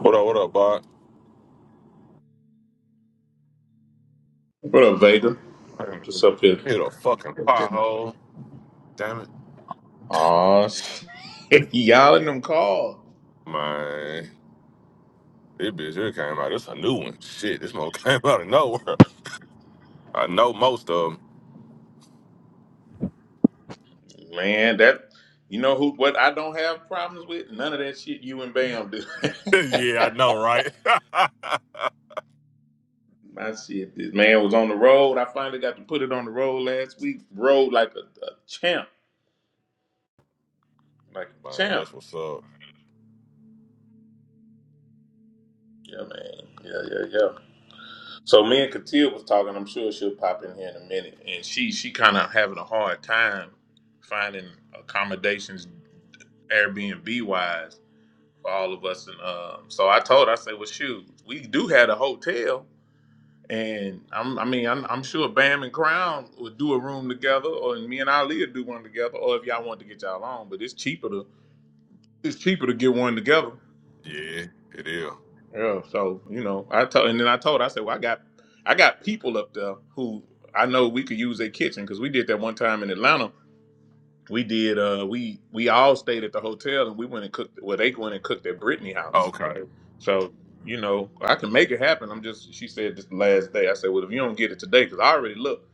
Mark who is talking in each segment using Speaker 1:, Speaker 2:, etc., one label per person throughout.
Speaker 1: What up, what up, Bart?
Speaker 2: What up, Vega? Just up here.
Speaker 1: Hit a fucking pothole. Damn it.
Speaker 2: Aw, y'all in them calls,
Speaker 1: Man, this bitch here came out. This a new one. Shit, this one came out of nowhere. I know most of them.
Speaker 2: man. That you know who? What I don't have problems with none of that shit you and Bam do.
Speaker 1: yeah, I know, right? Man,
Speaker 2: My shit, this man was on the road. I finally got to put it on the road last week. Rode like a, a champ, like a champ.
Speaker 1: that's what's up.
Speaker 2: Yeah, man. Yeah, yeah, yeah. So me and Katia was talking. I'm sure she'll pop in here in a minute, and she she kind of having a hard time finding accommodations Airbnb wise for all of us. And um, so I told, her, I said, well, shoot, we do have a hotel. And I'm, I mean, I'm, I'm sure Bam and Crown would do a room together, or me and Ali would do one together, or if y'all want to get y'all on. But it's cheaper to it's cheaper to get one together.
Speaker 1: Yeah, it is.
Speaker 2: Yeah. So you know, I told, and then I told, her, I said, well, I got I got people up there who I know we could use their kitchen because we did that one time in Atlanta. We did. uh We we all stayed at the hotel and we went and cooked. Well, they went and cooked at Brittany house
Speaker 1: Okay.
Speaker 2: So, you know, I can make it happen. I'm just, she said this the last day. I said, well, if you don't get it today, because I already look.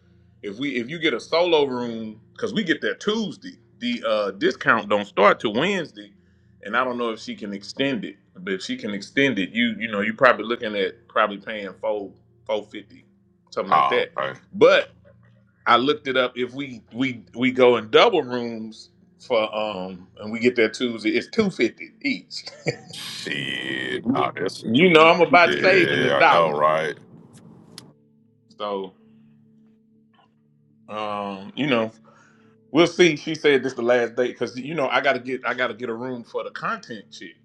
Speaker 2: If we, if you get a solo room, because we get there Tuesday, the uh, discount don't start till Wednesday, and I don't know if she can extend it. But if she can extend it, you, you know, you probably looking at probably paying four, four fifty, something like
Speaker 1: Oh,
Speaker 2: that.
Speaker 1: okay.
Speaker 2: But I looked it up. If we, we, we go in double rooms for, um, and we get there Tuesday, it's two fifty each.
Speaker 1: Shit. Oh, that's,
Speaker 2: You know, I'm about saving the
Speaker 1: yeah, I know,
Speaker 2: dollar.
Speaker 1: right?
Speaker 2: So, um, you know, we'll see. She said this the last date because you know I gotta get I gotta get a room for the content chick.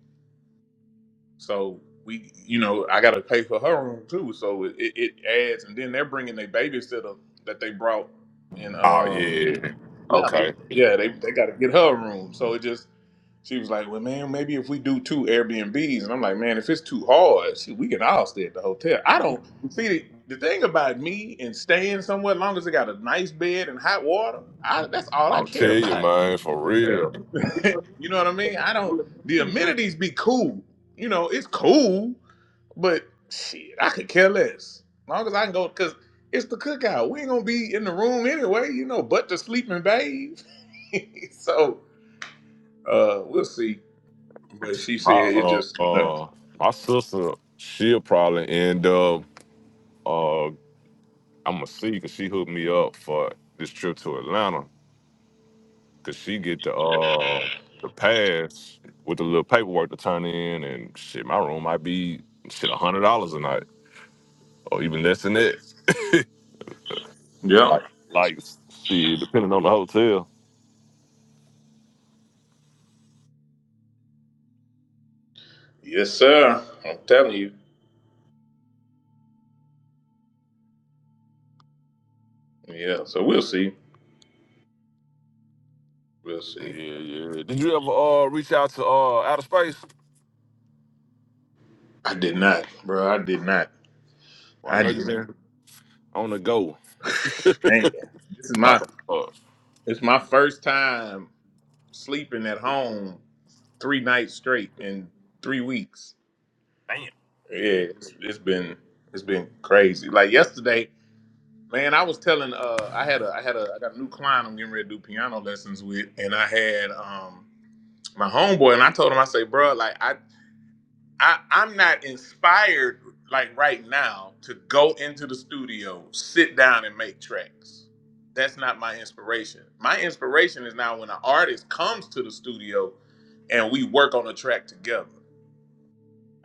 Speaker 2: So we, you know, I gotta pay for her room too. So it, it, it adds, and then they're bringing their babysitter that they brought, and
Speaker 1: Oh,
Speaker 2: um,
Speaker 1: yeah.
Speaker 2: now,
Speaker 1: Okay.
Speaker 2: yeah, they they gotta get her a room. So it just She was like, "Well, man, maybe if we do two Airbnbs," and I'm like, "Man, if it's too hard, shit, we can all stay at the hotel." I don't see the, the thing about me and staying somewhere, as long as it got a nice bed and hot water, I, that's all I
Speaker 1: I'll tell
Speaker 2: care
Speaker 1: you,
Speaker 2: about.
Speaker 1: man, for real.
Speaker 2: You know what I mean? I don't. The amenities be cool. You know, it's cool, but shit, I could care less. As long as I can go, cause it's the cookout. We ain't gonna be in the room anyway. You know, but to sleep and bathe. so uh, we'll see. But she
Speaker 1: My,
Speaker 2: said it
Speaker 1: uh,
Speaker 2: just you know.
Speaker 1: uh, my sister, she'll probably end up uh I'm gonna see because she hooked me up for this trip to Atlanta because she get the uh the pass with the little paperwork to turn in and shit. My room might be shit a hundred dollars a night or even less than that.
Speaker 2: Yeah.
Speaker 1: Like like shit, depending on the hotel.
Speaker 2: Yes, sir. I'm telling you. Yeah. So we'll see. We'll
Speaker 1: Yeah,
Speaker 2: see.
Speaker 1: yeah. Did you ever uh reach out to uh outer space?
Speaker 2: I did not, bro. I did not.
Speaker 1: Well, I
Speaker 2: I
Speaker 1: know
Speaker 2: did.
Speaker 1: you've been on the go
Speaker 2: Man, this is
Speaker 1: like
Speaker 2: my.
Speaker 1: uh
Speaker 2: It's my first time sleeping at home three nights straight in three weeks.
Speaker 1: damn. Yeah.
Speaker 2: Yeah, it's, it's been it's been crazy. Like yesterday, man, I was telling. Uh, I had a I had a I got a new client I'm getting ready to do piano lessons with, and I had um my homeboy, and I told him I say, bro, like I I, I'm not inspired like right now to go into the studio, sit down and make tracks. That's not my inspiration. My inspiration is now when an artist comes to the studio and we work on a track together.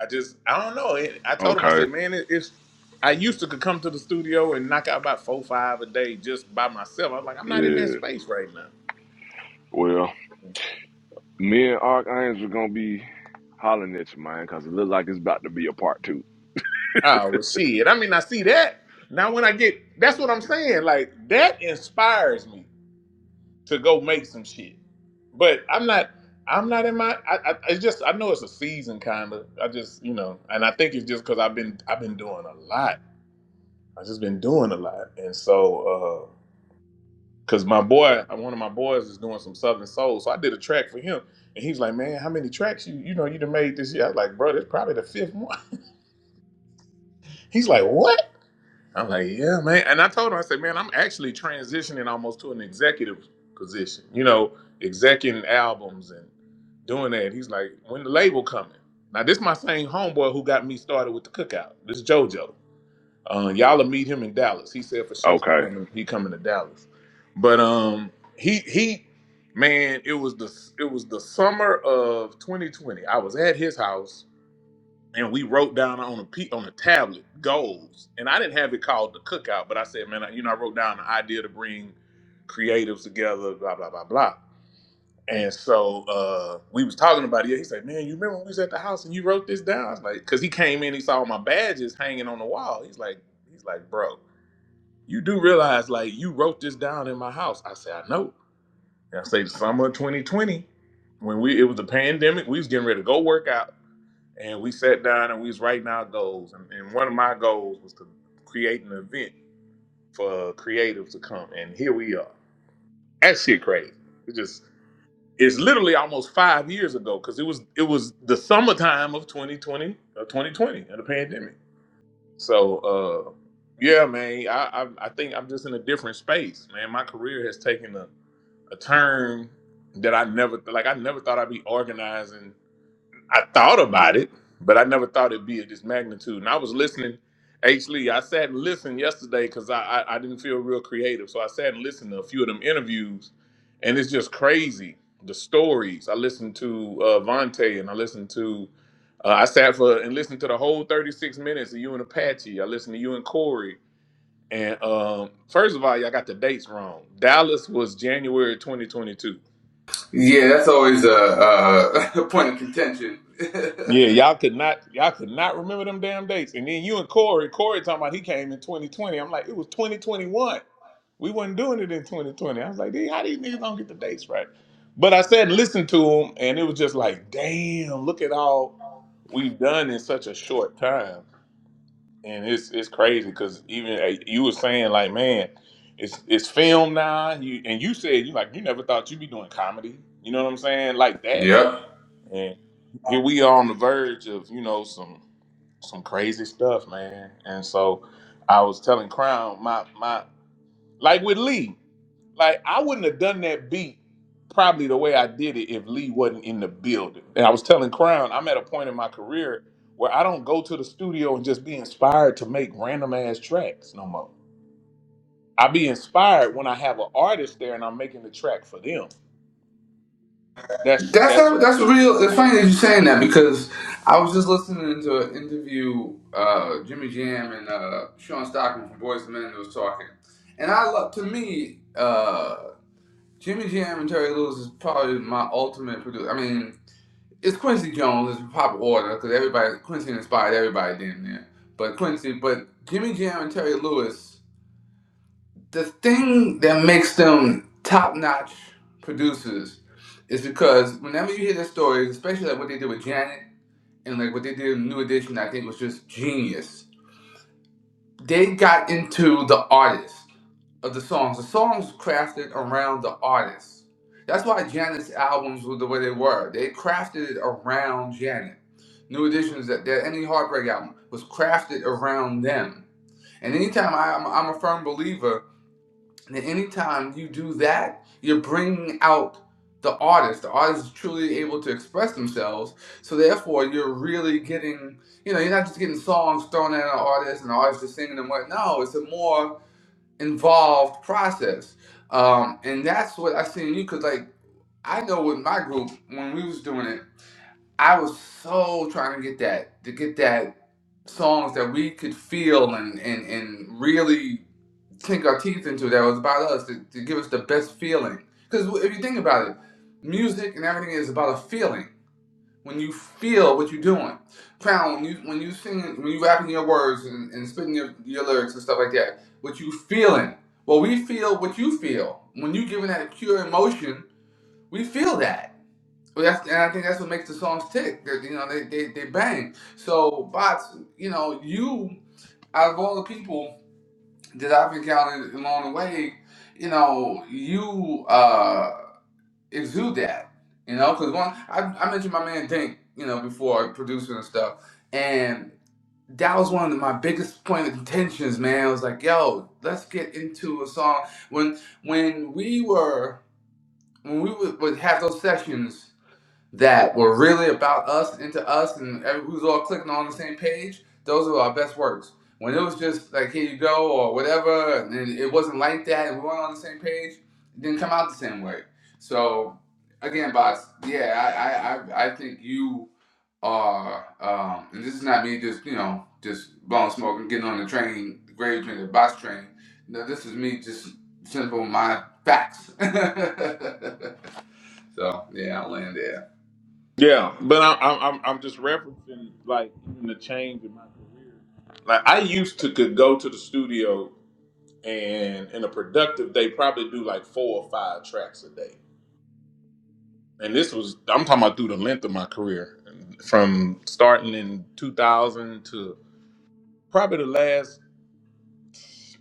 Speaker 2: I just I don't know. It, I told him I
Speaker 1: Okay.
Speaker 2: said, man, it, it's I used to could come to the studio and knock out about four five a day just by myself. I was like, I'm not in that
Speaker 1: Yeah.
Speaker 2: space right now.
Speaker 1: Well. Me and Archangel gonna be hollering at you, man, because it look like it's about to be a part two.
Speaker 2: Oh well, shit. I mean, I see that now. When I get, that's what I'm saying. Like that inspires me. to go make some shit. But I'm not. I'm not in my. I, I it's just I know it's a season kind of. I just you know, and I think it's just because I've been I've been doing a lot. I've just been doing a lot, and so because my boy, one of my boys is doing some Southern Soul, so I did a track for him, and he's like, man, how many tracks you you know you done made this year? I was like, bro, that's probably the fifth one. He's like, what? I'm like, yeah, man. And I told him, I said, man, I'm actually transitioning almost to an executive position, you know, executing albums and doing that. He's like, when the label coming? Now, this my same homeboy who got me started with the cookout. This is JoJo. Uh, y'all will meet him in Dallas. He said for sure he
Speaker 1: Okay.
Speaker 2: coming, he coming to Dallas. But um, he he, man, it was the it was the summer of 2020. I was at his house and we wrote down on a pe- on a tablet goals, and I didn't have it called the cookout, but I said, man, I, you know, I wrote down the idea to bring creatives together, blah blah blah blah. And so uh, we was talking about it. Yeah, He said, man, you remember when we was at the house and you wrote this down? I was like, because he came in, he saw my badges hanging on the wall. He's like, he's like, bro, you do realize like you wrote this down in my house? I said, I know. And I say, the summer of 2020, when we it was the pandemic, we was getting ready to go workout and we sat down and we was writing our goals. And, and one of my goals was to create an event for creatives to come. And here we are. That shit crazy. It just it's literally almost five years ago because it was it was the summertime of 2020 or 2020 of the pandemic. So uh yeah, man, I, I I think I'm just in a different space, man. My career has taken a, a turn that I never like. I never thought I'd be organizing I thought about it, but I never thought it'd be at this magnitude. And I was listening, H. Lee. I sat and listened yesterday because I, I I didn't feel real creative, so I sat and listened to a few of them interviews, and it's just crazy the stories. I listened to uh, Vontae, and I listened to. Uh, I sat for and listened to the whole 36 minutes of you and Apache. I listened to you and Corey. And um, first of all, y'all got the dates wrong. Dallas was January 2022.
Speaker 3: Yeah, that's always a, a, a point of contention.
Speaker 2: Yeah, y'all could not y'all could not remember them damn dates. And then you and Corey, Corey talking about he came in 2020. I'm like, it was 2021. We wasn't doing it in 2020. I was like, "Dude, how these niggas don't get the dates right? But I said listen to him, and it was just like, damn, look at all we've done in such a short time. And it's it's crazy because even uh, you were saying like, man, it's it's film now. You and you said you like you never thought you'd be doing comedy. You know what I'm saying? Like that
Speaker 3: yep.
Speaker 2: and here we are on the verge of, you know, some some crazy stuff, man. And so I was telling Crown my my like with Lee, like I wouldn't have done that beat probably the way I did it if Lee wasn't in the building. And I was telling Crown, I'm at a point in my career where I don't go to the studio and just be inspired to make random ass tracks no more. I be inspired when I have an artist there and I'm making the track for them. That's
Speaker 3: That's
Speaker 2: that's
Speaker 3: how, that's real. It's funny that you're saying that because I was just listening to an interview uh, Jimmy Jam and uh, Sean Stockman from Boys and Men was talking, and I love to me uh, Jimmy Jam and Terry Lewis is probably my ultimate producer. I mean, it's Quincy Jones is proper order because everybody Quincy inspired everybody damn near, but Quincy, but Jimmy Jam and Terry Lewis. the thing that makes them top notch producers is because whenever you hear their stories, especially like what they did with Janet and like what they did in New Edition, I think was just genius. They got into the artist of the songs. The songs crafted around the artist. That's why Janet's albums were the way they were. They crafted it around Janet. New Edition's that that any heartbreak album was crafted around them. And anytime I, I'm, I'm a firm believer and anytime you do that, you're bringing out the artist. The artist is truly able to express themselves. So therefore, you're really getting, you know, you're not just getting songs thrown at an artist and the artist is singing and what. No, it's a more involved process. Um, and that's what I see in you because, like, I know with my group when we was doing it, I was so trying to get that to get that songs that we could feel and and, and really sink our teeth into that was about us to, to give us the best feeling. Because if you think about it, music and everything is about a feeling. When you feel what you're doing, Crown, when you when you sing, when you rapping your words and, and spitting your, your lyrics and stuff like that, what you feeling? Well, we feel what you feel. When you giving that pure emotion, we feel that. Well, that's, and I think that's what makes the songs tick. That you know they, they, they bang. So bots, you know you out of all the people that I've encountered along the way, you know, you uh exude that, you know, because one, I, I mentioned my man Dink, you know, before producer and stuff, and that was one of my biggest point of contentions, man. I was like, yo, let's get into a song when when we were when we would, would have those sessions that were really about us and to us and who's all clicking on the same page, those are our best works. When it was just like here you go or whatever, and it wasn't like that, and we weren't on the same page, it didn't come out the same way. So again, boss, yeah, I I I, I think you are, um, and this is not me just you know just blowing smoke and getting on the train, the gravy train, the boss train. No, this is me just simple my facts. so yeah, I'll land there.
Speaker 2: Yeah, but I, I'm I'm I'm just referencing like even the change in my career. Like I used to could go to the studio and in a productive day probably do like four or five tracks a day. And this was I'm talking about through the length of my career, from starting in 2000 to probably the last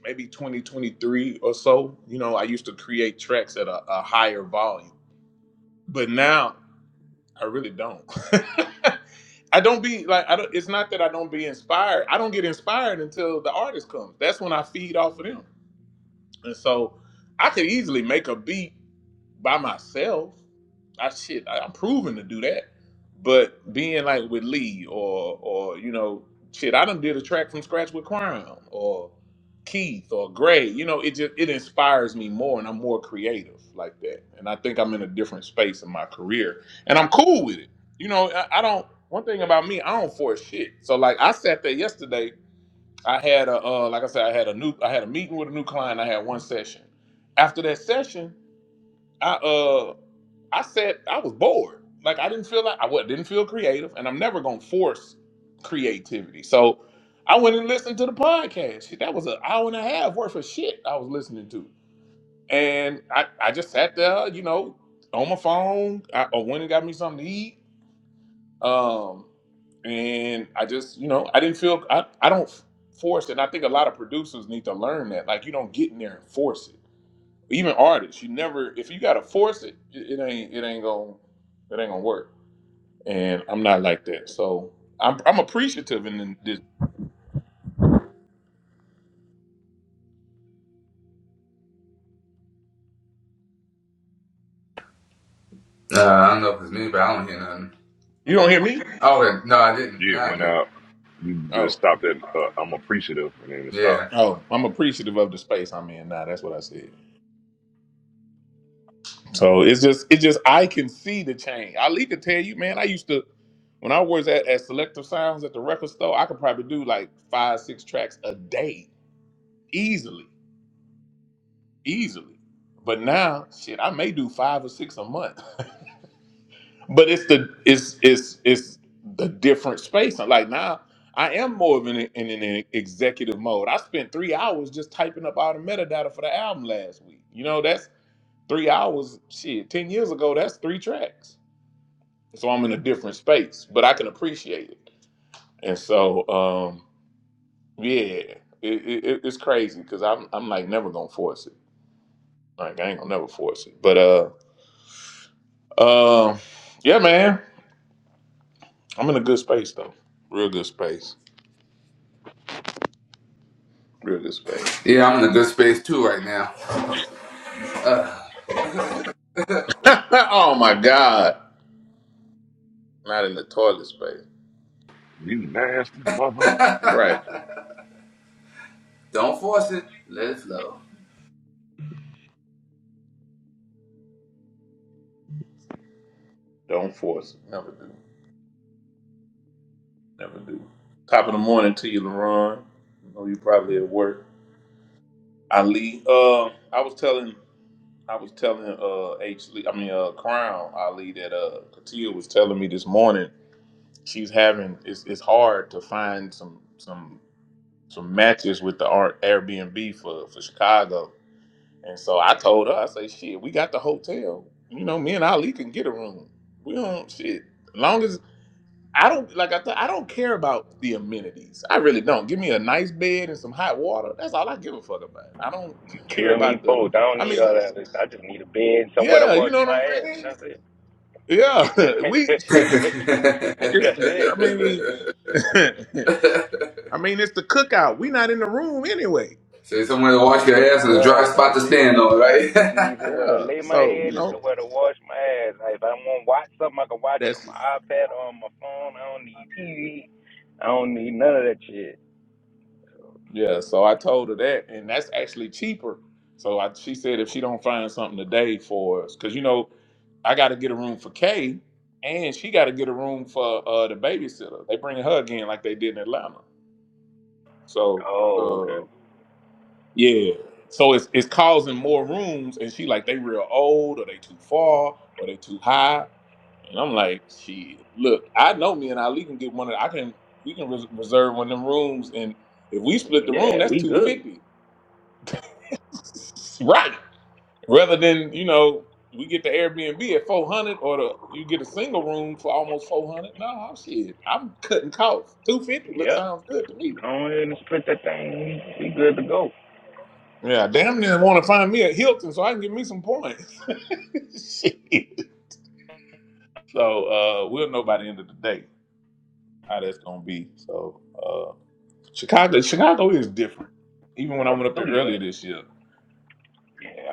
Speaker 2: maybe 2023 or so. You know, I used to create tracks at a, a higher volume, but now I really don't. I don't be like I don't. It's not that I don't be inspired. I don't get inspired until the artist comes. That's when I feed off of them. And so I could easily make a beat by myself. I shit, I, I'm proven to do that. But being like with Lee or or you know, shit, I done did a track from scratch with Crown or Keith or Gray. You know, it just it inspires me more and I'm more creative like that. And I think I'm in a different space in my career. And I'm cool with it. You know, I, I don't one thing about me, I don't force shit. So like I sat there yesterday, I had a uh, like I said, I had a new I had a meeting with a new client, I had one session. After that session, I uh I said I was bored. Like I didn't feel like I wa- didn't feel creative, and I'm never gonna force creativity. So I went and listened to the podcast. Shit, That was an hour and a half worth of shit I was listening to, and I I just sat there, you know, on my phone. I, I went and got me something to eat. Um, and I just you know I didn't feel I I don't force it. And I think a lot of producers need to learn that. Like you don't get in there and force it even artists, you never if you gotta force it, it, it ain't it ain't gonna it ain't gonna work. And I'm not like that, so I'm I'm appreciative And the- this.
Speaker 3: Uh, I don't know if it's me, but I don't hear nothing.
Speaker 2: You don't hear me?
Speaker 3: Oh, wait, no, I didn't.
Speaker 1: Yeah, it
Speaker 3: Now I
Speaker 1: went
Speaker 3: do.
Speaker 1: out. You just
Speaker 2: Oh.
Speaker 1: stopped at uh, I'm appreciative and then it stopped.
Speaker 3: Yeah.
Speaker 2: Oh, I'm appreciative of the space I'm in now. That's what I said. So it's just, it's just I can see the change. I need to tell you, man. I used to, when I was at, at Selective Sounds at the record store, I could probably do like five, six tracks a day easily, easily. But now, shit, I may do five or six a month. But it's the it's it's it's the different space. Like now, I am more of an in an executive mode. I spent three hours just typing up all the metadata for the album last week. You know, that's three hours. Shit, ten years ago, that's three tracks. So I'm in a different space, but I can appreciate it. And so, um, yeah, it, it, it's crazy because I'm I'm like never gonna force it. Like I ain't gonna never force it. But uh, um, yeah, man, I'm in a good space though. Real good space. River space.
Speaker 3: Yeah, I'm in a good space too right now.
Speaker 2: oh my God. Not in the toilet space.
Speaker 1: You nasty mother.
Speaker 2: Right.
Speaker 3: Don't force it. Let it flow.
Speaker 2: Don't force it. Never do. Never do. Top of the morning to you, LaRon. I know you probably at work. Ali, uh, I was telling I was telling uh H Lee, I mean uh Crown Ali that uh Katia was telling me this morning she's having it's it's hard to find some some some matches with the Ar- Airbnb for for Chicago And so I told her, I say, shit, we got the hotel. You know, me and Ali can get a room. We don't shit. As long as I don't like I th- I don't care about the amenities. I really don't. Give me a nice bed and some hot water. That's all I give a fuck about. I don't
Speaker 4: You
Speaker 2: care
Speaker 4: and me
Speaker 2: about the
Speaker 4: both. I don't
Speaker 2: I
Speaker 4: need
Speaker 2: mean,
Speaker 4: all that. I just need a bed, somewhere to
Speaker 2: yeah, you
Speaker 4: wash
Speaker 2: know
Speaker 4: my
Speaker 2: what I'm
Speaker 4: ass, and
Speaker 2: saying?
Speaker 4: that's it.
Speaker 2: Yeah. We shit it's
Speaker 4: that's
Speaker 2: I
Speaker 4: it,
Speaker 2: mean I mean it's the cookout. We not in the room anyway.
Speaker 3: Say somewhere to wash your
Speaker 4: yeah,
Speaker 3: ass and a dry
Speaker 4: bruh.
Speaker 3: spot
Speaker 4: That's
Speaker 3: to
Speaker 4: it.
Speaker 3: stand on,
Speaker 4: I just need
Speaker 3: right?
Speaker 4: somewhere to
Speaker 2: Yeah.
Speaker 4: lay my
Speaker 2: So, you
Speaker 4: head and
Speaker 2: know,
Speaker 4: somewhere to wash my ass. Like, if I want to watch something, I can watch it on
Speaker 2: that's
Speaker 4: my iPad or on my phone. I don't need TV. I don't need none of that shit.
Speaker 2: Yeah, so I told her that, and that's actually cheaper. So I, she said if she don't find something today for us, because you know I got to get a room for Kay, and she got to get a room for uh, the babysitter. They bring her again like they did in Atlanta. So
Speaker 4: Oh, okay.
Speaker 2: uh, yeah, so it's it's causing more rooms, and she like they real old, or they too far, or they too high, and I'm like, shit, look, I know me and Ali can get one of. I can we can res- reserve one of them rooms, and if we split the room,
Speaker 4: Yeah,
Speaker 2: that's
Speaker 4: we
Speaker 2: two
Speaker 4: good.
Speaker 2: fifty. Right. Rather than you know, we get the Airbnb at four hundred, or the you get a single room for almost four hundred. No, I'm shit. I'm cutting costs. Two fifty looks
Speaker 4: Yeah,
Speaker 2: sounds good to me.
Speaker 4: go ahead and split that thing. We good to go.
Speaker 2: Yeah, damn near want to find me a Hilton so I can give me some points. shit. So uh, we'll know by the end of the day how that's gonna be. So uh, Chicago, Chicago is different. Even
Speaker 4: So
Speaker 2: when I
Speaker 4: where the
Speaker 2: went up there
Speaker 4: studio
Speaker 2: earlier
Speaker 4: at?
Speaker 2: this year,
Speaker 4: Yeah.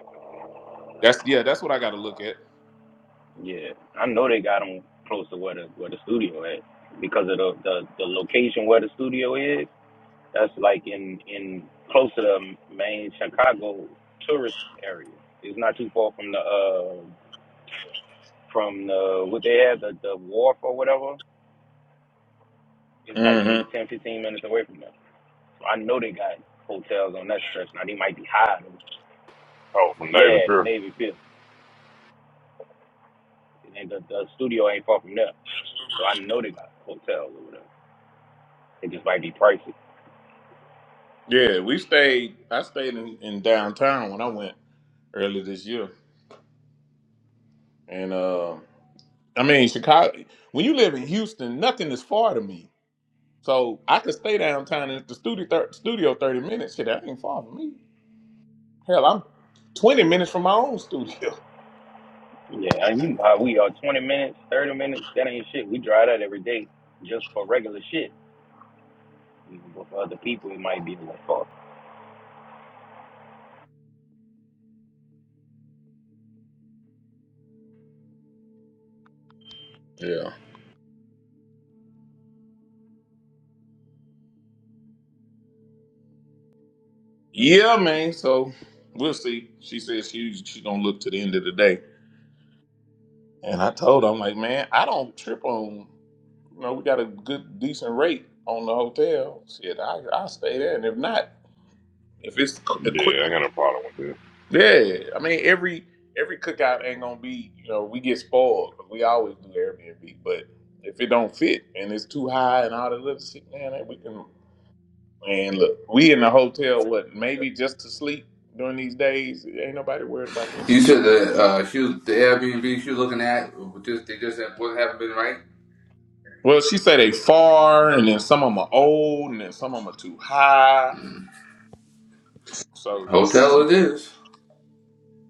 Speaker 2: that's yeah, that's what I got to look at.
Speaker 4: Yeah, I know they got them close to where the where the studio at because of the the, the location where the studio is. That's like in in close to the main Chicago tourist area. It's not too far from the uh from the what they have the the wharf or whatever. It's like
Speaker 2: hmm
Speaker 4: maybe 10 15 minutes away from there. So I know they got hotels on that stretch. Now they might be higher. Than,
Speaker 1: Oh, from
Speaker 4: yeah,
Speaker 1: David
Speaker 4: the
Speaker 1: Kerr?
Speaker 4: Navy Pier and the, the studio ain't far from there. So I know they got hotels over there. It just might be pricey.
Speaker 2: Yeah, we stayed. I stayed in, in downtown when I went. earlier this year. And uh, I mean, Chicago. When you live in Houston, nothing is far to me. So I could stay downtown and at the studio thir- studio thirty minutes. Shit, that ain't far from me. Hell, I'm twenty minutes from my own studio.
Speaker 4: Yeah, and you know how we are 20 minutes, 30 minutes, that ain't shit. We drive that every day just for regular shit. You know, But for other people, it might be a little far.
Speaker 2: Yeah. Yeah, man. So we'll see. She says she she's gonna look to the end of the day. And I told her, I'm like, man, I don't trip on. You know, we got a good decent rate on the hotel. Shit, I I stay there, and if not, if it's equivalent.
Speaker 1: Yeah, I got a problem with it.
Speaker 2: Yeah, I mean every every cookout ain't gonna be you know we get spoiled 'cause we always do Airbnb, but if it don't fit and it's too high and all that other shit, man, that we can. And look, we in the hotel, what maybe just to sleep during these days. Ain't nobody worried about that
Speaker 3: you
Speaker 2: shit.
Speaker 3: said the uh, shoe, the Airbnb she was looking at, just they just wouldn't haven't been right.
Speaker 2: Well, she said they far, and then some of them are old, and then some of them are too high. So
Speaker 3: Hotel
Speaker 2: she,
Speaker 3: it is.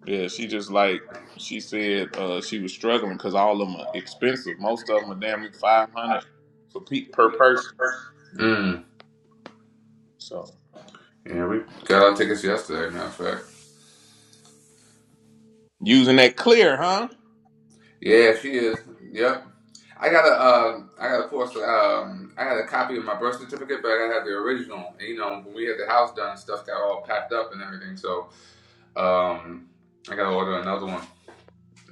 Speaker 2: yeah, she just like she said uh, she was struggling because all of them are expensive. Most of them are damn near five hundred for pe- per person.
Speaker 3: Mm.
Speaker 2: So,
Speaker 3: Yeah, we got our tickets yesterday. Matter of fact.
Speaker 2: Using that clear, huh?
Speaker 3: Yeah, she is. Yep. I got a, um, I got a course. Um, I got a copy of my birth certificate, but I gotta have the original. And, you know, when we had the house done, stuff got all packed up and everything. So, um, I gotta order another one.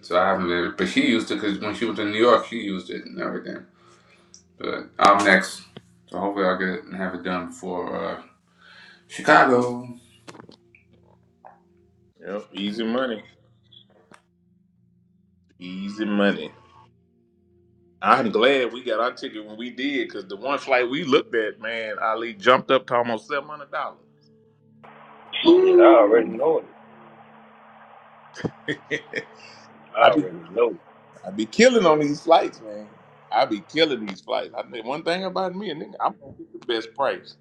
Speaker 3: So I haven't been, but she used it because when she was in New York, she used it and everything. But I'm next, so hopefully I'll get it and have it done before uh, Chicago.
Speaker 2: yep, easy money. Easy money. I'm glad we got our ticket when we did because the one flight we looked at, man, Ali jumped up to almost $700.
Speaker 4: Shit, I already
Speaker 3: Woo!
Speaker 4: know it. I
Speaker 2: I be,
Speaker 4: already know. it.
Speaker 2: I be killing on these flights, man. I be killing these flights. I think one thing about me, and nigga, I'm gonna get the best price.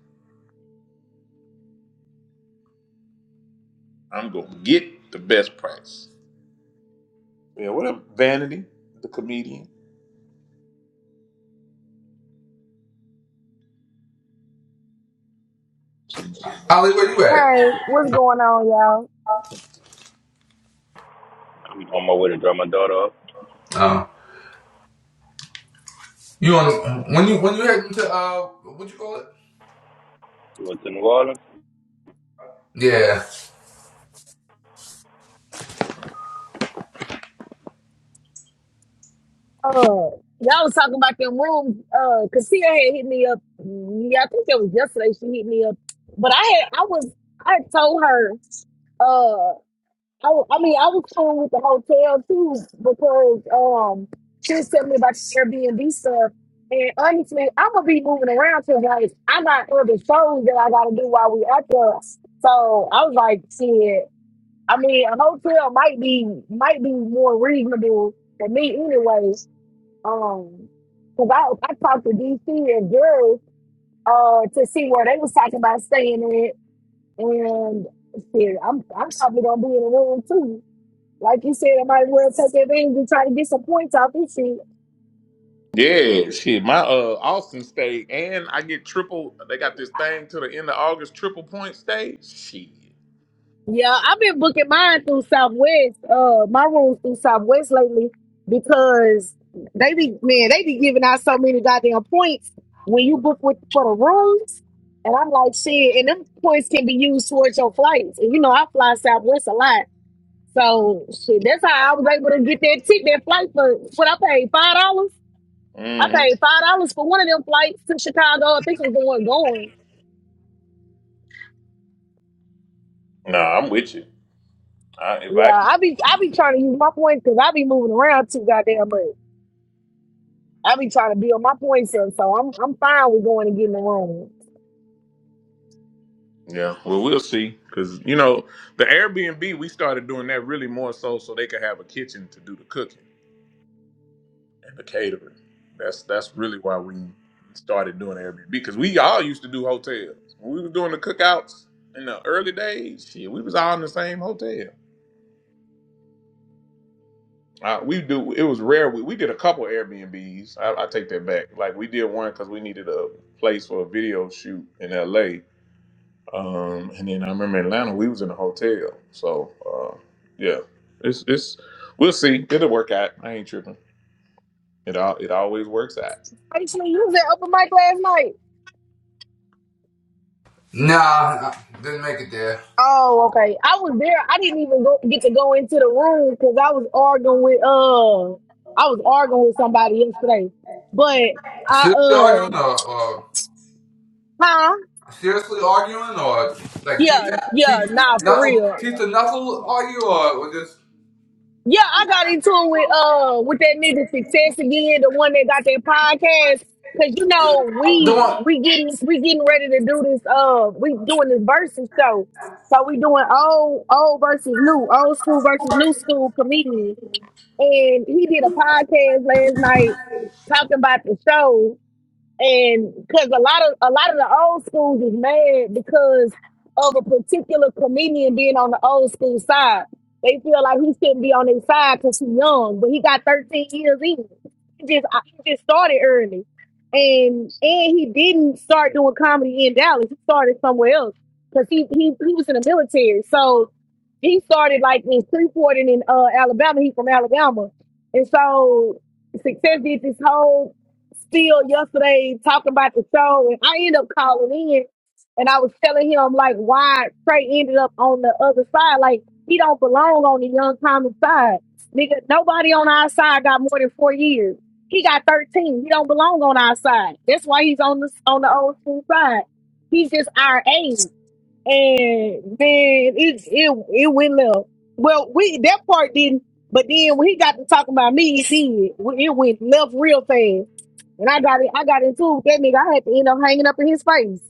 Speaker 2: I'm gonna get the best price. Yeah, what up, Vanity, the comedian?
Speaker 3: Ollie, where you at?
Speaker 5: Hey, what's going on, y'all?
Speaker 4: I'm on my way to drop my daughter up
Speaker 3: Oh, you on when you when you heading to uh, what you call it?
Speaker 4: to to New Orleans.
Speaker 3: Yeah,
Speaker 5: Uh, y'all was talking about them rooms. Uh, Cassia had hit me up. mm, Yeah, I think that was yesterday. She hit me up, but I had I was I had told her. Uh, I, wa- I mean I was cool with the hotel too because um she was telling me about the Airbnb stuff. And honestly, I'm gonna be moving around because like I got other shows that I gotta do while we out there. So I was like, shit. I mean, a hotel might be might be more reasonable for me, anyways. Um, because I I talked to DC and girls uh to see where they was talking about staying in, and shit, I'm I'm probably gonna be in a room too. Like you said, I might as well take advantage and try to get some points off this shit.
Speaker 2: Yeah, shit. My uh Austin state, and I get triple they got this thing to the end of August triple point stay. Shit.
Speaker 5: Yeah, I've been booking mine through Southwest, uh, my rooms through Southwest lately because they be man, they be giving out so many goddamn points when you book with for the rooms. And I'm like, shit, and them points can be used towards your flights. And you know, I fly Southwest a lot. So shit, that's how I was able to get that ticket, that flight for what I paid five dollars. I
Speaker 2: hmm
Speaker 5: paid five dollars for one of them flights to Chicago. I think it was the one going.
Speaker 2: No, I'm with you. I, if
Speaker 5: Yeah,
Speaker 2: I
Speaker 5: I be I be
Speaker 2: can
Speaker 5: trying to use my points because I be moving around too goddamn much. I be trying to build my points up, so I'm I'm fine with going and getting the room.
Speaker 2: Yeah, well we'll see. Cause you know, the Airbnb we started doing that really more so so they could have a kitchen to do the cooking and the catering. That's that's really why we started doing Airbnb because we all used to do hotels. When we was doing the cookouts in the early days, shit, we was all in the same hotel. Uh, we do. It was rare. We, we did a couple Airbnbs. I, I take that back. Like we did one because we needed a place for a video shoot in L.A. Um, and then I remember in Atlanta we was in a hotel. So uh, yeah, it's it's we'll see. It'll work out. I ain't tripping. It all it always works out.
Speaker 5: Actually, you was at open mic last night.
Speaker 3: nah, I didn't make it there.
Speaker 5: Oh, okay. I was there. I didn't even go get to go into the room because I was arguing with uh I was arguing with somebody yesterday. But I
Speaker 3: Seriously arguing
Speaker 5: uh
Speaker 3: or, or
Speaker 5: huh?
Speaker 3: seriously arguing or like teeth
Speaker 5: Yeah,
Speaker 3: to
Speaker 5: yeah,
Speaker 3: teeth
Speaker 5: nah, for
Speaker 3: knuckle
Speaker 5: real.
Speaker 3: teeth to knuckle argue or, or just
Speaker 5: Yeah, I got into it with uh with that nigga success again, the one that got that podcast. Cause you know,
Speaker 3: the
Speaker 5: we
Speaker 3: one
Speaker 5: we getting we getting ready to do this uh we doing this versus show. So we doing old old versus new, old school versus new school comedians. And he did a podcast last night talking about the show and because a lot of a lot of the old schools is mad because of a particular comedian being on the old school side. They feel like he shouldn't be on their side because he's young, but he got 13 years in. He just I- he just started early, and and he didn't start doing comedy in Dallas. He started somewhere else because he, he he was in the military. So he started like in Freeport and in uh, Alabama. He from Alabama, and so success did this whole still yesterday talking about the show, and I ended up calling in, and I was telling him like why Trey ended up on the other side. Like he don't belong on the young common side, nigga. Nobody on our side got more than four years. He got thirteen. He don't belong on our side. That's why he's on the on the old school side. He's just our age, and then it it it went left. Well, we that part didn't. But then when he got to talking about me, he it went left real fast. And I got it, I got into it with that nigga. I had to end up hanging up in his face.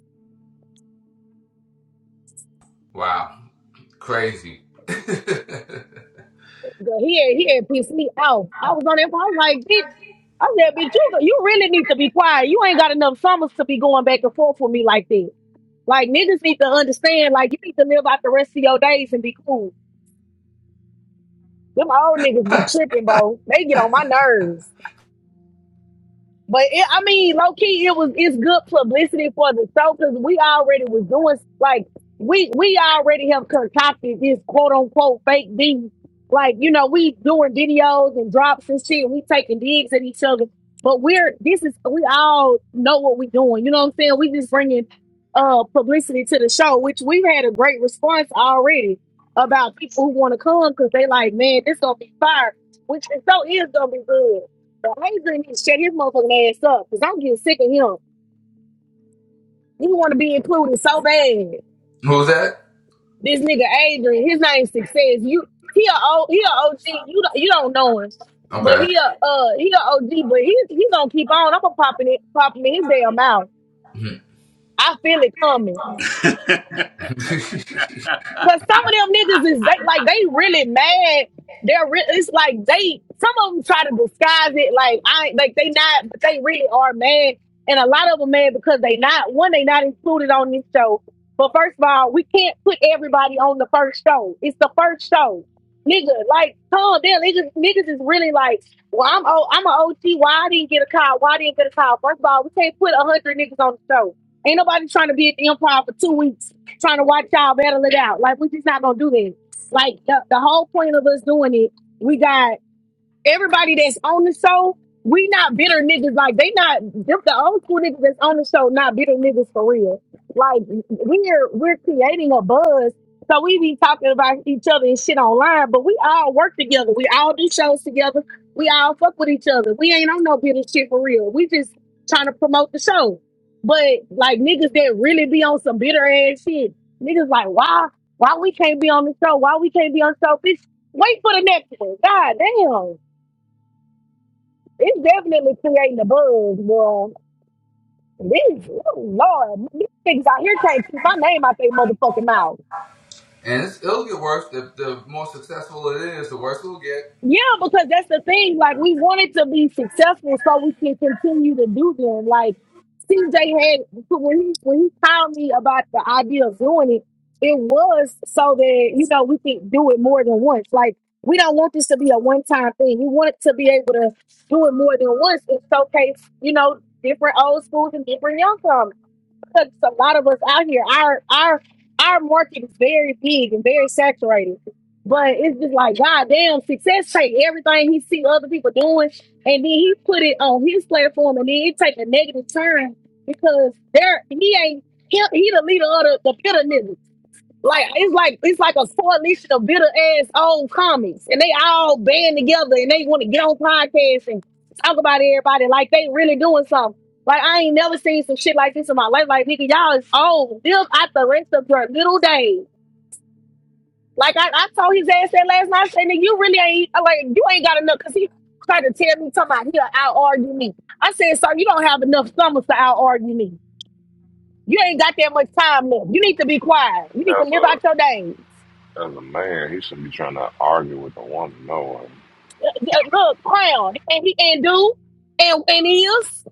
Speaker 3: Wow. Crazy. Who
Speaker 5: Girl, he had he had pissed me off. I was on that. I was like, bitch. I said, bitch, you you really need to be quiet. You ain't got enough summers to be going back and forth with me like that. Like niggas need to understand. Like you need to live out the rest of your days and be cool. Them old niggas be tripping, bro. They get on my nerves. But it, I mean, low key, it was it's good publicity for the show because we already was doing like we we already have concocted this quote unquote fake beef. Like you know, we doing videos and drops and shit. We taking digs at each other, but we're this is we all know what we doing. You know what I'm saying? We just bringing uh publicity to the show, which we've had a great response already about people who want to come because they like, man, this gonna be fire. Which the show is gonna be good. So I ain't gonna shut his motherfucking ass up because I'm getting sick of him. You want to be included so bad.
Speaker 3: was that?
Speaker 5: This nigga Adrian, his name Success. You he a O he a OG. You don't you don't know him, but
Speaker 3: Okay.
Speaker 5: he a uh he a OG. But he he gonna keep on. I'm gonna popping it popping in his damn mouth.
Speaker 3: Mhm.
Speaker 5: I feel it coming. Cause some of them niggas is they like they really mad. They're re- it's like they some of them try to disguise it like I like they not but they really are mad. And a lot of them mad because they not one they not included on this show. But first of all, we can't put everybody on the first show. It's the first show, nigga. Like calm down, niggas. Niggas is really like, well, I'm o- I'm an OT. Why I didn't get a call? Why I didn't get a call? First of all, we can't put a hundred niggas on the show. Ain't nobody trying to be at the Empire for two weeks trying to watch y'all battle it out. Like, we just not gonna do that. Like the, the whole point of us doing it, we got everybody that's on the show, we not bitter niggas. Like they not just the old school niggas that's on the show, not bitter niggas for real. Like we're we're creating a buzz. So we be talking about each other and shit online, but we all work together. We all do shows together. We all fuck with each other. We ain't on no bitter shit for real. We just trying to promote the show. But like niggas that really be on some bitter ass shit, niggas like why why we can't be on the show? Why we can't be on the show? Bitch, wait for the next one. God damn. It's definitely creating a buzz, bro. These oh Lord, these things out here can't keep my name out their motherfucking mouth.
Speaker 3: and it's, it'll get worse. The, the more successful it is, the worse it'll get.
Speaker 5: Yeah, because that's the thing. Like, we wanted to be successful so we can continue to do them. Like, CJ had, when he, when he called me about the idea of doing it, it was so that, you know, we can do it more than once. Like, we don't want this to be a one time thing. We want it to be able to do it more than once and showcase, you know, different old schools and different young because a lot of us out here, our our our market is very big and very saturated. But it's just like God damn, success take everything he see other people doing, and then he put it on his platform, and then it take a negative turn because there he ain't he, he the leader of the, the bitter niggas. Like it's like it's like a coalition of bitter ass old comics, and they all band together and they want to get on podcasts and talk about everybody like they really doing something. Like I ain't never seen some shit like this in my life. Like nigga, y'all is old. Live out the rest of your little days. Like I, I told his ass that last night. I said, nigga, you really ain't uh, like you ain't got enough because he tried to tell me talking about he'll out argue me. I said, sir, you don't have enough summers to out argue me. You ain't got that much time left. You need to be quiet. You need to live out
Speaker 1: As
Speaker 5: your days.
Speaker 1: a as a man, he shouldn't be trying to argue with a woman. No one.
Speaker 5: Uh, Look, Crown, and he and do and and is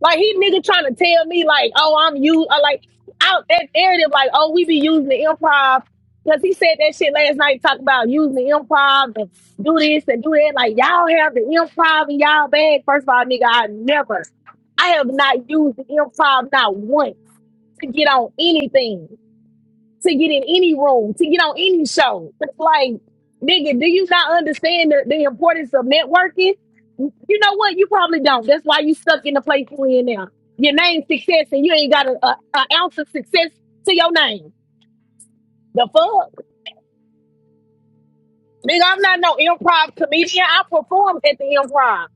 Speaker 5: like he nigga trying to tell me like, oh, I'm you, uh, like out that narrative, like, oh, we be using the improv because he said that shit last night, talk about using the improv and do this and do that. Like y'all have the improv in y'all bag. First of all, nigga, I never, I have not used the improv not once to get on anything. to get in any room, to get on any show. It's like, nigga, do you not understand the, the importance of networking? You know what? You probably don't. That's why you stuck in the place you in now. Your name success and you ain't got a, a a ounce of success to your name. The fuck? Nigga, I'm not no improv comedian. I performed at the improv.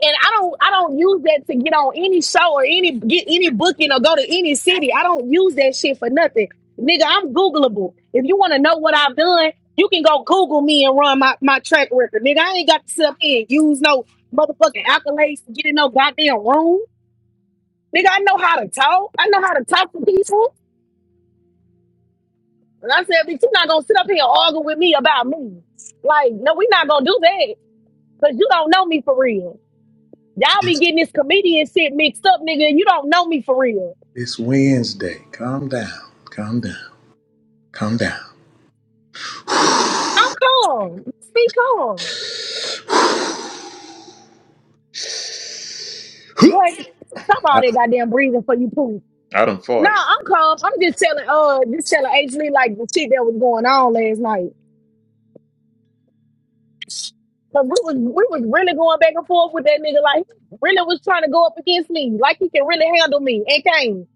Speaker 5: and I don't I don't use that to get on any show or any get any booking or go to any city. I don't use that shit for nothing. Nigga, I'm Googleable. If you want to know what I've done, you can go Google me and run my, my track record. Nigga, I ain't got to sit up here and use no motherfucking accolades to get in no goddamn room. Nigga, I know how to talk. I know how to talk to people. And I said, bitch, you not gonna sit up here and argue with me about me. Like, no, we not gonna do that. Cause you don't know me for real. Y'all be
Speaker 2: It's,
Speaker 5: getting this comedian shit mixed up, nigga. and You don't know me for real.
Speaker 2: it's Wednesday. Calm down. Calm down. Calm down.
Speaker 5: I'm calm. Speak calm. What? Stop all
Speaker 2: I,
Speaker 5: that goddamn breathing for you poop.
Speaker 2: I done
Speaker 5: No,
Speaker 2: farted.
Speaker 5: I'm calm. I'm just telling uh just telling H Lee like the shit that was going on last night. Cause we was we was really going back and forth with that nigga. Like he really was trying to go up against me. Like he can really handle me. And came.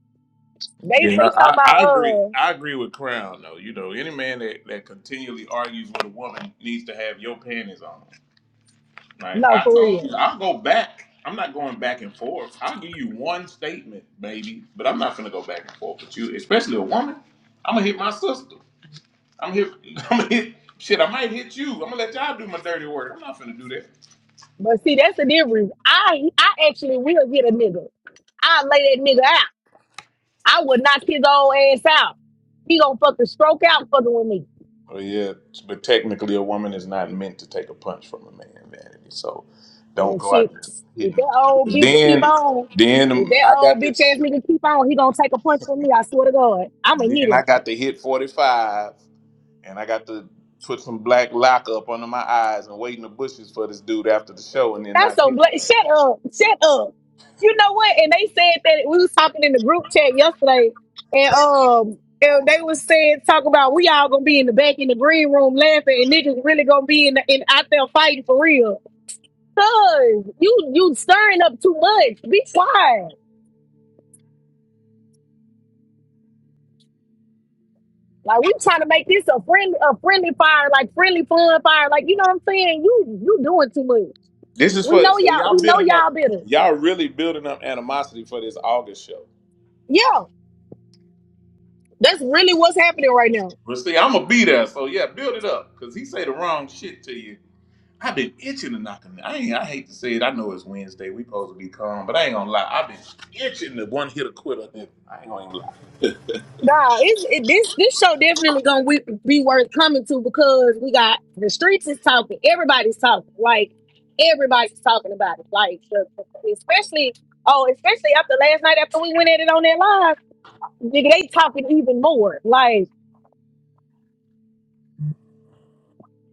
Speaker 5: They
Speaker 2: Yeah, I,
Speaker 5: they talking
Speaker 2: I
Speaker 5: about
Speaker 2: I agree.
Speaker 5: uh
Speaker 2: I agree with Crown though. You know, any man that, that continually argues with a woman needs to have your panties on. Like
Speaker 5: no
Speaker 2: I
Speaker 5: for
Speaker 2: told you,
Speaker 5: real.
Speaker 2: I'll go back. I'm not going back and forth. I'll give you one statement, baby, but I'm not gonna go back and forth with you, especially a woman. I'm gonna hit my sister. I'm hit. I'm gonna hit. Shit, I might hit you. I'm gonna let y'all do my dirty work. I'm not gonna do that.
Speaker 5: But see that's the difference. I I actually will get a nigga. I lay that nigga out. I would knock his old ass out. He gonna fucking stroke out fucking with me.
Speaker 2: Well, yeah, but technically, a woman is not meant to take a punch from a man, vanity. So don't
Speaker 5: And
Speaker 2: go
Speaker 5: shit,
Speaker 2: out there
Speaker 5: if
Speaker 2: hitting.
Speaker 5: that old
Speaker 2: nobody.
Speaker 5: bitch keep
Speaker 2: Then,
Speaker 5: on, if
Speaker 2: then
Speaker 5: that
Speaker 2: I got
Speaker 5: old
Speaker 2: to,
Speaker 5: bitch ass nigga keep on, he gonna take a punch from me. I swear to God, I'ma hit
Speaker 2: then I
Speaker 5: him.
Speaker 2: got to hit forty five, and I got to put some black lock up under my eyes and wait in the bushes for this dude after the show, and then
Speaker 5: That's
Speaker 2: not
Speaker 5: so
Speaker 2: hit me.
Speaker 5: bla Shut up, shut up. You know what? And they said that we was talking in the group chat yesterday, and um, and they was saying talk about we all gonna be in the back in the green room laughing, and niggas really gonna be in the, in out there fighting for real. Cuz you you stirring up too much. Be quiet. Like we trying to make this a friendly, a friendly fire, like friendly fun fire. Like you know what I'm saying? You you doing too much.
Speaker 2: This is
Speaker 5: We
Speaker 2: for
Speaker 5: know
Speaker 2: so
Speaker 5: y'all.
Speaker 2: y'all
Speaker 5: We know
Speaker 2: building up,
Speaker 5: y'all better.
Speaker 2: y'all really building up animosity for this August show.
Speaker 5: Yeah, that's really what's happening right now.
Speaker 2: But see, I'm gonna be there, so yeah, build it up, cause he say the wrong shit to you. I've been itching to knock him. I ain't, I hate to say it. I know it's Wednesday. We supposed to be calm, but I ain't gonna lie. I've been itching to one hit a quitter. I ain't gonna even lie.
Speaker 5: Nah, it's it, this this show definitely gonna we, be worth coming to because we got the streets is talking. Everybody's talking. Like everybody's talking about it. Like especially oh, especially after last night after we went at it on that live, nigga, they talking even more. Like.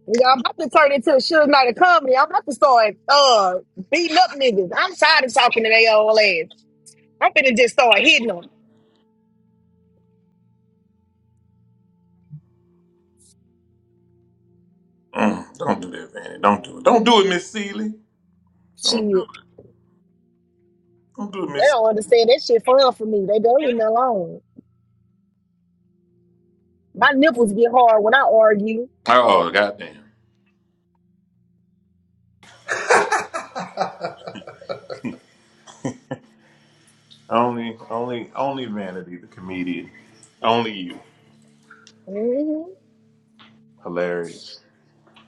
Speaker 5: Y'all about to turn into a Suge Knight of comedy. I'm about to start uh beating up niggas. I'm tired of talking to their old ass. I'm finna just start hitting them.
Speaker 2: Mm, don't do that, Vanny. Don't do it. Don't do it, Miss Seeley. Don't do
Speaker 5: Shit,
Speaker 2: it. Don't do it,
Speaker 5: they
Speaker 2: Miss.
Speaker 5: don't understand that shit fun for me. They don't leave me alone. My nipples get hard when I argue.
Speaker 2: Oh goddamn. only, only, only Vanity, the comedian. Only you.
Speaker 5: hmm
Speaker 2: Hilarious.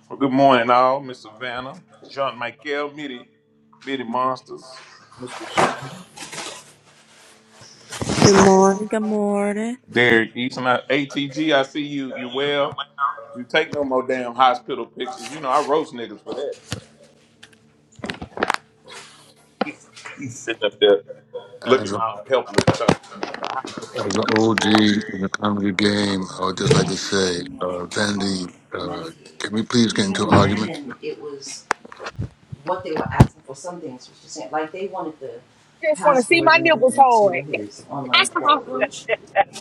Speaker 2: Well, good morning, all, Miss Savannah, Jean Michael, Mitty, Mitty Monsters, Miss Rashana.
Speaker 6: Good morning. Good morning.
Speaker 2: Derek Easton, I- ATG, I see you. You well? You take no more damn hospital pictures. You know I roast niggas for that. He's sitting up there
Speaker 7: As
Speaker 2: looking
Speaker 7: a,
Speaker 2: all helpless stuff in the hospital.
Speaker 7: as an OG in the comedy game, I would just like to say, uh, Vanity, uh, can we please get into an argument?
Speaker 3: what they were asking for. Some things was just saying, like they wanted the
Speaker 5: Just want to see
Speaker 3: password
Speaker 5: my
Speaker 3: and
Speaker 5: nipples
Speaker 3: everything
Speaker 5: hard.
Speaker 3: to his
Speaker 5: I
Speaker 3: online
Speaker 5: got
Speaker 3: portal, which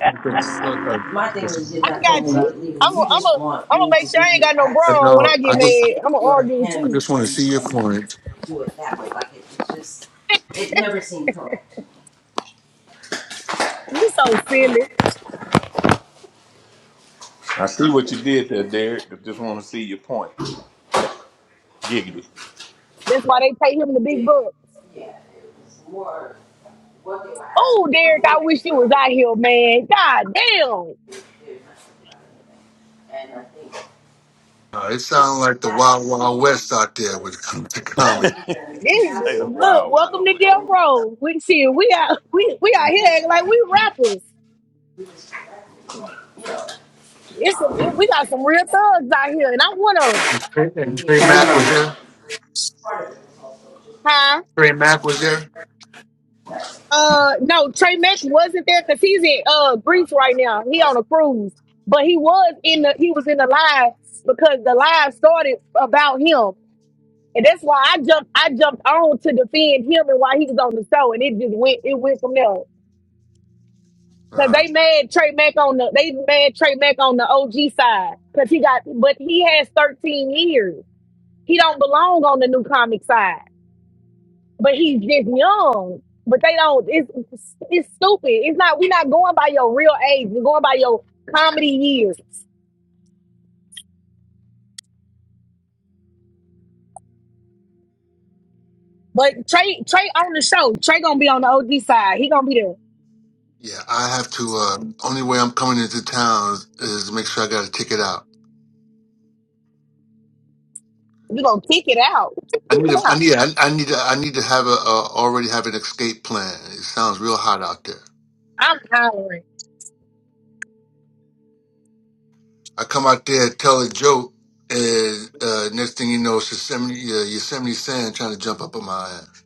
Speaker 7: I think so,
Speaker 3: but
Speaker 7: uh,
Speaker 3: my thing is
Speaker 7: it's-
Speaker 3: you're not going
Speaker 5: you.
Speaker 3: about it legally.
Speaker 5: I'm gonna
Speaker 3: You
Speaker 5: I'm
Speaker 3: just
Speaker 5: gonna
Speaker 3: want
Speaker 5: I'm gonna
Speaker 3: me
Speaker 5: make
Speaker 3: to
Speaker 5: sure I
Speaker 3: give
Speaker 5: ain't
Speaker 3: you
Speaker 5: got no
Speaker 7: I
Speaker 3: access
Speaker 5: bra on when
Speaker 7: know.
Speaker 5: I
Speaker 7: I
Speaker 5: get
Speaker 7: just,
Speaker 3: as
Speaker 5: mad.
Speaker 3: if
Speaker 5: I'm gonna
Speaker 3: you're
Speaker 5: argue with
Speaker 7: I
Speaker 3: him
Speaker 5: you.
Speaker 7: just want to
Speaker 3: and
Speaker 7: see your
Speaker 3: and
Speaker 7: point.
Speaker 3: do it that way. Like it, it just it never seemed correct.
Speaker 5: you so silly.
Speaker 2: I see what you did there, Derek. I just want to see your point. Giggity.
Speaker 5: That's why they pay him the big
Speaker 3: Yeah,
Speaker 5: bucks.
Speaker 3: yeah, it was more what they were asking
Speaker 5: Oh,
Speaker 3: for.
Speaker 5: Derek,
Speaker 3: You
Speaker 5: I
Speaker 3: didn't
Speaker 5: wish you
Speaker 3: feel
Speaker 5: was
Speaker 3: what
Speaker 5: out here, man. God damn.
Speaker 3: they were asking about anything, and I think
Speaker 7: Uh, it sounds like the
Speaker 3: that
Speaker 7: Wild
Speaker 3: they
Speaker 7: Wild
Speaker 3: wanted
Speaker 7: West out
Speaker 3: to
Speaker 7: there with
Speaker 3: just
Speaker 7: the comedy.
Speaker 3: Than the
Speaker 2: you
Speaker 5: This,
Speaker 2: say
Speaker 3: task
Speaker 2: the
Speaker 3: orders,
Speaker 5: look,
Speaker 2: wow,
Speaker 5: welcome
Speaker 2: wow,
Speaker 5: to
Speaker 3: they
Speaker 2: wow.
Speaker 3: go
Speaker 5: Death
Speaker 3: into
Speaker 5: Row. We see we out we we out
Speaker 3: complicated
Speaker 5: here
Speaker 3: town.
Speaker 5: acting like we rappers.
Speaker 3: We just corrected, it. you know,
Speaker 5: It's some
Speaker 3: um,
Speaker 5: we got some real thugs out here, and I'm one of them.
Speaker 7: And Trey, and
Speaker 3: maybe.
Speaker 7: Trey Mack was there.
Speaker 3: Part of it was also just.
Speaker 5: Huh?
Speaker 7: Trey Mack was there.
Speaker 5: Uh, no, Trey Mack wasn't there because he's in uh Greece right now. He on a cruise, but he was in the he was in the live because the live started about him, and that's why I jumped I jumped on to defend him and why he was on the show, and it just went it went from there. Cause
Speaker 7: Uh,
Speaker 5: they mad Trey Mack on the they mad Trey Mack on the OG side. Cause he got but he has 13 years. He don't belong on the new comic side. But he's just young. But they don't it's it's stupid. It's not we're not going by your real age. We're going by your comedy years. But Trey Trey on the show. Trey gonna be on the OG side. He gonna be there.
Speaker 7: yeah, I have to. Uh, only way I'm coming into town is, is make sure I got a ticket out.
Speaker 5: We're gonna kick it out. Just
Speaker 7: I
Speaker 5: Kick
Speaker 7: need to,
Speaker 5: it
Speaker 7: I
Speaker 5: out.
Speaker 7: need, I, I need to, I need to have a, uh, already have an escape plan. It sounds real hot out there.
Speaker 5: I'm hollering.
Speaker 7: I come out there, tell a joke, and uh, next thing you know, it's Yosemite, uh, Yosemite Sam trying to jump up on my ass.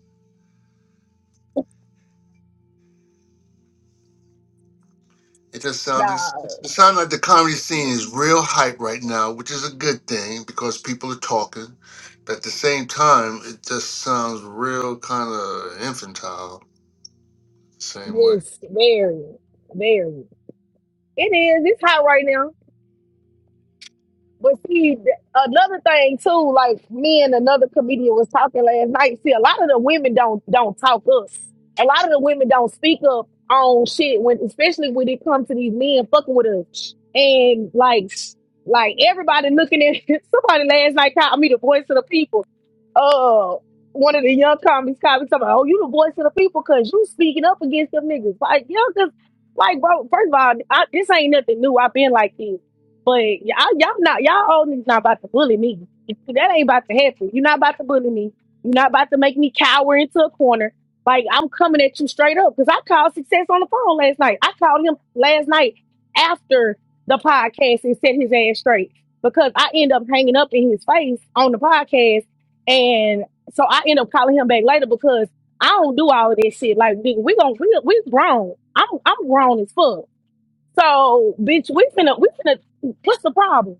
Speaker 7: It just sounds,
Speaker 5: Nah.
Speaker 7: it sounds like the comedy scene is real hype right now, which is a good thing because people are talking. But at the same time, it just sounds real kind of infantile, the same way.
Speaker 5: It's very, very. It is. It's hot right now. But see, th- another thing too, like me and another comedian was talking last night. See, a lot of the women don't don't talk up. A lot of the women don't speak up on shit when, especially when it comes to these men fucking with us. And like, like everybody looking at somebody last night called me the voice of the people uh one of the young comics comics talking about, oh, you the voice of the people because you speaking up against them niggas. Like, you know, cause like bro, first of all, I, this ain't nothing new. I've been like this. But y'all y'all not y'all all niggas not about to bully me. That ain't about to happen. You're not about to bully me. You're not about to make me cower into a corner. Like I'm coming at you straight up. Cause I called success on the phone last night. I called him last night after the podcast and set his ass straight. Because I end up hanging up in his face on the podcast and so I end up calling him back later because I don't do all of that shit. Like, nigga, we gon' we, we grown. I'm I'm grown as fuck. So, bitch, we finna we finna what's the problem?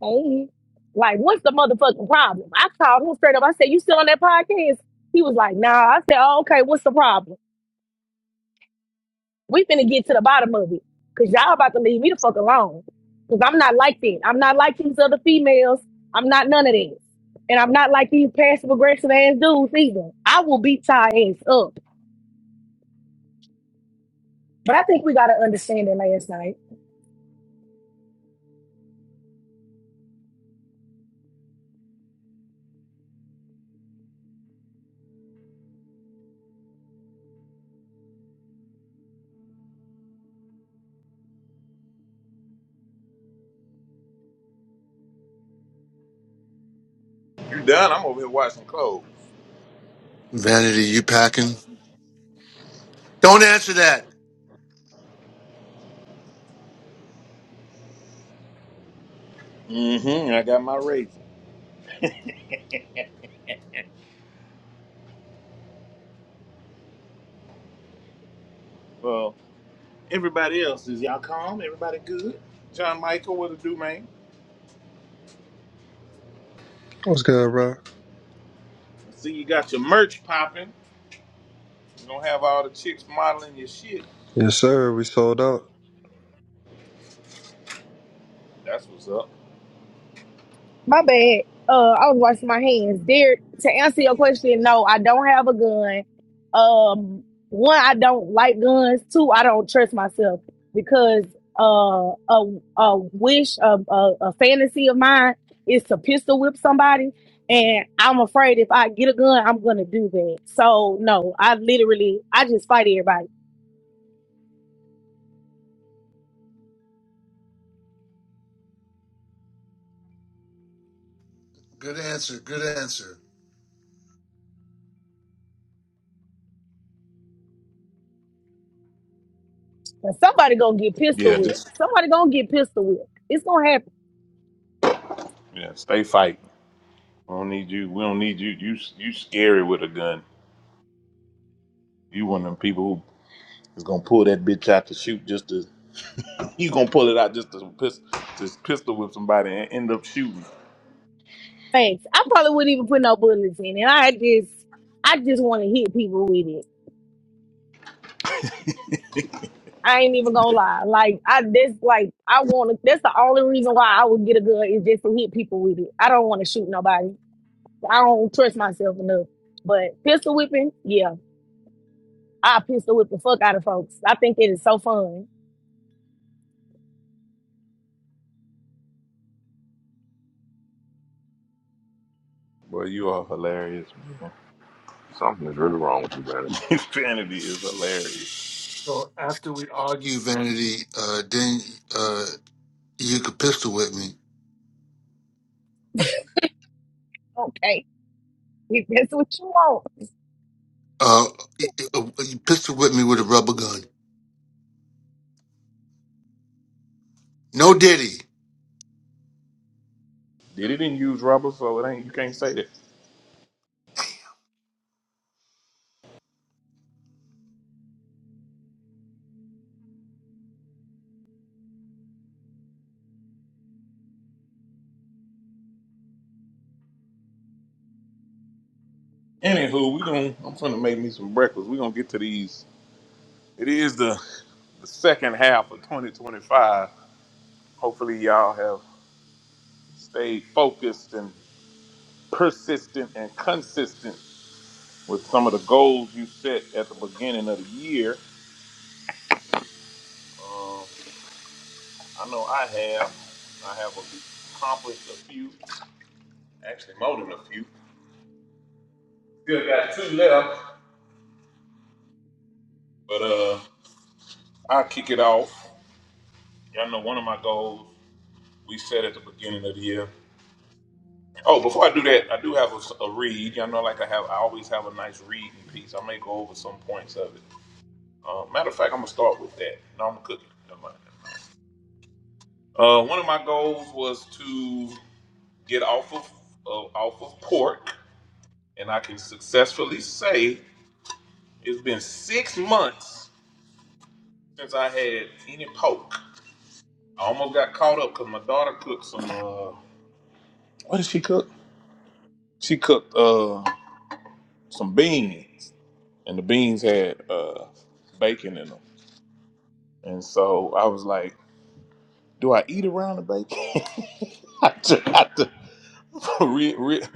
Speaker 5: Hey. Like, what's the motherfucking problem? I called him straight up. I said, You still on that podcast? He was like, Nah. I said, oh, okay, what's the problem? We finna get to the bottom of it. Cause y'all about to leave me the fuck alone. Cause I'm not like that. I'm not like these other females. I'm not none of that. And I'm not like these passive aggressive ass dudes either. I will beat y'all ass up.
Speaker 2: You done? I'm over here washing clothes.
Speaker 7: Vanity, you packing? Don't answer that.
Speaker 2: Mm-hmm. I got my razor. Well, everybody else is y'all calm. Everybody good. John Michael, what to do, man?
Speaker 8: What's good, bro?
Speaker 2: I see you got your merch popping. You don't have all the chicks modeling your shit.
Speaker 8: Yes, sir. We sold out.
Speaker 2: That's what's up.
Speaker 5: My bad. Uh, I was washing my hands. Derek, to answer your question, no, I don't have a gun. Um, one, I don't like guns. Two, I don't trust myself because uh, a a wish, a, a a fantasy of mine is to pistol whip somebody, and I'm afraid if I get a gun, I'm gonna do that. So no, I literally, I just fight everybody.
Speaker 7: Good answer. Good answer.
Speaker 5: And somebody gonna get
Speaker 2: Yeah,
Speaker 5: pistol
Speaker 2: Yeah.
Speaker 5: whipped.
Speaker 2: just
Speaker 5: Somebody gonna get pistol whipped. It's gonna happen.
Speaker 2: yeah, stay fighting. We don't need you. We don't need you. You you scary with a gun. You one of them people who is gonna pull that bitch out to shoot just to you gonna pull it out just to pistol just pistol whip somebody and end up shooting.
Speaker 5: Thanks. I probably wouldn't even put no bullets in it. I just, I just want to hit people with it. I ain't even gonna lie. Like I, that's like I want to. That's the only reason why I would get a gun is just to hit people with it. I don't want to shoot nobody. I don't trust myself enough. But pistol whipping, yeah, I pistol whip the fuck out of folks. I think it is so fun.
Speaker 2: Boy, you are hilarious, man.
Speaker 1: Something is really wrong with you, man.
Speaker 2: Insanity is hilarious.
Speaker 7: So after we argue, Vanity, uh, then uh, you could pistol whip me.
Speaker 5: Okay, if that's what you want.
Speaker 7: Uh, you you pistol whip me with a rubber gun. No Diddy.
Speaker 2: Did it didn't use rubber, so it ain't you can't say that. Anywho, we gonna I'm finna make me some breakfast. We gonna get to these. It is the the second half of 2025. Hopefully, y'all have stayed focused and persistent and consistent with some of the goals you set at the beginning of the year. Um, I know I have. I have accomplished a few, actually more than a few. Still got two left, but uh, I'll kick it off. Y'all know one of my goals we set at the beginning of the year. Oh, before I do that, I do have a, a read. Y'all know, like I have, I always have a nice reading piece. I may go over some points of it. Uh, matter of fact, I'm gonna start with that. No, I'm cooking. Never mind. Uh, one of my goals was to get off of of off of pork, and I can successfully say it's been six months since I had any pork. I almost got caught up because my daughter cooked some. Uh, what did she cook? She cooked uh, some beans, and the beans had uh, bacon in them. And so I was like, "Do I eat around the bacon?" I tried to. re- re-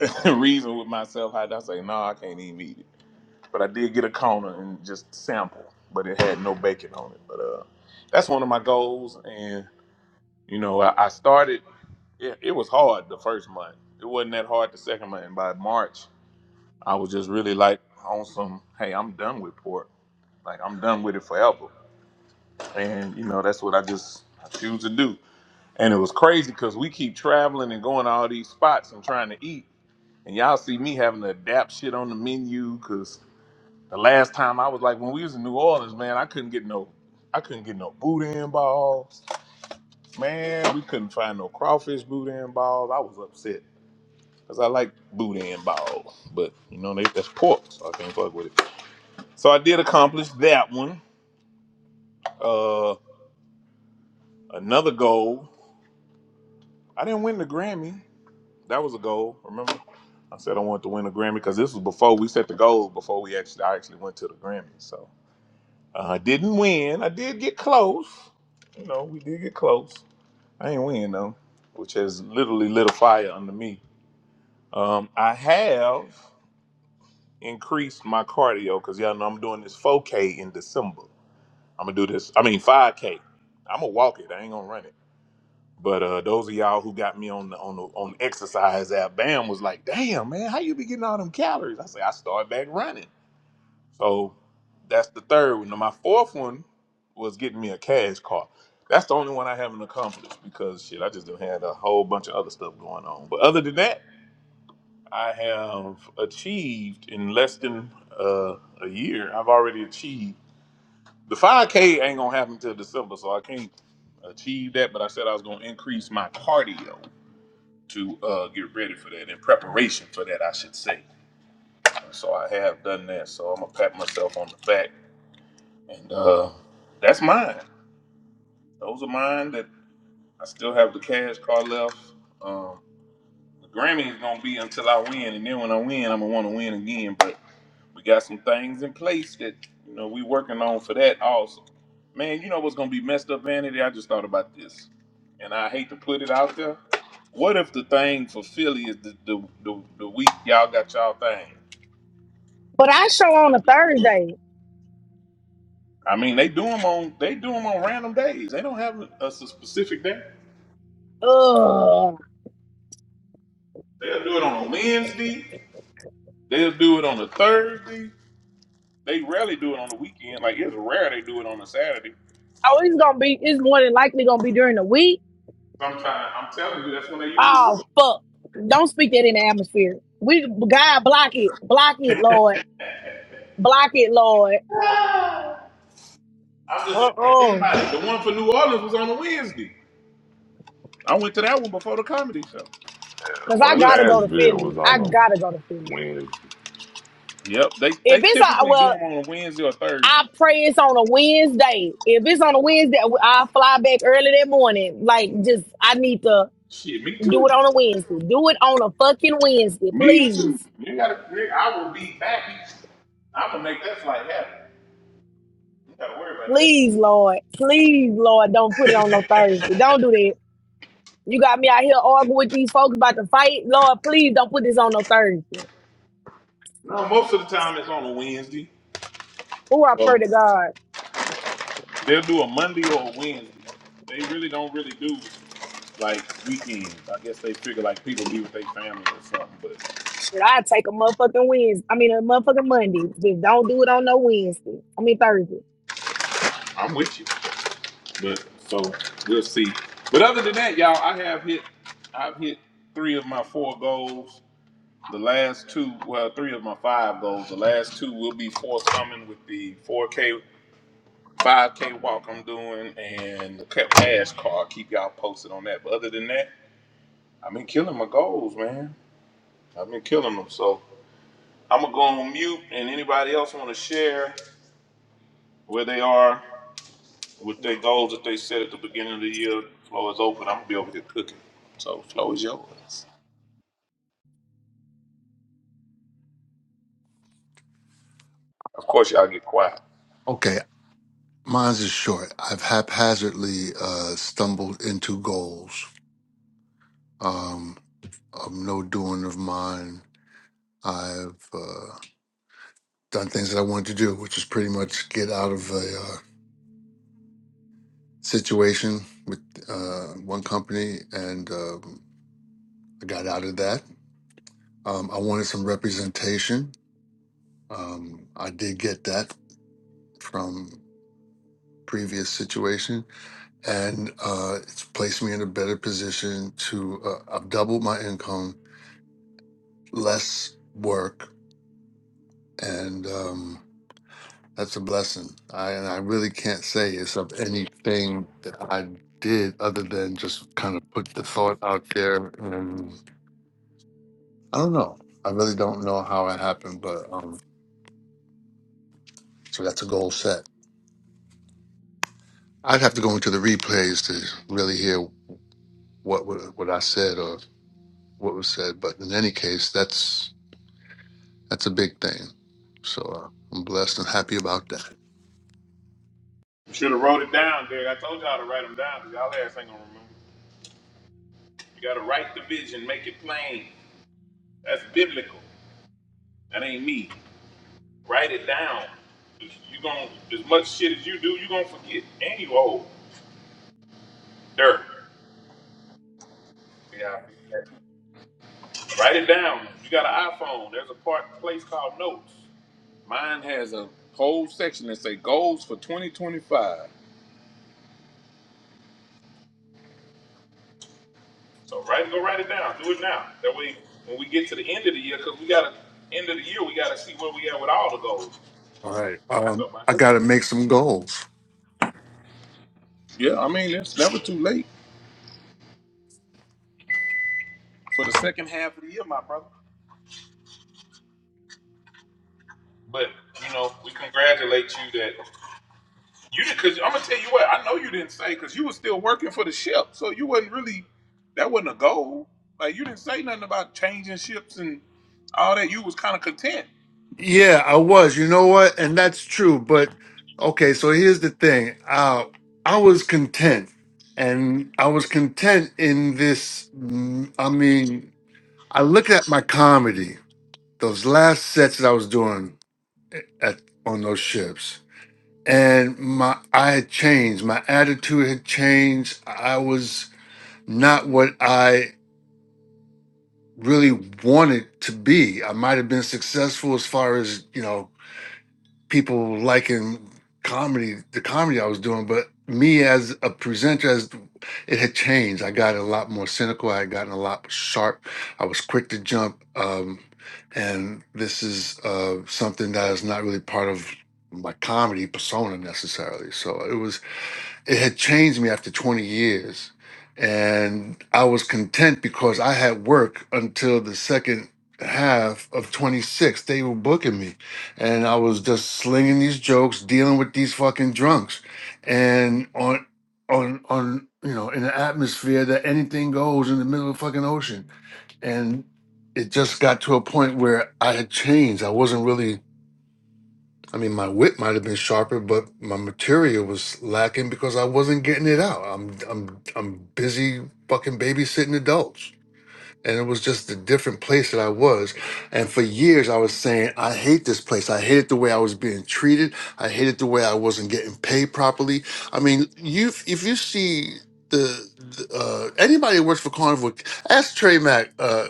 Speaker 2: reason with myself how I was like, no, I can't even eat it. But I did get a corner and just sample, but it had no bacon on it. But uh, that's one of my goals, and you know, I, I started. It, it was hard the first month. It wasn't that hard the second month. And by March, I was just really like on some, hey, I'm done with pork. Like I'm done with it forever. And you know, that's what I just I choose to do. And it was crazy because we keep traveling and going to all these spots and trying to eat. And y'all see me having to adapt shit on the menu because the last time I was like, when we was in New Orleans, man, I couldn't get no, I couldn't get no boudin balls. Man, we couldn't find no crawfish boudin balls. I was upset because I like boudin balls, but you know they, that's pork, so I can't fuck with it. So I did accomplish that one. Uh, another goal. I didn't win the Grammy. That was a goal. Remember, I said I wanted to win a Grammy because this was before we set the goals before we actually I actually went to the Grammy. So. Uh, I didn't win. I did get close. You know, we did get close. I ain't win though, which has literally lit a fire under me. Um, I have increased my cardio because y'all know I'm doing this 4K in December. I'm gonna do this. I mean 5K. I'm gonna walk it. I ain't gonna run it. But uh, those of y'all who got me on the on the on the exercise app, Bam was like, "Damn man, how you be getting all them calories?" I say, "I started back running." So that's the third one. Now my fourth one was getting me a cash car. That's the only one I haven't accomplished because shit, I just done had a whole bunch of other stuff going on. But other than that, I have achieved in less than uh, a year. I've already achieved the 5K ain't gonna happen till December, so I can't achieve that. But I said I was gonna increase my cardio to uh, get ready for that in preparation for that, I should say. So I have done that. So I'm gonna pat myself on the back And uh, that's mine. Those are mine that I still have the cash card left. Um, the Grammy is gonna be until I win, and then when I win, I'm gonna want to win again. But we got some things in place that you know we working on for that also. Man, you know what's gonna be messed up, Vanity? I just thought about this, and I hate to put it out there. What if the thing for Philly is the the, the, the week y'all got y'all thing?
Speaker 5: But I show on
Speaker 2: That'll
Speaker 5: a
Speaker 2: be cool.
Speaker 5: Thursday.
Speaker 2: I mean, they do them on they do 'em on random days. They don't have a, a specific day.
Speaker 5: Ugh.
Speaker 2: They'll do it on a Wednesday. They'll do it on a Thursday. They rarely do it on the weekend. Like it's rare they do it on a Saturday.
Speaker 5: Oh, it's gonna be. It's more than likely gonna be during the week
Speaker 2: Sometimes I'm telling you, that's when they usually do
Speaker 5: Oh
Speaker 2: it.
Speaker 5: fuck! Don't speak that in the atmosphere. We God block it, block it, Lord, block it, Lord.
Speaker 2: I'm
Speaker 5: Uh
Speaker 2: just saying, think
Speaker 5: uh
Speaker 2: about it. The one for New Orleans was on a Wednesday. I went to that one before the comedy show.
Speaker 5: Cause
Speaker 2: So
Speaker 1: The
Speaker 5: I
Speaker 1: one in
Speaker 2: we'll
Speaker 5: gotta
Speaker 2: see.
Speaker 5: go to
Speaker 1: Nashville
Speaker 5: Philly.
Speaker 1: was on
Speaker 5: I gotta go to
Speaker 1: a
Speaker 5: Philly.
Speaker 1: Wednesday.
Speaker 2: Yep, they they
Speaker 5: If it's a
Speaker 2: typically do them
Speaker 5: well,
Speaker 2: on a Wednesday or Thursday.
Speaker 5: I pray it's on a Wednesday. If it's on a Wednesday, I'll fly back early that morning. Like just I need to
Speaker 2: Shit, me
Speaker 5: do
Speaker 2: too.
Speaker 5: it on a Wednesday. Do it on a fucking Wednesday,
Speaker 2: Me too.
Speaker 5: please.
Speaker 2: You gotta, nigga, I will be back. I'm gonna make that flight happen. You gotta worry about that.
Speaker 5: Please, Lord. Please, Lord, don't put it on no Thursday. Don't do that. You got me out here arguing with these folks about to fight. Lord, please don't put this on no Thursday.
Speaker 2: no, most of the time it's on a Wednesday.
Speaker 5: Oh, I pray
Speaker 2: So
Speaker 5: to God.
Speaker 2: They'll do a Monday or a Wednesday. They really don't really do like weekends. I guess they figure like people be with their family or something. But
Speaker 5: Shit, I take a motherfucking Wednesday. I mean, a motherfucking Monday. Just don't do it on no Wednesday. I mean Thursday.
Speaker 2: I'm with you. But so we'll see. But other than that, y'all, I have hit. I've hit three of my four goals. The last two, well, three of my five goals. The last two will be forthcoming with the 4K, 5K walk I'm doing and the cash card. Keep y'all posted on that. But other than that, I've been killing my goals, man. I've been killing them. So I'm gonna go on mute, and anybody else want to share where they are with their goals that they set at the beginning of the year? The floor is open. I'm gonna be over here cooking, so the floor is yours. Of course, y'all get quiet.
Speaker 7: Okay, mine's is short. I've haphazardly uh, stumbled into goals. Um, of no doing of mine. I've uh, done things that I wanted to do, which is pretty much get out of a uh, situation with uh, one company, and um, I got out of that. Um, I wanted some representation, Um, I did get that from previous situation, and uh, it's placed me in a better position to. Uh, I've doubled my income, less work, and um, that's a blessing. I and I really can't say it's of anything that I did other than just kind of put the thought out there, and I don't know. I really don't know how it happened, but um, so that's a goal set. I'd have to go into the replays to really hear what what, what I said or what was said. But in any case, that's that's a big thing. So uh, I'm blessed and happy about that.
Speaker 2: You should have wrote it down, Derek. I told y'all to write them down because y'all ass ain't gonna remember. You gotta write the vision, make it plain. That's biblical. That ain't me. Write it down. You gonna as much shit as you do, you gonna forget. And you old. Dirt. Yeah. Write it down. You got an iPhone. There's a part place called Notes. Mine has a whole section that say goals for 2025. So write go write it down. Do it now. That way, when we get to the end of the year, because we got to end of the year, we got to see where we at with all the goals.
Speaker 7: All right, um,
Speaker 2: So my,
Speaker 7: I got to make some goals.
Speaker 2: yeah, I mean it's never too late for the second half of the year, my brother. But you know, we congratulate you that. You did because I'm gonna tell you what I know you didn't say because you was still working for the ship, so you wasn't really that wasn't a goal. Like you didn't say nothing about changing ships and all that. You was kind of content.
Speaker 7: Yeah, I was. You know what? And that's true. But okay, so here's the thing. Uh, I was content, and I was content in this. mm, I mean, I looked at my comedy, those last sets that I was doing eh, at on those ships. and my I had changed. My attitude had changed. I was not what I really wanted to be. I might have been successful as far as, you know, people liking comedy, the comedy I was doing, but me as a presenter as it had changed. I got a lot more cynical. I had gotten a lot sharp. I was quick to jump. Um and this is uh something that is not really part of my comedy persona necessarily. So it was it had changed me after 20 years. And I was content because I had work until the second half of 26. They were booking me. And I was just slinging these jokes, dealing with these fucking drunks. And on, on, on, you know, in an atmosphere that anything goes in the middle of the fucking ocean. And it just got to a point where I had changed. I wasn't really I mean, my wit might have been sharper, but my material was lacking because I wasn't getting it out. I'm I'm I'm busy fucking babysitting adults and it was just a different place that I was. And for years, I was saying, I hate this place. I hated the way I was being treated. I hated the way I wasn't getting paid properly. I mean, you if you see the, the, uh, anybody who works for Carnival, ask Trey Mack. Uh,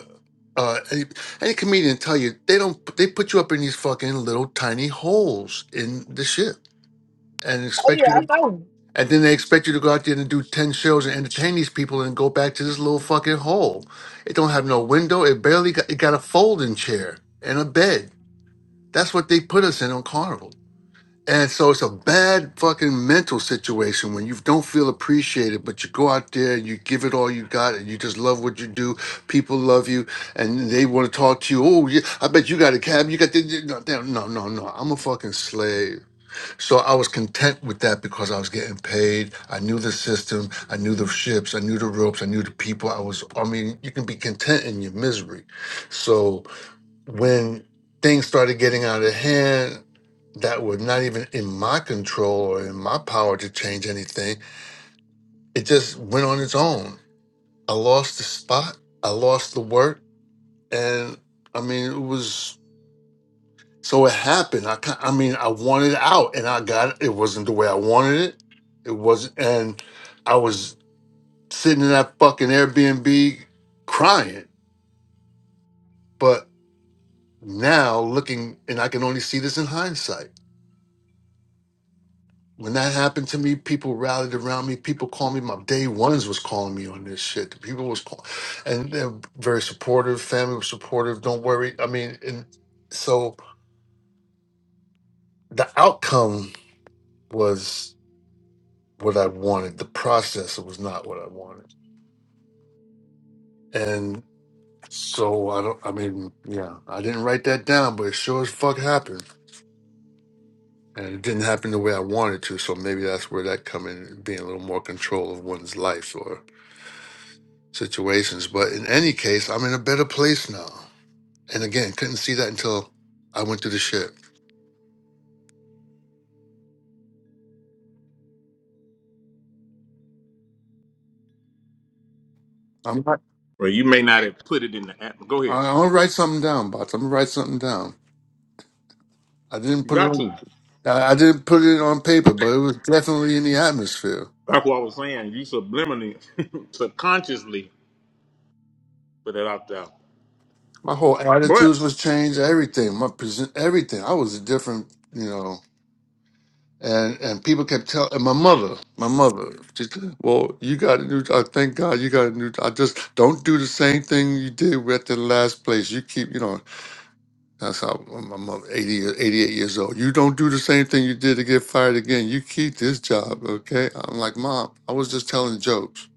Speaker 7: uh, any, any comedian tell you they don't they put you up in these fucking little tiny holes in the ship and
Speaker 5: Oh
Speaker 7: expect you
Speaker 5: yeah,
Speaker 7: to
Speaker 5: I know.
Speaker 7: and then they expect you to go out there and do 10 shows and entertain these people and go back to this little fucking hole. It don't have no window. It barely got, it got a folding chair and a bed. That's what they put us in on Carnival. And so it's a bad fucking mental situation when you don't feel appreciated, but you go out there and you give it all you got and you just love what you do. People love you and they want to talk to you. Oh, yeah, I bet you got a cab. You got the. No, no, no, no. no. I'm a fucking slave. So I was content with that because I was getting paid. I knew the system. I knew the ships. I knew the ropes. I knew the people. I was, I mean, you can be content in your misery. So when things started getting out of hand that were not even in my control or in my power to change anything, it just went on its own. I lost the spot. I lost the work. And I mean, it was. So it happened. I ki- I mean, I wanted out, and I got it. It wasn't the way I wanted it. It wasn't, and I was sitting in that fucking Airbnb crying. But now looking, and I can only see this in hindsight. When that happened to me, people rallied around me. People called me. My day ones was calling me on this shit. People was call, and they're very supportive. Family was supportive. Don't worry. I mean, and so the outcome was what I wanted. The process was not what I wanted. And so I don't I mean, yeah, I didn't write that down, but it sure as fuck happened. And it didn't happen the way I wanted to. So maybe that's where that come in being a little more control of one's life or situations. But in any case, I'm in a better place now. And again, couldn't see that until I went through the shit. I'm not-
Speaker 2: Well, you may not have put it in the app. Go ahead.
Speaker 7: I- I'm gonna write something down, Bots. I'm gonna write something down. I didn't
Speaker 2: You
Speaker 7: put it
Speaker 2: got
Speaker 7: on
Speaker 2: to.
Speaker 7: I I didn't put it on paper, but it was definitely in the atmosphere.
Speaker 2: That's what I was saying. You subliminally, subconsciously put it out there.
Speaker 7: My whole
Speaker 2: But,
Speaker 7: attitudes was changed. Everything, my present, everything. I was a different, you know. And and people kept telling my mother, my mother, she, said, well, you got a new. I thank God you got a new. I just don't do the same thing you did at the last place. You keep, you know. That's how my mother, 80, years- 88 years old. You don't do the same thing you did to get fired again. You keep this job, okay? I'm like, mom, I was just telling jokes.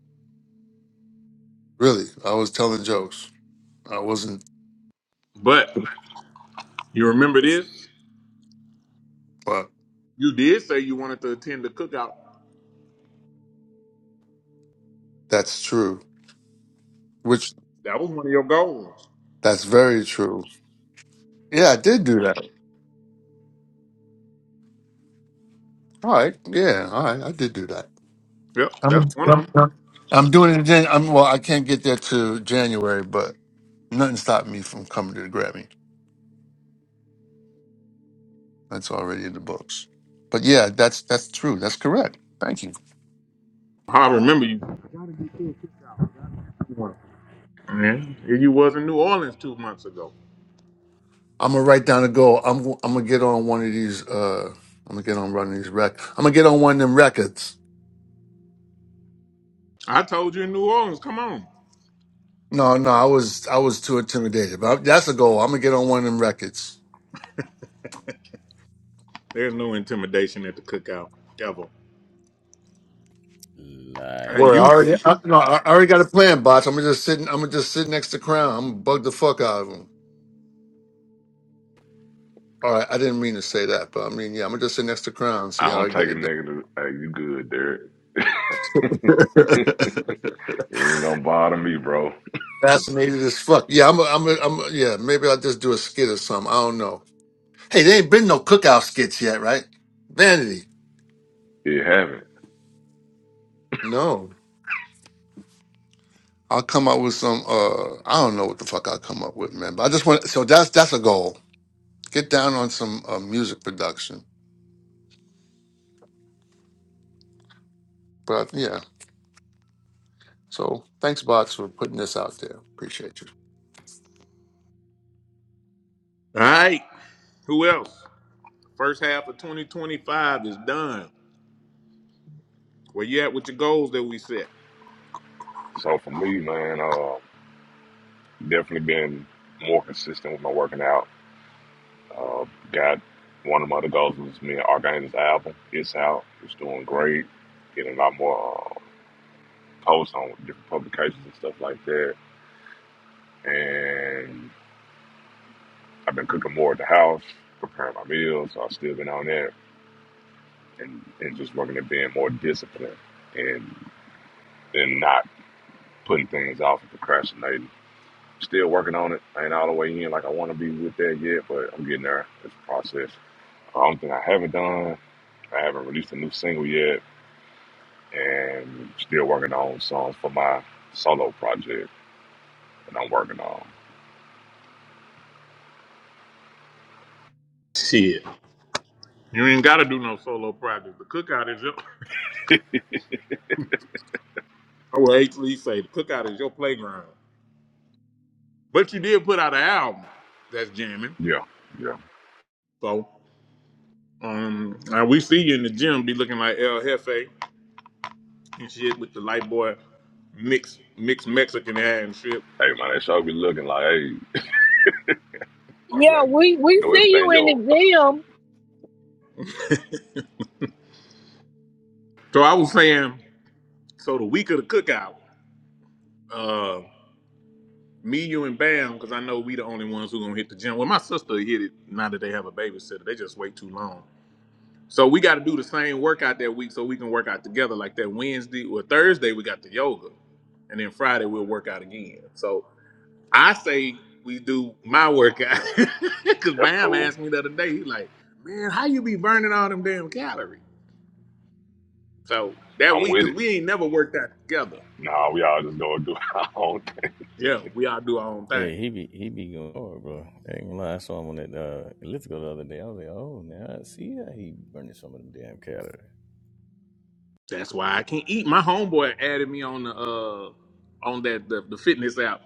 Speaker 7: Really, I was telling jokes. I wasn't,
Speaker 2: but you remember this?
Speaker 7: but
Speaker 2: You did say you wanted to attend the cookout.
Speaker 7: that's true.
Speaker 2: That was one of your goals.
Speaker 7: That's very true. Yeah, I did do that. All right. Yeah. All right. I did do that.
Speaker 2: Yep,
Speaker 7: I'm,
Speaker 2: that's
Speaker 7: I'm,
Speaker 2: one of them.
Speaker 7: I'm I'm doing it again. I'm, well, I can't get there to January, but nothing stopped me from coming to the Grammy. That's already in the books. But yeah, that's that's true. That's correct. Thank you.
Speaker 2: I remember you. Yeah, you was in New Orleans two months ago.
Speaker 7: I'm gonna write down a goal. I'm I'm gonna get on one of these. uh I'm gonna get on one of these rec. I'm gonna get on one of them records.
Speaker 2: I told you in New Orleans, come on.
Speaker 7: No, no, I was I was too intimidated. But that's a goal. I'm gonna get on one of them records.
Speaker 2: There's no intimidation at the cookout ever. Hey,
Speaker 7: Word. I
Speaker 2: you.
Speaker 9: Nice.
Speaker 7: already, I, no, I I already got a plan, bots. I'm gonna just sit. I'm gonna just sit next to Crown. I'm gonna bug the fuck out of him. All right, I didn't mean to say that, but I mean, yeah, I'm gonna just sit next to Crown and see
Speaker 1: I
Speaker 7: how
Speaker 1: don't
Speaker 7: I get
Speaker 1: take a
Speaker 7: it done.
Speaker 1: negative. Hey, you good, Derek? It ain't gonna bother me, bro.
Speaker 7: Fascinated as fuck. Yeah, I'm. A, I'm. A, I'm. A, yeah, maybe I'll just do a skit or something. I don't know. Hey, there ain't been no cookout skits yet, right? Vanity.
Speaker 1: It haven't.
Speaker 7: No, I'll come up with some. Uh, I don't know what the fuck I'll come up with, man. But I just want. So that's that's a goal. Get down on some uh, music production. But yeah. So thanks, Box, for putting this out there. Appreciate you.
Speaker 2: All right. Who else? First half of 2025 is done. Where you at with your goals that we set?
Speaker 1: So for me, man, uh. definitely been more consistent with my working out. Uh, got one of my other goals was me and Archangels album. It's out. It's doing great. Getting a lot more uh, posts on different publications and stuff like that. And I've been cooking more at the house, preparing my meals. So I've still been on that and, and just working at being more disciplined and and not putting things off and procrastinating. Still working on it. I ain't all the way in like I want to be with that yet, but I'm getting there. It's a process. The only thing I haven't done I haven't released a new single yet, and still working on songs for my solo project that I'm working on.
Speaker 2: Shit. You ain't got to do no solo project. The cookout is your. I will actually say the cookout is your playground. But you did put out an album that's jamming.
Speaker 1: Yeah, yeah.
Speaker 2: So, um, uh, we see you in the gym, be looking like El Jefe. and shit with the light boy mixed mixed Mexican hair and shit.
Speaker 1: Hey man, that show be looking like, hey, I be
Speaker 5: Yeah,
Speaker 1: like,
Speaker 5: we we
Speaker 1: no
Speaker 5: see you in the
Speaker 1: Espanol.
Speaker 5: gym.
Speaker 2: So I was saying, so the week of the cookout, uh, me, you, and Bam, because I know we the only ones who gonna hit the gym. Well, my sister hit it now that they have a babysitter. They just wait too long. So we got to do the same workout that week so we can work out together. Like that Wednesday or Thursday, we got the yoga, and then Friday we'll work out again. So I say we do my workout because
Speaker 1: That's
Speaker 2: Bam
Speaker 1: cool.
Speaker 2: asked me the other day. He like, man, how you be burning all them damn calories? So that
Speaker 1: I'm
Speaker 2: we,
Speaker 1: with
Speaker 2: cause
Speaker 1: it.
Speaker 2: we ain't never worked out together.
Speaker 1: Nah, we all just gonna do our own thing.
Speaker 2: Yeah, we all do our own thing.
Speaker 9: Hey, he be he be going hard, bro. I ain't gonna lie. I saw him on that uh, elliptical the other day. I was like, oh, now I see how he burning some of them damn calories.
Speaker 2: That's why I can't eat. My homeboy added me on the uh on that the, the fitness app.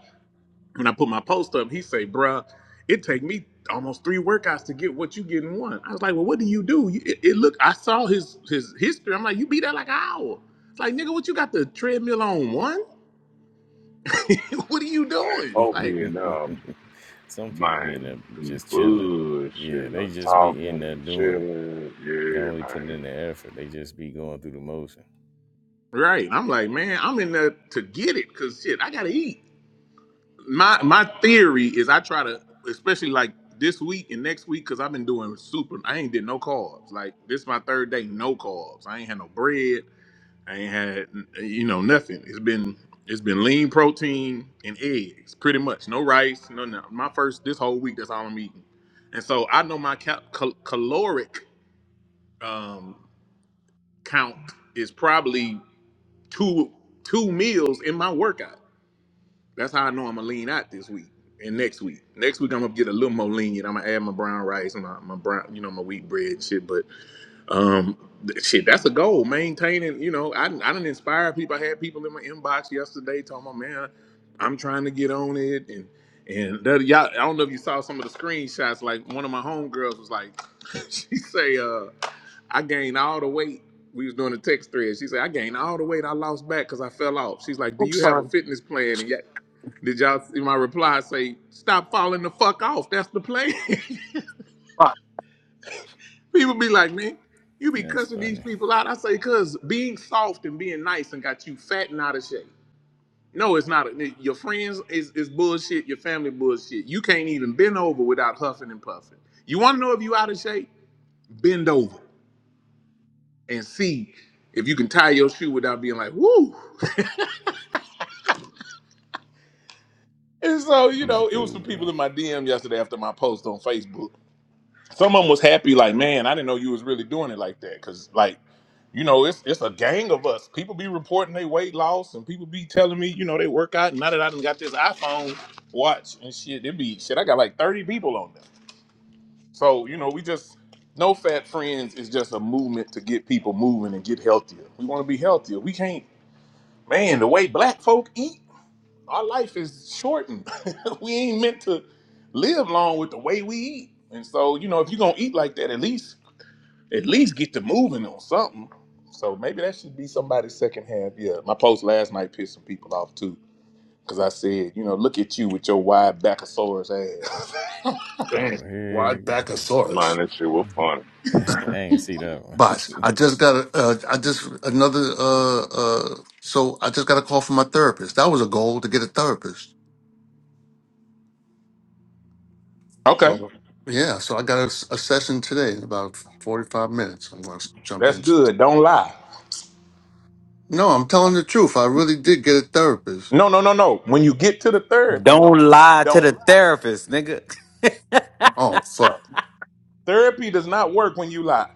Speaker 2: When I put my post up, he say, "Bruh, it take me almost three workouts to get what you get in one." I was like, "Well, what do you do?" You- It, it look, I saw his his history. I'm like, "You be there like an hour." It's like, nigga, what you got the treadmill on one? what are you
Speaker 1: Man,
Speaker 2: doing?
Speaker 1: folk
Speaker 2: Like,
Speaker 1: being up,
Speaker 9: some people be in
Speaker 1: man,
Speaker 9: there
Speaker 1: be
Speaker 9: just chilling. Yeah,
Speaker 1: bullshitting
Speaker 9: they
Speaker 1: or
Speaker 9: just be
Speaker 1: talking
Speaker 9: in there
Speaker 1: and
Speaker 9: doing it.
Speaker 1: chilling.
Speaker 9: Not
Speaker 1: Yeah,
Speaker 9: only putting
Speaker 1: man.
Speaker 9: in the effort, they just be going through the motion.
Speaker 2: right? I'm like, man, I'm in there to get it, cause shit, I gotta eat. my my theory is I try to, especially like this week and next week, because I've been doing super. I ain't did no carbs. Like this is my third day, no carbs. I ain't had no bread. I ain't had you know nothing. It's been it's been lean protein and eggs, pretty much. No rice, no no. My first this whole week, that's all I'm eating. And so I know my cal- cal- caloric um, count is probably two two meals in my workout. That's how I know I'm gonna lean out this week and next week. Next week I'm gonna get a little more lenient. I'm gonna add my brown rice, and my my brown, you know, my wheat bread and shit. But um, th- shit, that's a goal. Maintaining, you know, I I didn't inspire people. I had people in my inbox yesterday talking about, man, I'm trying to get on it and. And that, y'all, I don't know if you saw some of the screenshots. Like one of my homegirls was like, she say, uh, "I gained all the weight we was doing a text thread. She said, I gained all the weight I lost back because I fell off. She's like, Do you have a fitness plan? And yeah, did y'all see my reply say, stop falling the fuck off? That's the plan. people be like, man, you be
Speaker 9: That's
Speaker 2: cussing these
Speaker 9: funny.
Speaker 2: people out. I say, cuz being soft and being nice and got you fat and out of shape. No, it's not. Your friends is, is bullshit. Your family bullshit. You can't even bend over without huffing and puffing. You want to know if you out of shape? Bend over and see if you can tie your shoe without being like, woo. And so, you
Speaker 9: Use a
Speaker 2: know, it was some
Speaker 9: fool,
Speaker 2: people
Speaker 9: bro.
Speaker 2: in my DM yesterday after my post on Facebook Some of them was happy, like, man, I didn't know you was really doing it like that. Cause like, you know, it's it's a gang of us. People be reporting they weight loss and people be telling me, you know, they work out. And now that I done got this iPhone watch and shit, it be shit, I got like 30 people on them. So, you know, we just no fat friends is just a movement to get people moving and get healthier. We want to be healthier. We can't, man, the way black folk eat, our life is shortened. we ain't meant to live long with the way we eat. And so, you know, if you're gonna eat like that, at least at least get to moving on something. So maybe that should be somebody's second half. Yeah, my post last night pissed some people off too, because I said, you know, look at you with your wide backosaurus ass.
Speaker 9: Oh
Speaker 7: Dang. Why
Speaker 9: heck no.
Speaker 1: Man,
Speaker 7: Bacchosaurus?
Speaker 1: that shit was funny.
Speaker 9: I ain't see that one.
Speaker 7: Box, I just got a, uh, I just another, uh, uh, so I just got a call from my therapist. That was a goal to get a therapist.
Speaker 2: okay,
Speaker 7: So yeah, so I got a, s- a session today in about 45 minutes. I'm going to jump
Speaker 2: that's
Speaker 7: into it.
Speaker 2: good. Don't lie.
Speaker 7: No, I'm telling the truth. I really did get a therapist.
Speaker 2: No, no, no, no. When you get to the therapy,
Speaker 4: Don't lie to
Speaker 2: don't
Speaker 4: the
Speaker 2: lie.
Speaker 4: therapist, nigga.
Speaker 7: Oh, fuck.
Speaker 2: Therapy does not work when you lie.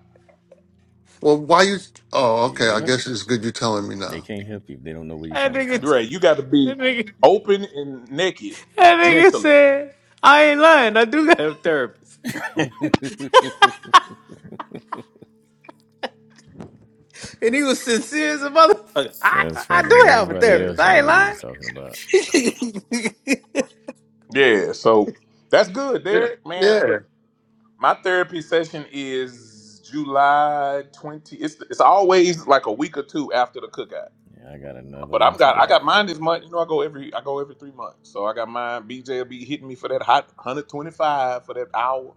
Speaker 7: Well, why you? Oh, okay. I
Speaker 9: yep,
Speaker 7: guess it's good you're telling me
Speaker 9: they
Speaker 7: now.
Speaker 9: can't help you if they don't know where you're
Speaker 4: That
Speaker 9: coming
Speaker 4: nigga,
Speaker 9: from.
Speaker 2: Dre, you got to
Speaker 4: that
Speaker 2: be
Speaker 4: nigga,
Speaker 2: open and naked
Speaker 4: that nigga
Speaker 2: mentally.
Speaker 4: said, I ain't lying. I do have a therapist. And he was sincere as a motherfucker. I,
Speaker 9: That's
Speaker 4: I
Speaker 9: funny.
Speaker 4: do have a
Speaker 9: Everybody
Speaker 4: therapist.
Speaker 9: else knew what he
Speaker 4: I
Speaker 9: was talking about.
Speaker 4: ain't lying.
Speaker 2: Yeah, so that's good,
Speaker 7: Yeah.
Speaker 2: Derek. Man, look.
Speaker 7: Yeah.
Speaker 2: My therapy session is July twenty. It's it's always like a week or two after the cookout.
Speaker 9: Yeah, I got another
Speaker 2: But
Speaker 9: one
Speaker 2: I've got I
Speaker 9: today.
Speaker 2: got mine this month. You know, I go every I go every three months. So I got mine. BJ will be hitting me for that hot one hundred twenty five for that hour,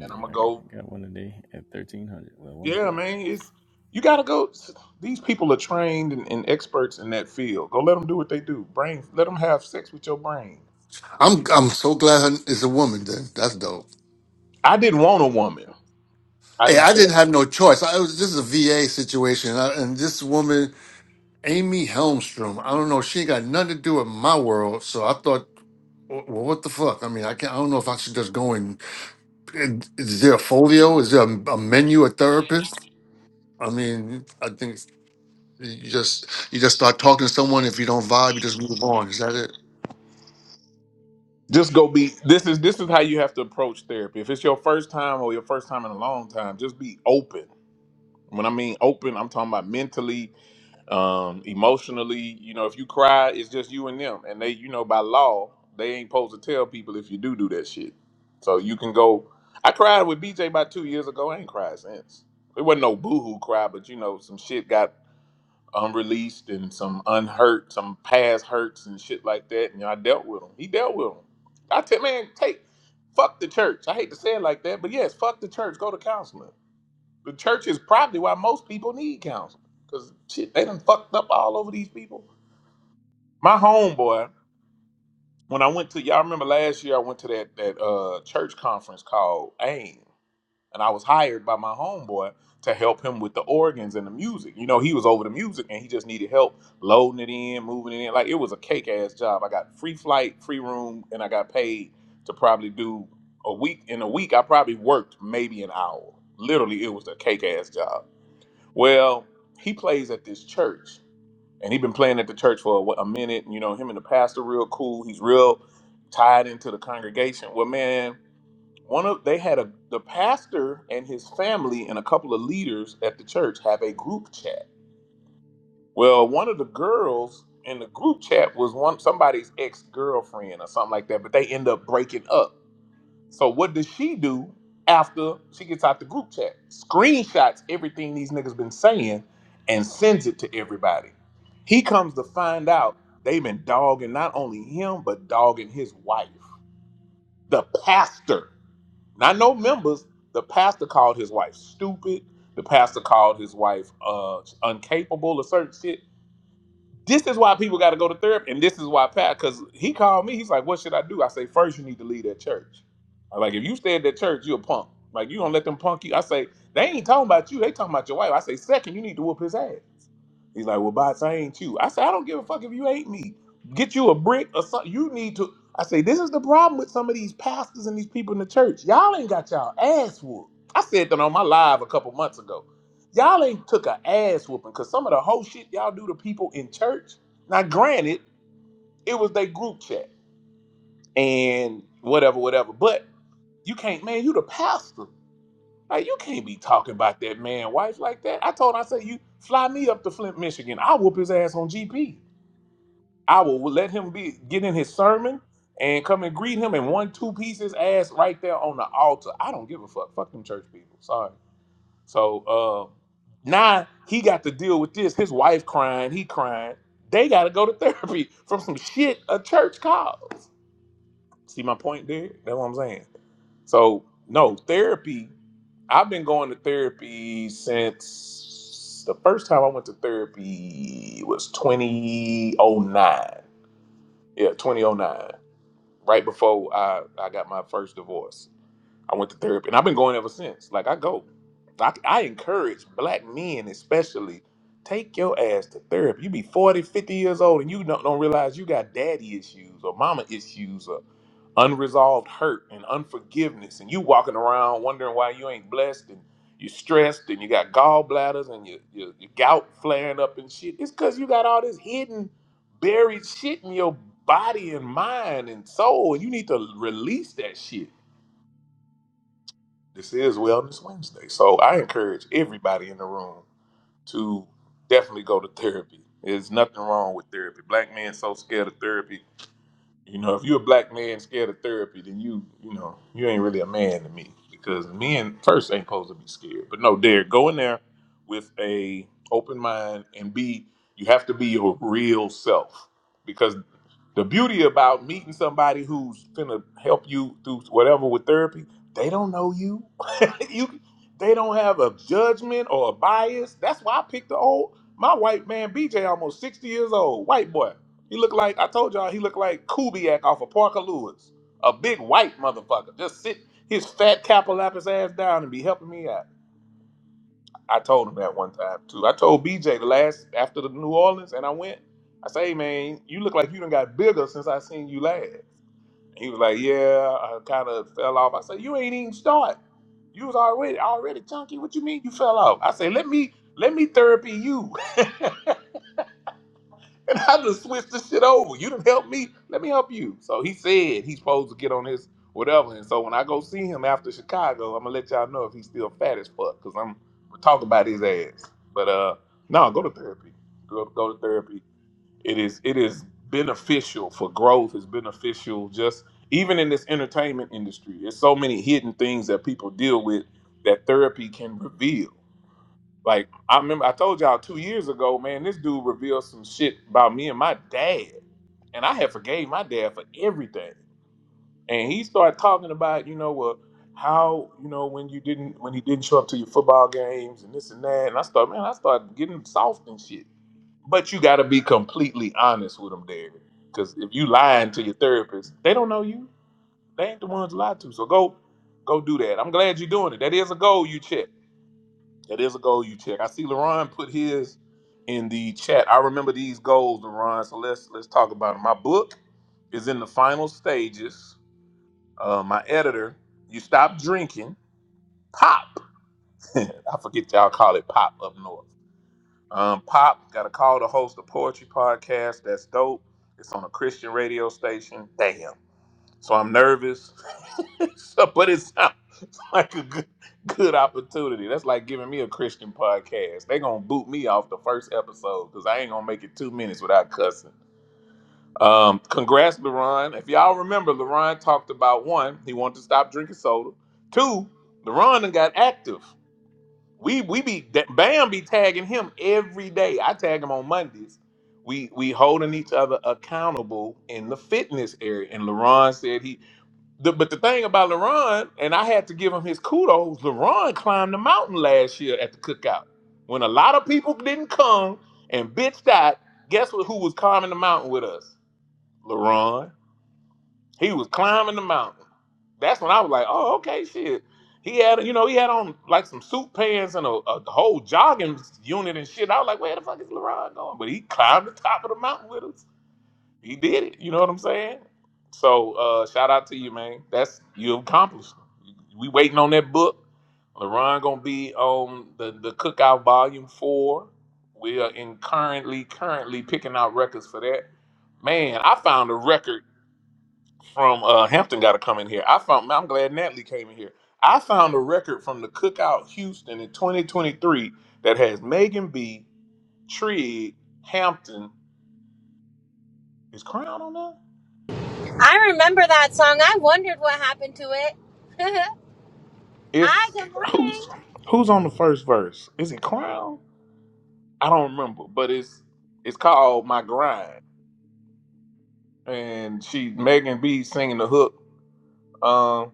Speaker 2: and I'm
Speaker 9: I
Speaker 2: gonna
Speaker 9: got,
Speaker 2: go.
Speaker 9: I got one today at thirteen hundred. Well, one
Speaker 2: Yeah,
Speaker 9: o'clock.
Speaker 2: man, it's you gotta go. These people are trained and, and experts in that field. Go let them do what they do. Brain, let them have sex with your brain.
Speaker 7: I'm I'm so glad her, it's a woman. Then that's dope.
Speaker 2: I didn't want a woman. I,
Speaker 7: Hey,
Speaker 2: now
Speaker 7: I
Speaker 2: that-
Speaker 7: didn't have no choice. I was this is a VA situation, I, and this woman, Amy Helmstrom, I don't know, she ain't got nothing to do with my world. So I thought, well, what the fuck? I mean, I can not I don't know if I should just go and. Is there a folio? Is there a, a menu? A therapist? I mean, I think you just you just start talking to someone. If you don't vibe, you just move on. Is that it?
Speaker 2: Just go be this is this is how you have to approach therapy. If it's your first time or your first time in a long time, just be open. When I mean open, I'm talking about mentally, um, emotionally. You know, if you cry, it's just you and them. And they, you know, by law, they ain't supposed to tell people if you do do that shit. So you can go. I cried with BJ about two years ago. I ain't cried since. It wasn't no boohoo cry, but you know, some shit got unreleased and some unhurt, some past hurts and shit like that. And I dealt with him. He dealt with him. I tell man, take fuck the church. I hate to say it like that, but yes, fuck the church. Go to counseling. The church is probably why most people need counseling because shit, they done fucked up all over these people. My homeboy, when I went to y'all remember last year, I went to that that uh, church conference called AIM and I was hired by my homeboy to help him with the organs and the music. You know, he was over the music and he just needed help loading it in, moving it in. Like it was a cake ass job. I got free flight, free room, and I got paid to probably do a week. In a week, I probably worked maybe an hour. Literally, it was a cake ass job. Well, he plays at this church, and he been playing at the church for what, a minute. You know, him and the pastor real cool. He's real tied into the congregation. Well, man one of they had a the pastor and his family and a couple of leaders at the church have a group chat. Well, one of the girls in the group chat was one somebody's ex-girlfriend or something like that, but they end up breaking up. So what does she do after she gets out the group chat? Screenshots everything these niggas been saying and sends it to everybody. He comes to find out they've been dogging not only him but dogging his wife, the pastor. Not no members. The pastor called his wife stupid. The pastor called his wife uh uncapable of certain shit. This is why people got to go to therapy, and this is why Pat. Because he called me, he's like, "What should I do?" I say, first you need to leave that church." I'm like, "If you stay at that church, you're a punk. Like you gonna let them punk you." I say, "They ain't talking about you. They talking about your wife." I say, second, you need to whoop his ass." He's like, well, bots, I ain't you. I said, I don't give a fuck if you ain't me. Get you a brick or something. You need to. I say, this is the problem with some of these pastors and these people in the church. Y'all ain't got y'all ass whooped. I said that on my live a couple months ago. Y'all ain't took a ass whooping because some of the whole shit y'all do to people in church. Now, granted, it was their group chat and whatever, whatever. But you can't, man, you the pastor. Like, you can't be talking about that man, wife like that. I told him, I said, you fly me up to Flint, Michigan. I'll whoop his ass on GP. I will let him be get in his sermon and come and greet him and one two pieces ass right there on the altar. I don't give a fuck. Fuck them church people. Sorry. So uh, now he got to deal with this. His wife crying. He crying. They got to go to therapy from some shit a church called. See my point there? That's what I'm saying. So no therapy. I've been going to therapy since the first time I went to therapy was 2009. Yeah, 2009 right before I, I got my first divorce. I went to therapy, and I've been going ever since. Like I go, I, I encourage black men especially take your ass to therapy. You be 40, 50 years old, and you don't, don't realize you got daddy issues or mama issues or unresolved hurt and unforgiveness, and you walking around wondering why you ain't blessed and you stressed and you got gallbladders and your, your, your gout flaring up and shit. It's because you got all this hidden, buried shit in your body and mind and soul, and you need to release that shit this is Wellness Wednesday. So I encourage everybody in the room to definitely go to therapy. There's nothing wrong with therapy. Black men so scared of therapy. You know, if you're a black man scared of therapy, then you, you know, you ain't really a man to me because men first ain't supposed to be scared. But no, Derek, go in there with a open mind and be. You have to be your real self because the beauty about meeting somebody who's gonna help you through whatever with therapy, they don't know you. you, they don't have a judgment or a bias. That's why I picked the old my white man BJ, almost sixty years old, white boy. He looked like I told y'all he looked like Kubiak off of Parker Lewis. A big white motherfucker. Just sit his fat cap will lap his ass down and be helping me out. I told him that one time too. I told BJ the last after the New Orleans and I went, I say, hey, man, you look like you done got bigger since I seen you last. And he was like, Yeah, I kinda fell off. I said, You ain't even start. You was already already chunky. What you mean you fell off? I said, Let me let me therapy you. And I just switched the shit over. You didn't help me. Let me help you. So he said he's supposed to get on his whatever. And so when I go see him after Chicago, I'm gonna let y'all know if he's still fat as fuck because I'm gonna talk about his ass. But uh, no, go to therapy. Go, go to therapy. It is it is beneficial for growth. It's beneficial just even in this entertainment industry. There's so many hidden things that people deal with that therapy can reveal. Like I remember, I told y'all two years ago, man, this dude revealed some shit about me and my dad, and I had forgave my dad for everything. And he started talking about, you know, well, how you know when you didn't when he didn't show up to your football games and this and that. And I started, man, I started getting soft and shit. But you got to be completely honest with them, Derek, because if you lying to your therapist, they don't know you. They ain't the ones you lied to. So go, go do that. I'm glad you're doing it. That is a goal you check that is a goal you check. I see LaRon put his in the chat. I remember these goals, LaRon. So let's let's talk about them. My book is in the final stages. Uh, my editor, you stop drinking. Pop. I forget y'all call it pop up north. Um, pop got a call to host a poetry podcast. That's dope. It's on a Christian radio station. Damn. So I'm nervous. so, but it's like a good, good opportunity. That's like giving me a Christian podcast. they gonna boot me off the first episode because I ain't gonna make it two minutes without cussing. Um, congrats, LaRon. If y'all remember, LaRon talked about one, he wanted to stop drinking soda. Two, LaRon done got active. We we be Bam be tagging him every day. I tag him on Mondays. We we holding each other accountable in the fitness area. And LaRon said he the, but the thing about Leron, and I had to give him his kudos, Leron climbed the mountain last year at the cookout. When a lot of people didn't come and bitched out, guess what, who was climbing the mountain with us? Leron. He was climbing the mountain. That's when I was like, oh, okay, shit. He had, you know, he had on like some suit pants and a, a whole jogging unit and shit. I was like, where the fuck is Leron going? But he climbed the top of the mountain with us. He did it. You know what I'm saying? So uh, shout out to you, man. That's you accomplished. We waiting on that book. LaRon gonna be on the the cookout volume four. We are in currently currently picking out records for that. Man, I found a record from uh, Hampton. Got to come in here. I found. I'm glad Natalie came in here. I found a record from the Cookout Houston in 2023 that has Megan B, Trig, Hampton. Is Crown on that?
Speaker 10: I remember that song. I wondered what happened to it. Hi,
Speaker 2: It's
Speaker 10: good morning.
Speaker 2: who's who's on the first verse? Is it Crown? I don't remember, but it's it's called My Grind, and she Megan B singing the hook. Um,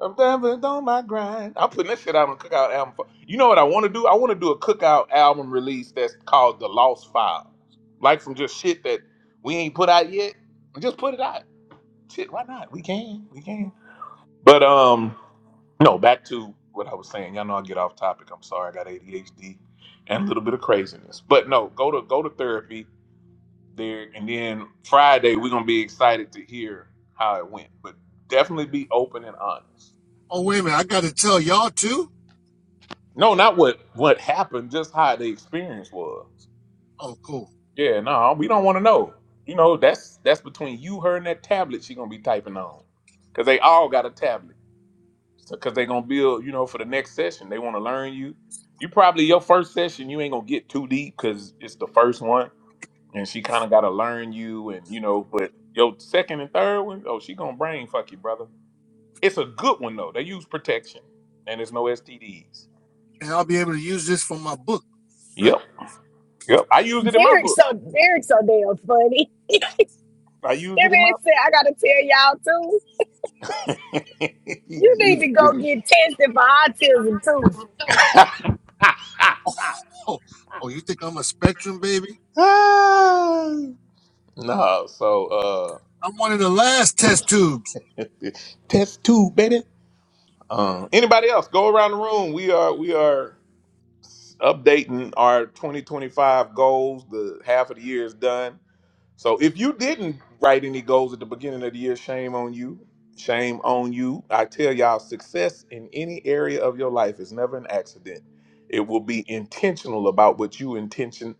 Speaker 2: I'm dancing on my grind. I'm putting that shit out on a cookout album. for- You know what I want to do? I want to do a cookout album release that's called The Lost Files, like some just shit that we ain't put out yet. Just put it out. Shit, why not? We can. We can. But um, no, back to what I was saying. Y'all know I get off topic. I'm sorry. I got ADHD and a little bit of craziness. But no, go to go to therapy there, and then Friday we're gonna be excited to hear how it went. But definitely be open and honest.
Speaker 7: Oh, wait a minute. I got to tell y'all too?
Speaker 2: No, not what what happened, just how the experience was.
Speaker 7: Oh, cool.
Speaker 2: Yeah, no, we don't want to know. You know, that's that's between you, her, and that tablet she gonna be typing on, cause they all got a tablet. because they're gonna build you know for the next session they want to learn you you probably your first session you ain't gonna get too deep because it's the first one and she kind of gotta learn you and you know but your second and third one oh she gonna brain fuck you brother it's a good one though they use protection and there's no stds
Speaker 7: And I'll be able to use this for my book, right?
Speaker 2: yep yep i used it in my
Speaker 5: Derek
Speaker 2: book
Speaker 5: so Derek so damn funny.
Speaker 2: i used
Speaker 5: That
Speaker 2: it in
Speaker 5: man
Speaker 2: my
Speaker 5: said, I gotta tell y'all too. You need to go
Speaker 2: Just-
Speaker 5: get tested for autism too.
Speaker 7: Oh, oh you think I'm a spectrum, baby?
Speaker 2: no so
Speaker 7: I'm one of the last test tubes.
Speaker 2: uh test two baby Uh, anybody else? Go around the room. We are we are updating our 2025 goals. The half of the year is done. So if you didn't write any goals at the beginning of the year, shame on you. Shame on you. I tell y'all, success in any area of your life is never an accident. It will be intentional about what you intention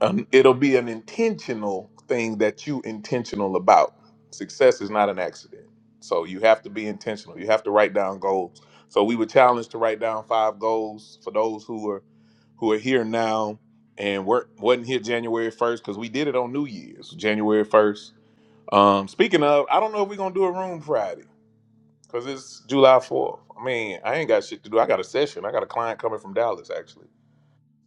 Speaker 2: an, it'll be an intentional thing that you intentional about success is not an accident so you have to be intentional you have to write down goals so we were challenged to write down five goals for those who are who are here now and were not wasn't here january 1st because we did it on new year's january 1st um speaking of i don't know if we're gonna do a room friday because it's july 4th i mean i ain't got shit to do i got a session i got a client coming from dallas actually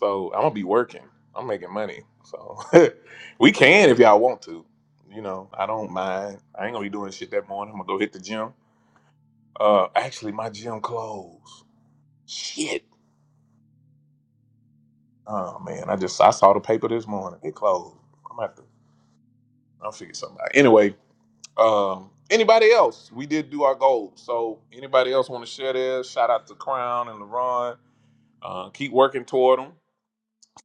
Speaker 2: so I'm gonna be working. I'm making money. So we can if y'all want to. You know, I don't mind. I ain't gonna be doing shit that morning. I'm gonna go hit the gym. Uh actually my gym closed. Shit. Oh man, I just I saw the paper this morning. It closed. I'm gonna have to I'll figure something out. Anyway, um anybody else? We did do our goals. So anybody else wanna share theirs? Shout out to Crown and LaRon. Uh, keep working toward them.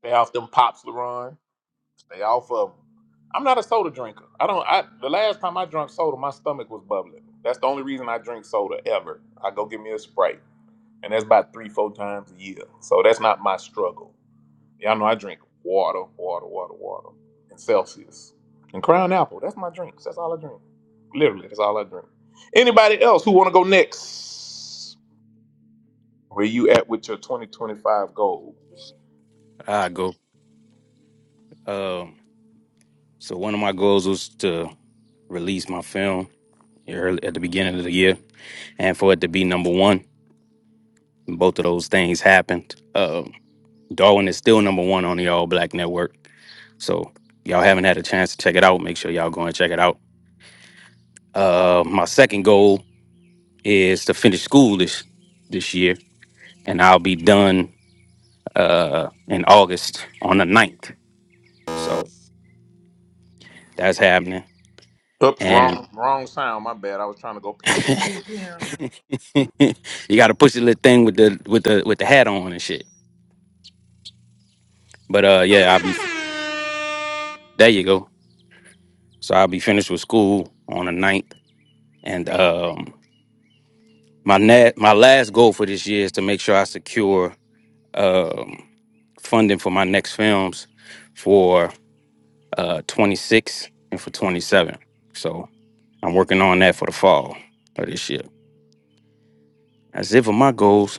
Speaker 2: Stay off them pops, LaRon. They off of. 'em. I'm not a soda drinker. I don't. I the last time I drank soda, my stomach was bubbling. That's the only reason I drink soda ever. I go get me a sprite, and that's about three, four times a year. So that's not my struggle. Y'all know I drink water, water, water, water, and Celsius, and Crown Apple. That's my drinks. That's all I drink. Literally, that's all I drink. Anybody else who want to go next? Where you at with your 2025 goals?
Speaker 4: I go. So one of my goals was to release him at the year and for it to be number one. Both of those things happened. Uh, Darwin is still number one on the All Black Network. So y'all haven't had a chance to check it out. Make sure y'all go and check it out. Uh, my second goal is to finish school this this year, and I'll be done uh, in August on the ninth. So that's happening.
Speaker 2: Oops,
Speaker 4: And
Speaker 2: wrong, wrong sound. My bad. I was trying to go. Pew, pew, pew, pew.
Speaker 4: you got to push the little thing with the with the with the hat on and shit. But uh, yeah, I'll be there. You go. So I'll be finished with school on the ninth, And um, my net, my last goal for this year is to make sure I secure um, funding for my next films for uh, 26 and for 27. So I'm working on that for the fall of this year. That's it for my goals.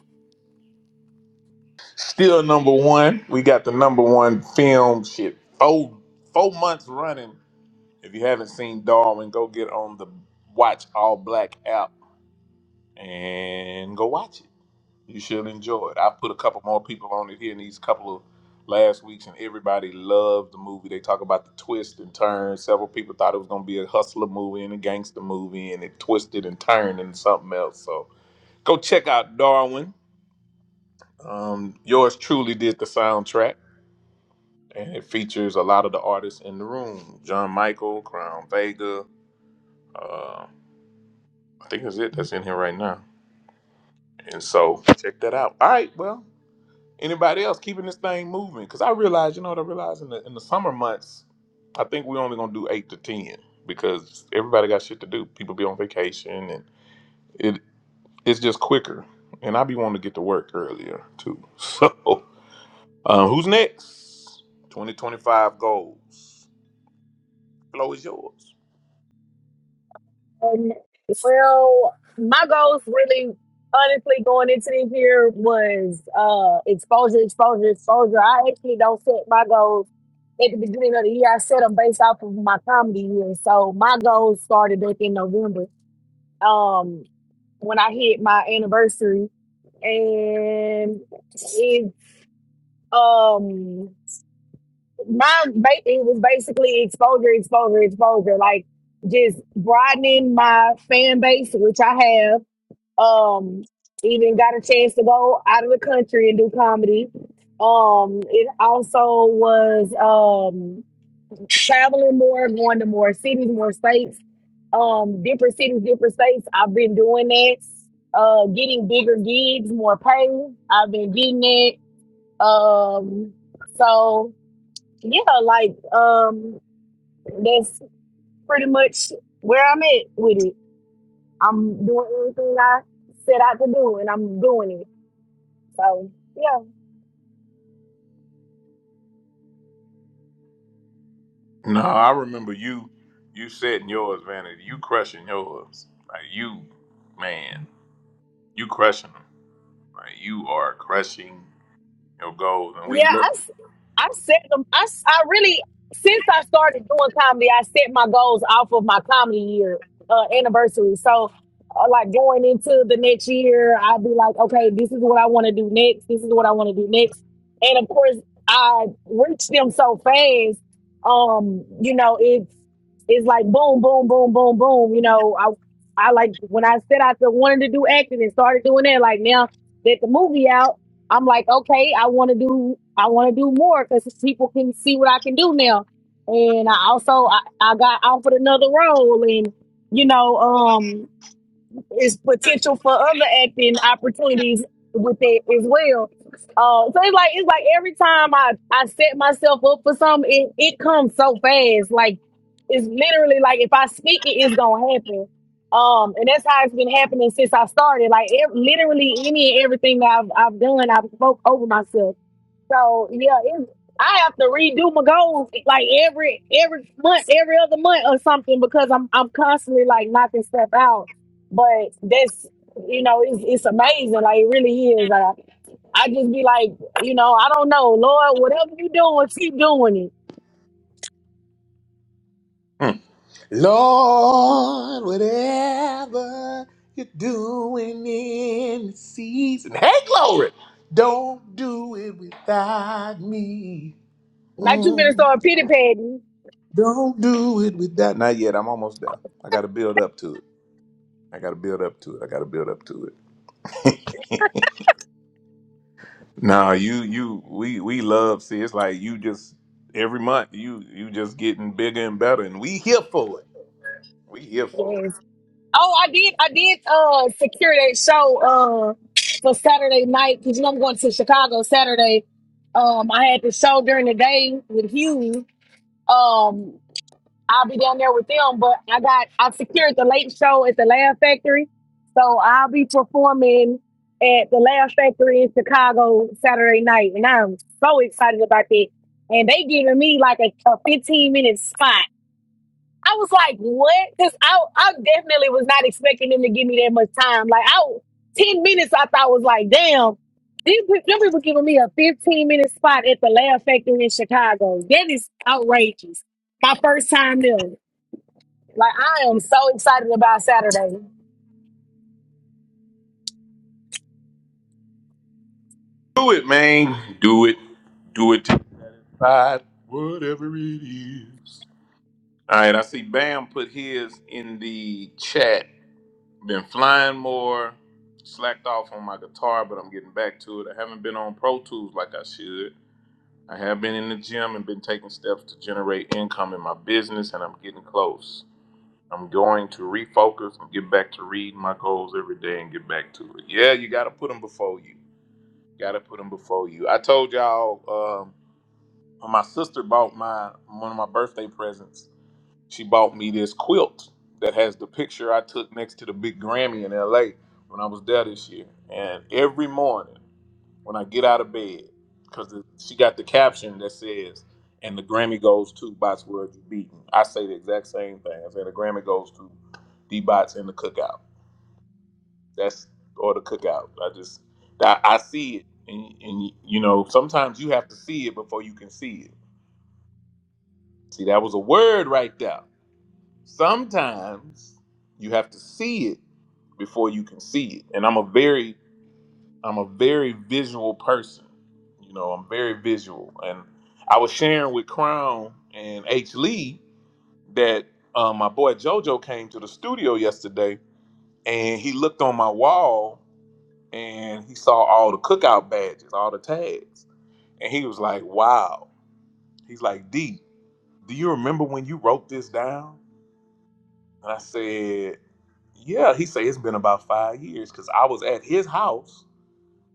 Speaker 2: Still number one. We got the number one film shit. Four four months running. If you haven't seen Darwin, go get on the Watch All Black app and go watch it. You should enjoy it. I put a couple more people on it here in these couple of last weeks, and everybody loved the movie. They talk about the twist and turn. Several people thought it was going to be a hustler movie and a gangster movie, and it twisted and turned into something else. So go check out Darwin Um, yours truly did the soundtrack, and it features a lot of the artists in the room: John Michael, Crown Vega. Uh, I think that's it that's in here right now. And so check that out. All right, well, anybody else keeping this thing moving? Because I realize, you know what I realize in the in the summer months, I think we're only gonna do eight to ten because everybody got shit to do. People be on vacation, and it it's just quicker. And I be wanting to get to work earlier too. So Uh, who's next? 2025 goals. Flo is yours.
Speaker 5: Um, well, my goals really, honestly, going into this year was uh, exposure, exposure, exposure. I actually don't set my goals at the beginning of the year. I set them based off of my comedy year. So my goals started back in November um, when I hit my anniversary, and it um my ba- it was basically exposure, exposure, exposure, like just broadening my fan base, which I have um even got a chance to go out of the country and do comedy um it also was um traveling more going to more cities more states um different cities different states i've been doing that uh getting bigger gigs more pay i've been getting it um so yeah like um that's pretty much where i'm at with it i'm doing everything i set out to do and i'm doing it So yeah,
Speaker 2: No, I remember you. You setting yours, Vanity. You crushing yours. Like you, man. You crushing them. Like you are crushing your goals. And we
Speaker 5: yeah.
Speaker 2: look.
Speaker 5: I s- I set them. I s- I really since I started doing comedy, I set my goals off of my comedy year uh, anniversary. So uh, like going into the next year, I'd be like, okay, this is what I want to do next. This is what I want to do next. And of course, I reached them so fast. Um, you know, it's it's like boom, boom, boom, boom, boom. You know, I I like when I said I wanted to do acting and started doing that. Like now that the movie out. I'm like, okay, I want to do, I want to do more because people can see what I can do now. And I also, I, I got offered another role, and you know, um, is potential for other acting opportunities with it as well. Uh, so it's like it's like every time I I set myself up for something, it, it comes so fast. Like it's literally like if I speak it, it's gonna happen. Um, and that's how it's been happening since I started. Like ev- literally any and everything that I've I've done, I've spoke over myself. So yeah, it's, I have to redo my goals like every every month, every other month or something because I'm I'm constantly like knocking stuff out. But that's you know it's it's amazing. Like it really is. I I just be like you know I don't know Lord whatever you doing keep doing it.
Speaker 2: Hmm. Lord, whatever you're doing in the season. Hey, glory! Don't do it without me.
Speaker 5: Not you gonna start pity patting.
Speaker 2: Don't do it with that. Not yet. I'm almost there. I got to build up to it. I got to build up to it. I got to build up to it. no, you, you, we, we love. See, it's like you just every month you, you just getting bigger and better, and we here for it. We here for it.
Speaker 5: Yes. Oh, I did I did uh secure that show uh for Saturday night because you know I'm going to Chicago Saturday. Um, I had the show during the day with Hugh, Um, I'll be down there with them, but I got I secured the late show at the Laugh Factory, so I'll be performing at the Laugh Factory in Chicago Saturday night, and I'm so excited about that. And they giving me like a, a 15 minute spot I was like, what? Because I, I definitely was not expecting them to give me that much time. Like, I, 10 minutes, I thought was like, damn, these pe- them people giving me a 15 minute spot at the Laugh Factory in Chicago. That is outrageous. My first time there. Like, I am so excited about Saturday.
Speaker 2: Do it, man. Do it. Do it. to Whatever it is. All right. I see. Bam put his in the chat. Been flying more, slacked off on my guitar, but I'm getting back to it. I haven't been on Pro Tools like I should. I have been in the gym and been taking steps to generate income in my business, and I'm getting close. I'm going to refocus and get back to reading my goals every day and get back to it. Yeah, you got to put them before you. Got to put them before you. I told y'all, um, my sister bought my one of my birthday presents. She bought me this quilt that has the picture I took next to the big Grammy in LA when I was there this year. And every morning when I get out of bed, because she got the caption that says, and the Grammy goes to Bots World You Beaten. I say the exact same thing. I say the Grammy goes to D Bots and the cookout. That's, or the cookout. I just, I, I see it. And, and, you know, sometimes you have to see it before you can see it. See, that was a word right there. sometimes you have to see it before you can see it and i'm a very i'm a very visual person you know i'm very visual and i was sharing with crown and h lee that um, my boy jojo came to the studio yesterday and he looked on my wall and he saw all the cookout badges all the tags and he was like wow he's like d do you remember when you wrote this down and i said Yeah, he said it's been about five years because I was at his house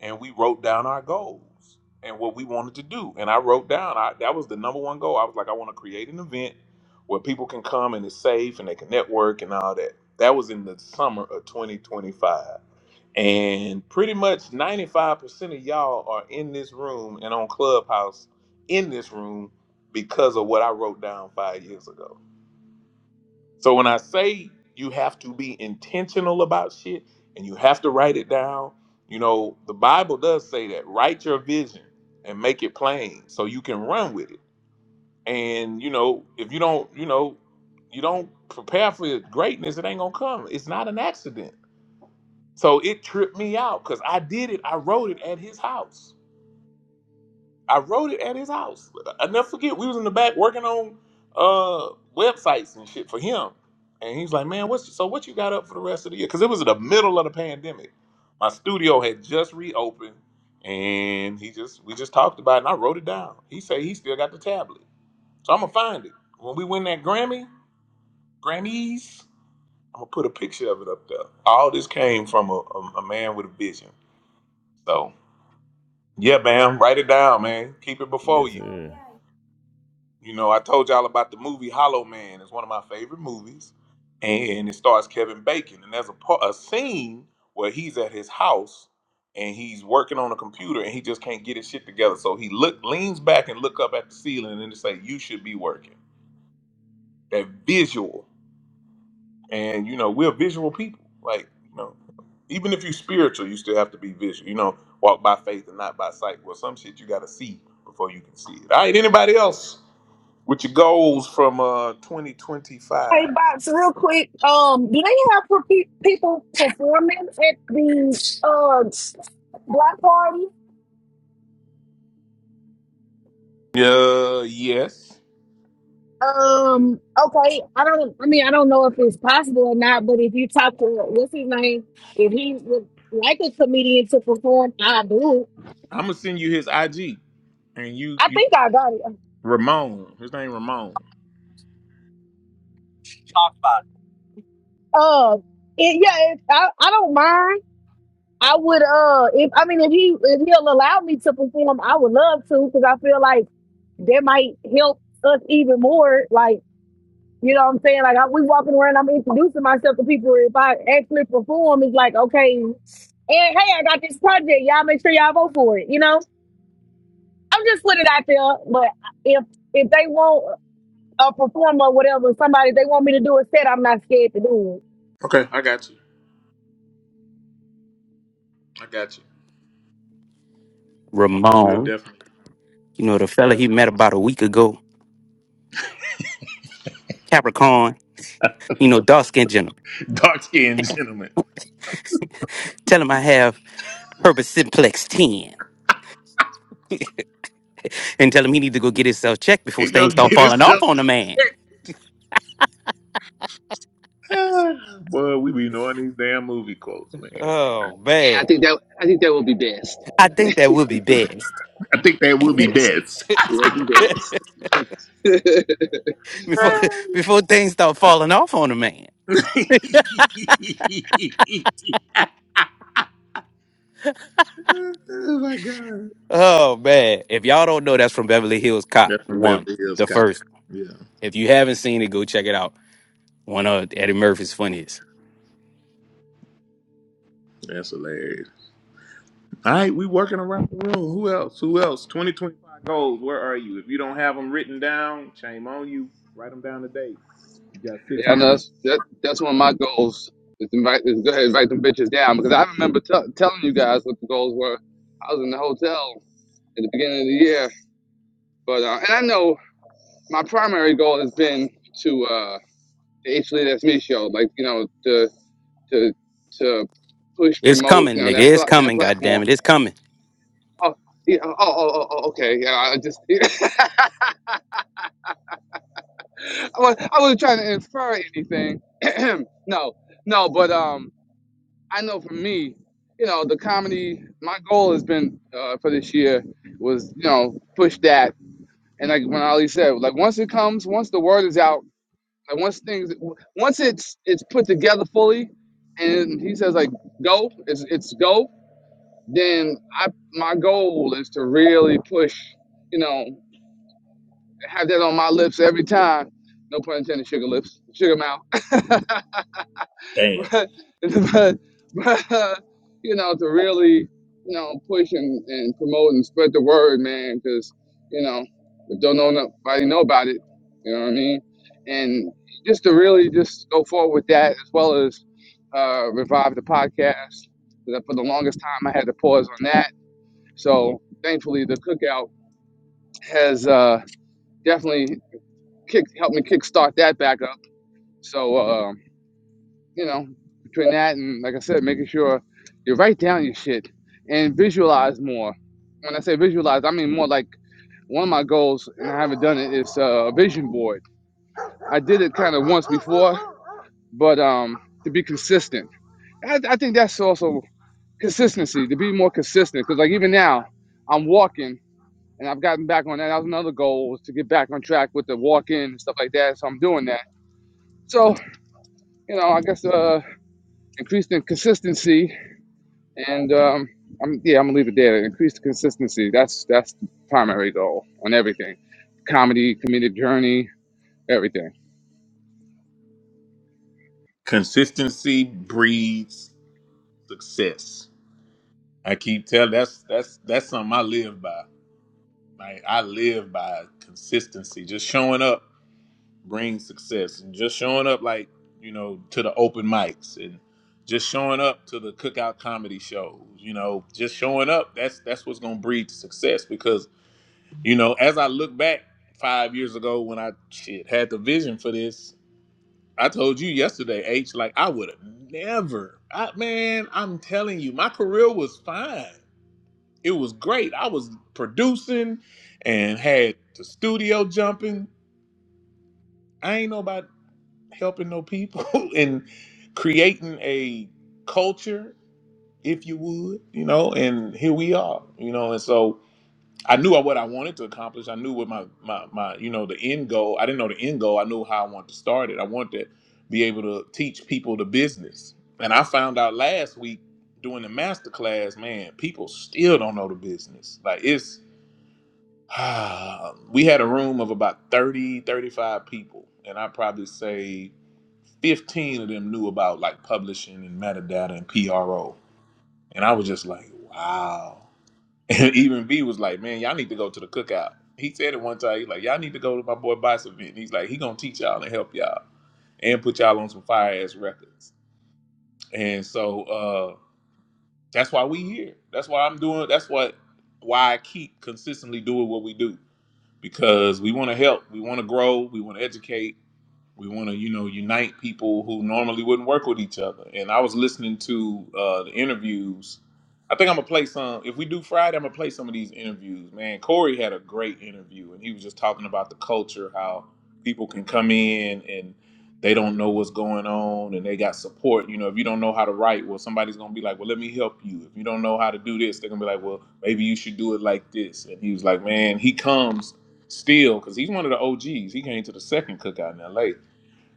Speaker 2: and we wrote down our goals and what we wanted to do. And I wrote down I, that was the number one goal. I was like, I want to create an event where people can come and it's safe and they can network and all that. That was in the summer of 2025. And pretty much 95% of y'all are in this room and on Clubhouse in this room because of what I wrote down five years ago. So when I say you have to be intentional about shit and you have to write it down, you know, the Bible does say that write your vision and make it plain so you can run with it. And you know, if you don't, you know, you don't prepare for greatness, it ain't gonna come. It's not an accident. So it tripped me out because I did it. I wrote it at his house I wrote it at his house. I never forget. We was in the back working on uh websites and shit for him, and he's like, "Man, what's so what you got up for the rest of the year?" Because it was in the middle of the pandemic. My studio had just reopened, and he just we just talked about it, and I wrote it down. He said he still got the tablet, so I'm gonna find it when we win that Grammy, Grammys. I'm gonna put a picture of it up there. All this came from a, a, a man with a vision. So yeah, bam, write it down, man. Keep it before
Speaker 9: Yes,
Speaker 2: you.
Speaker 9: sir.
Speaker 2: You know, I told y'all about the movie Hollow Man. It's one of my favorite movies, and it stars Kevin Bacon. And there's a part, a scene where he's at his house and he's working on a computer, and he just can't get his shit together. So he look leans back and look up at the ceiling, and they say, "You should be working." That visual, and you know, we're visual people. Like, you know, even if you're spiritual, you still have to be visual. You know, walk by faith and not by sight. Well, some shit you got to see before you can see it. All right, anybody else? With your goals from uh
Speaker 5: Hey,
Speaker 2: 2025.
Speaker 5: Box, real quick, um, do they have per- pe- people performing at the uh, block party?
Speaker 2: Yeah, yes.
Speaker 5: Um. Okay. I don't. I mean, I don't know if it's possible or not. But if you talk to what's his name, if he would like a comedian to perform, I do.
Speaker 2: I'm gonna send you his IG, and you
Speaker 5: I
Speaker 2: you
Speaker 5: think I got it.
Speaker 2: Ramon. His name Ramon.
Speaker 5: Uh. It, yeah. It, I. I don't mind. I would. Uh. If I mean, if he if he'll allow me to perform, I would love to because I feel like that might help us even more. Like You know what I'm saying? Like I, we walking around, I'm introducing myself to people. If I actually perform, it's like, okay, and hey, I got this project. Y'all make sure y'all vote for it. You know, I'm just putting it out there. But if if they want a performer, whatever, somebody they want me to do a set, I'm not scared to do it.
Speaker 2: Okay, I got you. I got you. We'll
Speaker 4: Ramon,
Speaker 2: definitely
Speaker 4: you know, the fella
Speaker 2: yeah.
Speaker 4: he met about a week ago, Capricorn, you know, dark skinned gentleman.
Speaker 2: Dark skinned gentleman.
Speaker 4: Tell him I have Herbert Simplex 10 and tell him he need to go get himself checked before
Speaker 2: He
Speaker 4: things
Speaker 2: gonna
Speaker 4: start
Speaker 2: get
Speaker 4: falling off
Speaker 2: himself
Speaker 4: on the man.
Speaker 2: checked. Ah, Boy, we be knowing these damn movie quotes, man.
Speaker 4: Oh
Speaker 11: I
Speaker 4: man,
Speaker 11: think that I think that will be best.
Speaker 4: I think that would be best
Speaker 2: I think that will be
Speaker 11: Best.
Speaker 2: best.
Speaker 11: Yeah, that'd be best. yeah,
Speaker 4: before
Speaker 2: oh
Speaker 4: before things start falling off on a man.
Speaker 2: my god.
Speaker 4: Oh man, if y'all don't know, that's from Beverly Hills Cop
Speaker 2: That's from
Speaker 4: one,
Speaker 2: Beverly Hills
Speaker 4: the
Speaker 2: Cop.
Speaker 4: first.
Speaker 2: Yeah.
Speaker 4: If you haven't seen it, go check it out. One of Eddie Murphy's funniest.
Speaker 2: That's hilarious. All right, we working around the room. Who else? Who else? 2025 goals. Where are you? If you don't have them written down, shame on you. Write them down today. You got six
Speaker 11: I know
Speaker 2: months.
Speaker 11: that's that, that's one of my goals. Is to invite is go ahead and invite them bitches down because I remember t- telling you guys what the goals were. I was in the hotel at the beginning of the year, but uh, and I know my primary goal has been to uh, the H Lee That's Me show, like you know to to to push
Speaker 4: It's
Speaker 11: promote
Speaker 4: coming,
Speaker 11: you know
Speaker 4: nigga.
Speaker 11: that
Speaker 4: It's
Speaker 11: pla- that
Speaker 4: coming. God damn
Speaker 11: platform.
Speaker 4: it, it's coming.
Speaker 11: Oh yeah, oh oh, oh oh, okay yeah I just I was I wasn't trying to infer anything. no, no, but um, I know for me, you know, the comedy. My goal has been uh, for this year was you know push that, and like when Ali said, like once it comes, once the word is out, like once things, once it's it's put together fully, and he says like go, it's it's go. Then I my goal is to really push, you know, have that on my lips every time. No pun intended, sugar lips, sugar mouth
Speaker 2: Damn.
Speaker 11: but but but you know to really you know push and, and promote and spread the word man because you know if don't know nobody know about it you know what i mean and just to really just go forward with that as well as uh revive the podcast 'cause for the longest time i had to pause on that so thankfully the cookout has uh definitely kick helped me kickstart that back up so uh, you know, between that and like I said, making sure you write down your shit and visualize more. When I say visualize, I mean more like one of my goals, and I haven't done it, is uh, a vision board. I did it kind of once before, but um, to be consistent, I, I think that's also consistency to be more consistent. Because like even now, I'm walking. And I've gotten back on that. That was another goal was to get back on track with the walk in and stuff like that. So I'm doing that. So, you know, I guess uh increasing consistency And um, I'm yeah, I'm gonna leave it there. Increase the consistency. That's that's the primary goal on everything, comedy, comedic journey, everything.
Speaker 2: Consistency breeds success. I keep telling that's that's that's something I live by. Like I live by consistency. Just showing up. bring success. And just showing up like, you know, to the open mics and just showing up to the cookout comedy shows, you know, just showing up, that's that's what's gonna breed success because, you know, as I look back five years ago when I shit had the vision for this, I told you yesterday, H, like I would have never I man, I'm telling you, my career was fine. It was great. I was producing and had the studio jumping. I ain't nobody. helping no people and creating a culture, if you would, you know, and here we are, you know, and so I knew what I wanted to accomplish. I knew what my, my, my, you know, the end goal. I didn't know the end goal. I knew how I wanted to start it. I wanted to be able to teach people the business. And I found out last week doing the master class, man, people still don't know the business. Like it's, we had a room of about 30 35 people. And I probably say 15 of them knew about like publishing and metadata and PRO. And I was just like, wow. And even B was like, man, y'all need to go to the cookout. He said it one time. He's like, y'all need to go to my boy Bison event. And He's like, he gonna teach y'all and help y'all and put y'all on some fire ass records. And so uh, that's why we here. That's why I'm doing. That's what why I keep consistently doing what we do because we want to help. We want to grow. We want to educate We want to, you know, unite people who normally wouldn't work with each other. And I was listening to uh, the interviews. I think I'm gonna play some. If we do Friday, I'm gonna play some of these interviews. Man, Corey had a great interview, and he was just talking about the culture, how people can come in and they don't know what's going on, and they got support. You know, if you don't know how to write, well, somebody's gonna be like, "Well, let me help you." If you don't know how to do this, they're gonna be like, "Well, maybe you should do it like this." And he was like, "Man, he comes still because he's one of the OGs. He came to the second cookout in LA.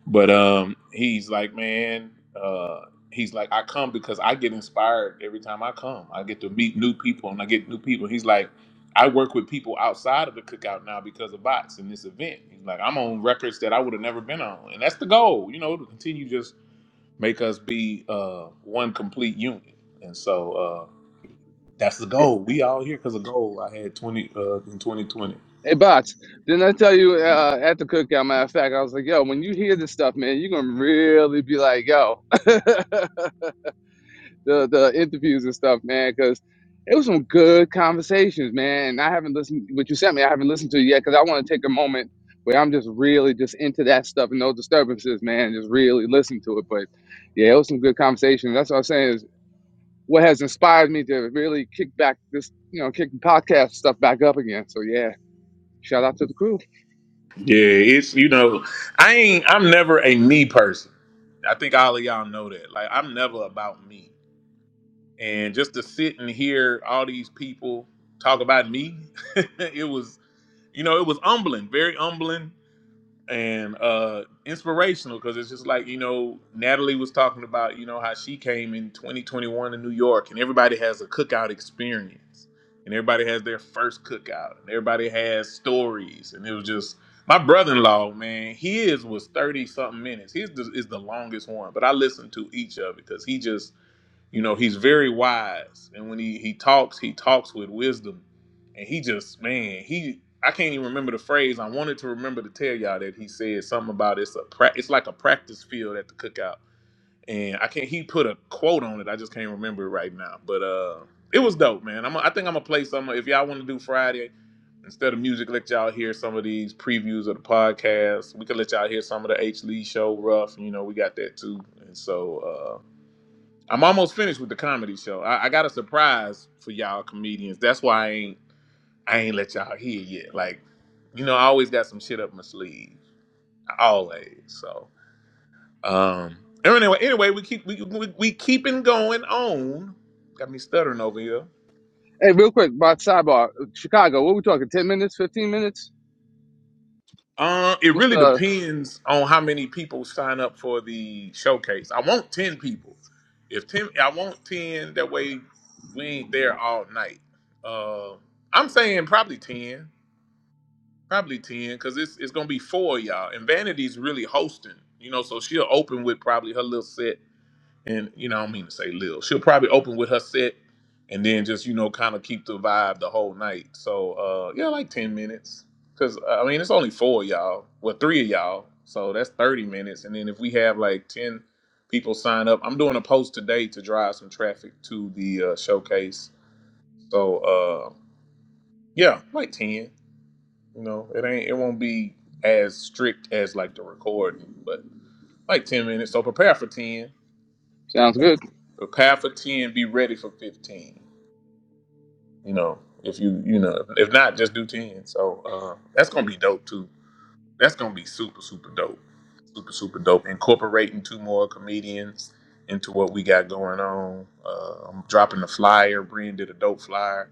Speaker 2: But um, he's like, man, uh, he's like, I come because I get inspired every time I come. I get to meet new people and I get new people. He's like, I work with people outside of the cookout now because of bots and this event. He's like, I'm on records that I would have never been on, and that's the goal, you know, to continue just make us be uh, one complete unit. And so uh, that's the goal. We all here because of goal I had 20 uh, in 2020.
Speaker 11: Hey, bots. Didn't I tell you uh, at the cookout? Matter of fact, I was like, yo, when you hear this stuff, man, you're gonna really be like, yo. the the interviews and stuff, man, because it was some good conversations, man. And I haven't listened what you sent me. I haven't listened to it yet because I want to take a moment where I'm just really just into that stuff and no disturbances, man. Just really listen to it. But yeah, it was some good conversations. That's what I'm saying is what has inspired me to really kick back this, you know, kick the podcast stuff back up again. So yeah, shout out to the crew.
Speaker 2: Yeah, it's you know, I ain't. I'm never a me person. I think all of y'all know that. Like, I'm never about me. And just to sit and hear all these people talk about me, it was, you know, it was humbling, very humbling and uh inspirational because it's just like you know natalie was talking about you know how she came in 2021 in new york and everybody has a cookout experience and everybody has their first cookout and everybody has stories and it was just my brother-in-law man his was 30 something minutes his is the longest one but i listened to each of it because he just you know, he's very wise, and when he he talks, he talks with wisdom, and he just man, he I can't even remember the phrase. I wanted to remember to tell y'all that he said something about it's a pra- it's like a practice field at the cookout, and I can't. He put a quote on it. I just can't remember it right now, but uh, it was dope, man. I'm a, I think I'm gonna play some. If y'all want to do Friday instead of music, let y'all hear some of these previews of the podcast. We could let y'all hear some of the H Lee show rough. You know, we got that too, and so. uh, I'm almost finished with the comedy show. I, I got a surprise for y'all comedians. That's why I ain't I ain't let y'all hear yet. Like, you know, I always got some shit up my sleeve. Always. So um anyway, anyway, we keep we we, we keeping going on. Got me stuttering over here.
Speaker 11: Hey, real quick, about sidebar, Chicago. What are we talking? Ten minutes? Fifteen minutes?
Speaker 2: Uh, it
Speaker 11: What's
Speaker 2: really
Speaker 11: the?
Speaker 2: depends on how many people sign up for the showcase. I want ten people. If ten, I want ten. That way, we ain't there all night. Uh, I'm saying probably ten. probably ten, because it's it's gonna be four of y'all. And Vanity's really hosting, you know, so she'll open with probably her little set, and you know, I don't mean to say little. She'll probably open with her set, and then just you know, kind of keep the vibe the whole night. So uh, yeah, like ten minutes, because I mean, it's only four of y'all, well, three of y'all, so that's thirty minutes. And then if we have like ten people sign up, I'm doing a post today to drive some traffic to the uh, showcase. So uh, yeah, like ten. You know, it ain't it won't be as strict as like the recording, but like ten minutes. So prepare for ten.
Speaker 11: Sounds good.
Speaker 2: Prepare for ten. Be ready for fifteen. You know, if you you know if not, just do ten. So uh, that's gonna be dope too. That's gonna be super super dope. Super super dope. Incorporating two more comedians into what we got going on. Uh, I'm dropping the flyer. Brian did a dope flyer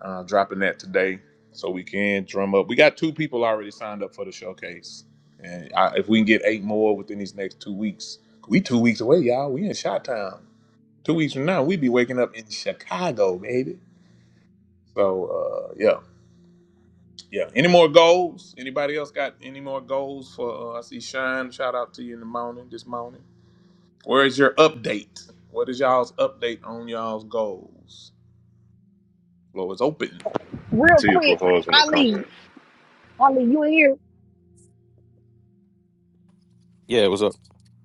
Speaker 2: Uh, dropping that today, so we can drum up. We got two people already signed up for the showcase, and I, if we can get eight more within these next two weeks, we two weeks away, y'all. We in Shot Town. Two weeks from now, we be waking up in Chicago, baby. So uh, yeah, yeah. Any more goals? Anybody else got any more goals for? Uh, I see Shine. Shout out to you in the morning. This morning. Where is your update? What is y'all's update on y'all's goals? Floor is open.
Speaker 5: Real
Speaker 1: Tia
Speaker 5: quick,
Speaker 1: put hers in the
Speaker 5: Ali,
Speaker 1: comments.
Speaker 5: Ali, you in here?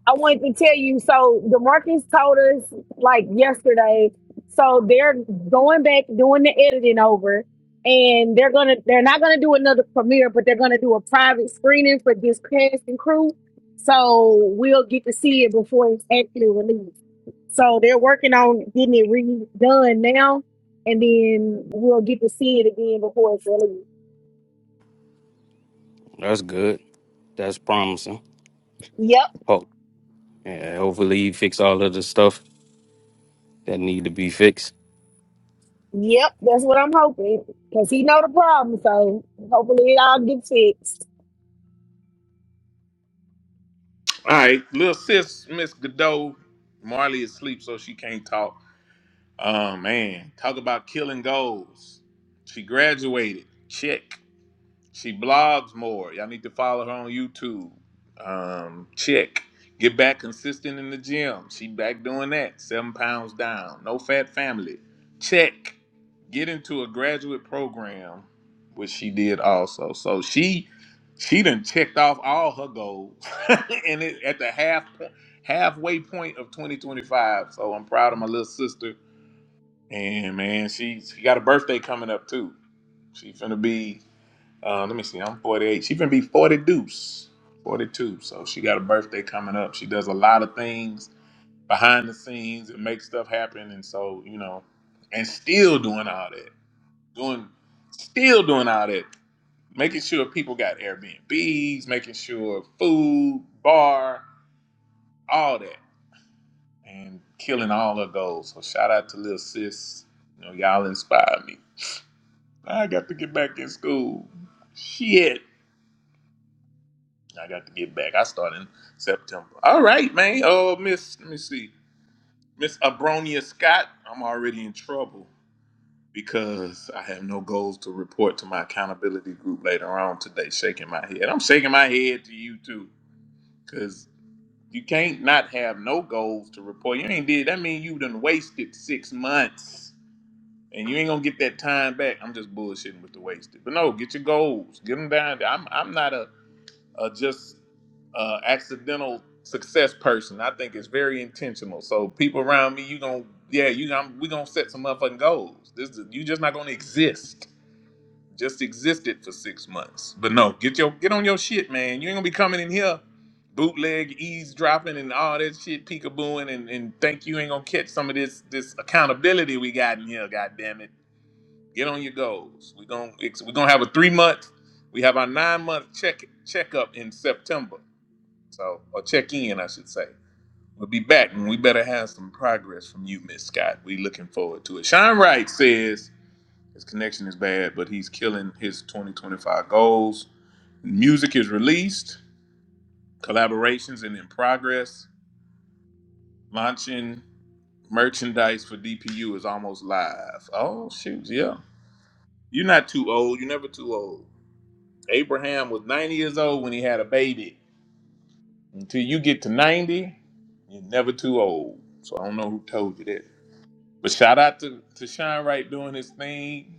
Speaker 5: I wanted to tell you. So Demarcus told us like yesterday. So they're going back doing the editing over, and they're gonna they're not gonna do another premiere, but they're gonna do a private screening for this cast and crew. So we'll get to see it before it's actually released. So they're working on getting it redone now, and then we'll get to see it again before it's released.
Speaker 4: That's good. That's promising.
Speaker 5: Yep,
Speaker 4: Oh, yeah, hopefully you fix all of the stuff that need to be fixed,
Speaker 5: yep, that's what I'm hoping because he know the problem. So hopefully it all gets fixed.
Speaker 2: All right, little sis, Miss Godot, Marley is asleep, so she can't talk. Oh man, talk about killing goals. She graduated. Check. She blogs more. Y'all need to follow her on YouTube. Um, check. Get back consistent in the gym. She back doing that. Seven pounds down. No fat family. Check. Get into a graduate program, which she did also. So she she done checked off all her goals, and it, at the half halfway point of 2025. So I'm proud of my little sister. And man, she she got a birthday coming up too. She finna be. Uh, let me see. I'm 48. She finna be 40 deuce, 42. So she got a birthday coming up. She does a lot of things behind the scenes and makes stuff happen. And so you know, and still doing all that, doing, still doing all that, making sure people got Airbnbs, making sure food, bar, all that, and killing all her goals. So shout out to little sis. You know, y'all inspired me. I got to get back in school. Shit. I got to get back. I start in September. All right, man. Oh, Miss, let me see. Miss Abronia Scott, I'm already in trouble because I have no goals to report to my accountability group later on today, shaking my head. I'm shaking my head to you too because you can't not have no goals to report. You ain't did. That mean you done wasted six months. And you ain't gonna get that time back. I'm just bullshitting with the wasted. But no, get your goals. Get them down. I'm I'm not a uh, just uh, accidental success person. I think it's very intentional. So people around me, you gonna yeah, you going we gonna set some motherfucking goals. This is, you just not gonna exist. Just existed for six months. But no, get your get on your shit, man. You ain't gonna be coming in here bootleg eavesdropping and all that shit peekabooing and, and think you ain't gonna catch some of this this accountability we got in here, god damn it. Get on your goals. We're gonna we're gonna have a three month we have our nine month check checkup in September. So, or check in, I should say. We'll be back, and we better have some progress from you, Miss Scott. We looking forward to it. Sean Wright says his connection is bad, but he's killing his 2025 goals. Music is released, collaborations and in progress. Launching merchandise for DPU is almost live. Oh shoot, yeah. You're not too old. You're never too old. Abraham was 90 years old when he had a baby. Until you get to 90, you're never too old. So I don't know who told you that. But shout out to, to Sean Wright doing his thing.